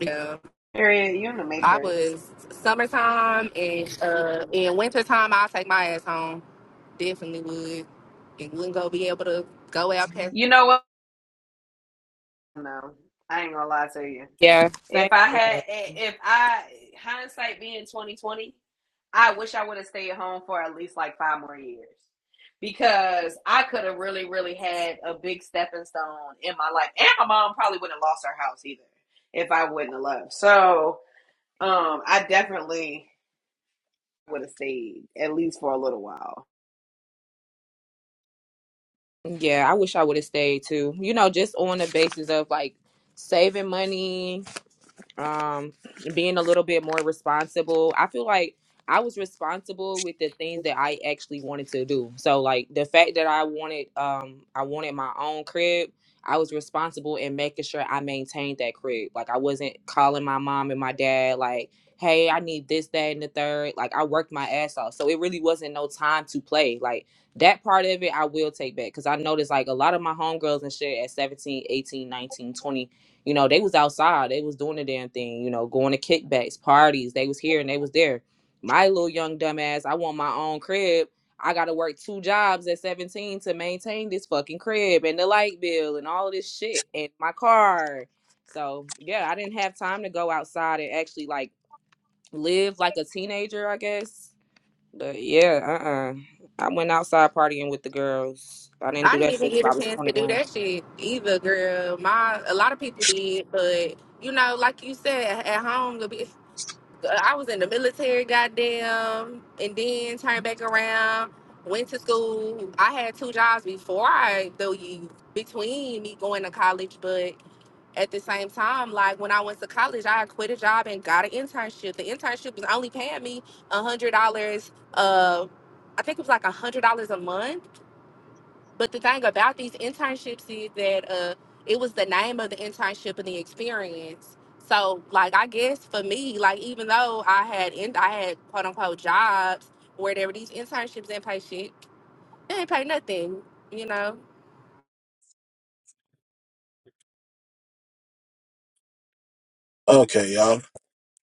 S9: Yeah.
S5: Period. you in the
S9: I
S5: matrix?
S9: was summertime and uh in wintertime I'll take my ass home. Definitely would. And wouldn't go be able to go out past
S5: You know what? No, I ain't gonna lie to you.
S11: Yeah,
S5: If
S11: same
S5: I had,
S11: here.
S5: if I hindsight being twenty twenty, I wish I would have stayed home for at least like five more years because I could have really, really had a big stepping stone in my life, and my mom probably wouldn't have lost her house either if I wouldn't have left. So, um, I definitely would have stayed at least for a little while.
S11: Yeah, I wish I would have stayed too. You know, just on the basis of like saving money, um being a little bit more responsible i feel like i was responsible with the things that i actually wanted to do so like the fact that i wanted um i wanted my own crib i was responsible in making sure i maintained that crib like i wasn't calling my mom and my dad like hey i need this that and the third like i worked my ass off so it really wasn't no time to play like that part of it i will take back because i noticed like a lot of my homegirls and shit at 17, 18, 19, twenty. You know, they was outside, they was doing the damn thing, you know, going to kickbacks, parties, they was here and they was there. My little young dumbass, I want my own crib. I gotta work two jobs at 17 to maintain this fucking crib and the light bill and all of this shit and my car. So yeah, I didn't have time to go outside and actually like live like a teenager, I guess. But yeah, uh uh I went outside partying with the girls. I didn't
S9: I
S11: do
S9: didn't
S11: that
S9: even
S11: shit
S9: get
S11: till
S9: a
S11: I was
S9: chance to do
S11: 21.
S9: that shit either, girl. My a lot of people did, but you know, like you said, at home I was in the military, goddamn, and then turned back around. Went to school. I had two jobs before I, though you, between me going to college, but at the same time, like when I went to college, I quit a job and got an internship. The internship was only paying me a hundred dollars. Uh, I think it was like a hundred dollars a month but the thing about these internships is that uh, it was the name of the internship and the experience. So, like, I guess for me, like, even though I had in, I had quote unquote jobs where there were these internships didn't pay shit, they didn't pay nothing. You know,
S1: Okay, y'all.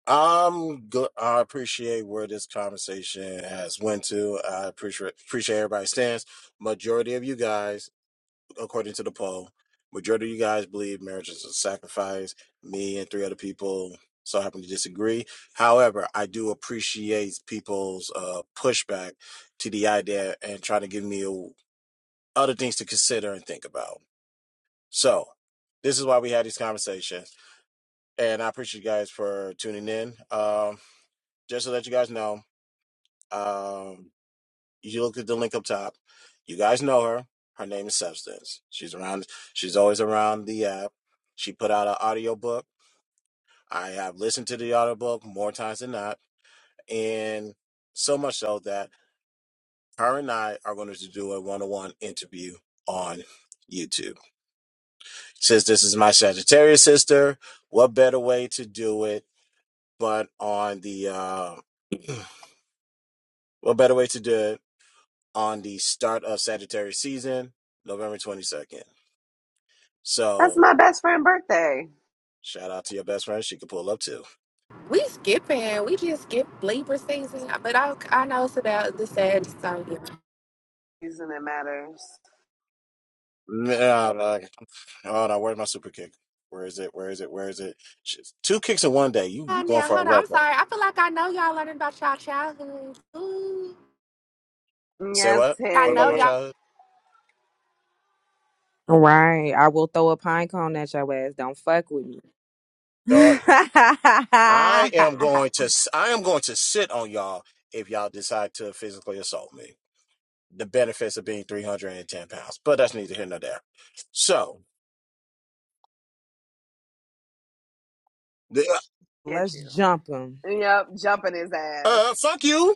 S1: I'm good. I appreciate where this conversation has went to. I appreciate appreciate everybody's stance. Majority of you guys according to the poll. Majority of you guys believe marriage is a sacrifice. Me and three other people so happen to disagree. However, I do appreciate people's uh, pushback to the idea and trying to give me a, other things to consider and think about. So, this is why we had these conversations, and I appreciate you guys for tuning in. Um, just to let you guys know, um, you look at the link up top. You guys know her. Her name is Substance. She's around. She's always around the app. She put out an audiobook. I have listened to the audiobook more times than not, and so much so that her and I are going to do a one-on-one interview on YouTube. Since this is my Sagittarius sister, what better way to do it but on the uh, *clears throat* what better way to do it on the start of Sagittarius season, November twenty second.
S5: That's
S1: So
S5: my best friend's birthday.
S1: shout out to your best friend. She could pull up too.
S9: we skipping, we just skip Libra season. But I, I know it's about the sad so yeah.
S5: Reason it matters.
S1: Yeah, I'm like, oh no, where's my super kick? Where is it? Where is it? Where is it? She's, two kicks in one day. You
S9: Oh,
S1: you going
S9: now
S1: for a
S9: hold on, I'm
S1: record?
S9: sorry. I feel like I know y'all learning about y'all childhood. Ooh.
S1: Say
S5: Yes,
S1: what?
S9: I
S1: What about
S9: know
S1: my
S9: y'all.
S5: Harriet.
S1: childhood?
S11: Right. I will throw a pine cone at your ass. Don't fuck with me.
S1: Dog,
S11: *laughs*
S1: I am going to I am going to sit on y'all if y'all decide to physically assault me. The benefits of being 310 pounds, but that's neither here nor there. So, the,
S5: Get
S11: Let's
S5: you.
S11: jump 'em.
S5: Yep, jumping his
S1: uh, uh,
S5: ass.
S1: fuck you,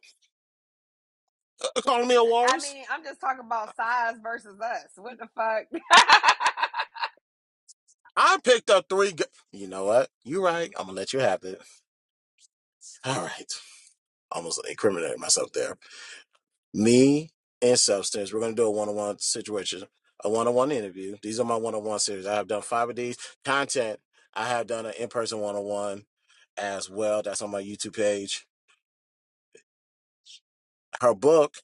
S1: uh, calling me a
S5: I
S1: walrus.
S5: mean, I'm just talking about size versus us. What the fuck? *laughs*
S1: I picked up three. Go- you know what? You right. I'm gonna let you have it. *laughs* All right. almost incriminating myself there. Me and Substance, we're going to do a one on one situation, a one on one interview. These are my one on one series. I have done five of these. Content, I have done an in person one on one as well. That's on my YouTube page. Her book,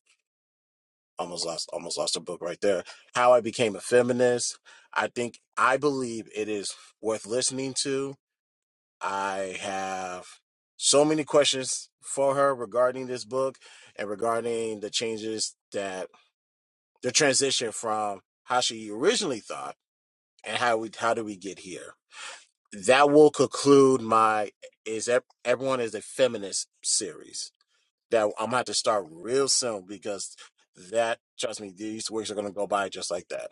S1: almost lost, almost lost her book right there. How I Became a Feminist. I think, I believe it is worth listening to. I have so many questions for her regarding this book and regarding the changes that the transition from how she originally thought and how we how do we get here. That will conclude my is everyone is a feminist series that I'm gonna have to start real soon because that trust me these weeks are gonna go by just like that.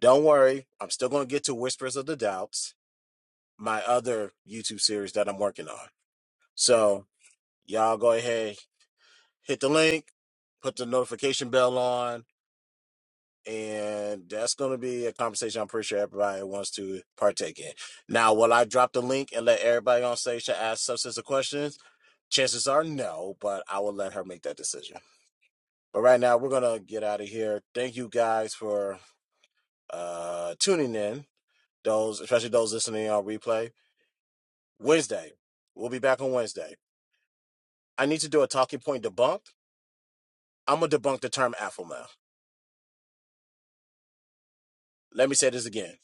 S1: Don't worry, I'm still gonna get to Whispers of the Doubts, my other YouTube series that I'm working on. So y'all go ahead, hit the link, put the notification bell on and that's going to be a conversation I'm pretty sure everybody wants to partake in. Now, will I drop the link and let everybody on stage to ask substantive questions? Chances are no, but I will let her make that decision. But right now, we're going to get out of here. Thank you guys for uh, tuning in, those, especially those listening on replay. Wednesday, we'll be back on Wednesday. I need to do a talking point debunk. I'm going to debunk the term alpha male. Let me say this again.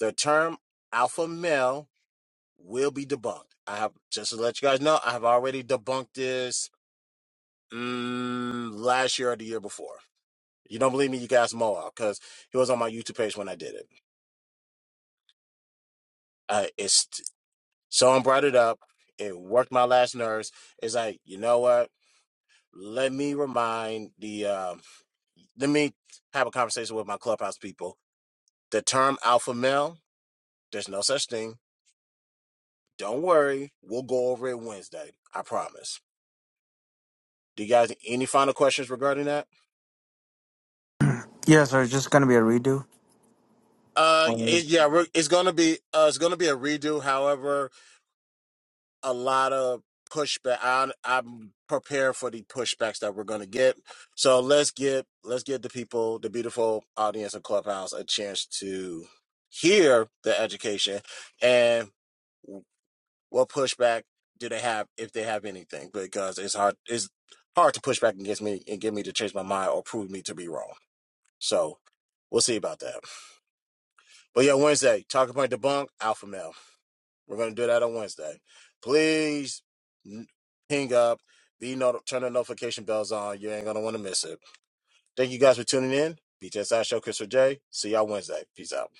S1: The term alpha male will be debunked. I have just to let you guys know, I have already debunked this mm, last year or the year before. You don't believe me? You guys Mo because he was on my YouTube page when I did it. Uh, it's someone brought it up. It worked my last nerves. It's like you know what? Let me remind the. um let me have a conversation with my clubhouse people. The term alpha male. There's no such thing. Don't worry. We'll go over it Wednesday. I promise. Do you guys any final questions regarding that?
S3: Yes, sir. It's just going to be a redo.
S1: Uh, it, yeah, we're, it's gonna be uh, it's gonna be a redo. However, a lot of pushback. I, I'm prepared for the pushbacks that we're gonna get. So let's get let's get the people, the beautiful audience of Clubhouse, a chance to hear the education and what pushback do they have if they have anything? Because it's hard it's hard to push back against me and get me to change my mind or prove me to be wrong. So we'll see about that. But yeah, Wednesday, talking about debunk, alpha male. We're going to do that on Wednesday. Please n- ping up, be not- turn the notification bells on. You ain't going to want to miss it. Thank you guys for tuning in. BTSI Show, Christopher J. See y'all Wednesday. Peace out.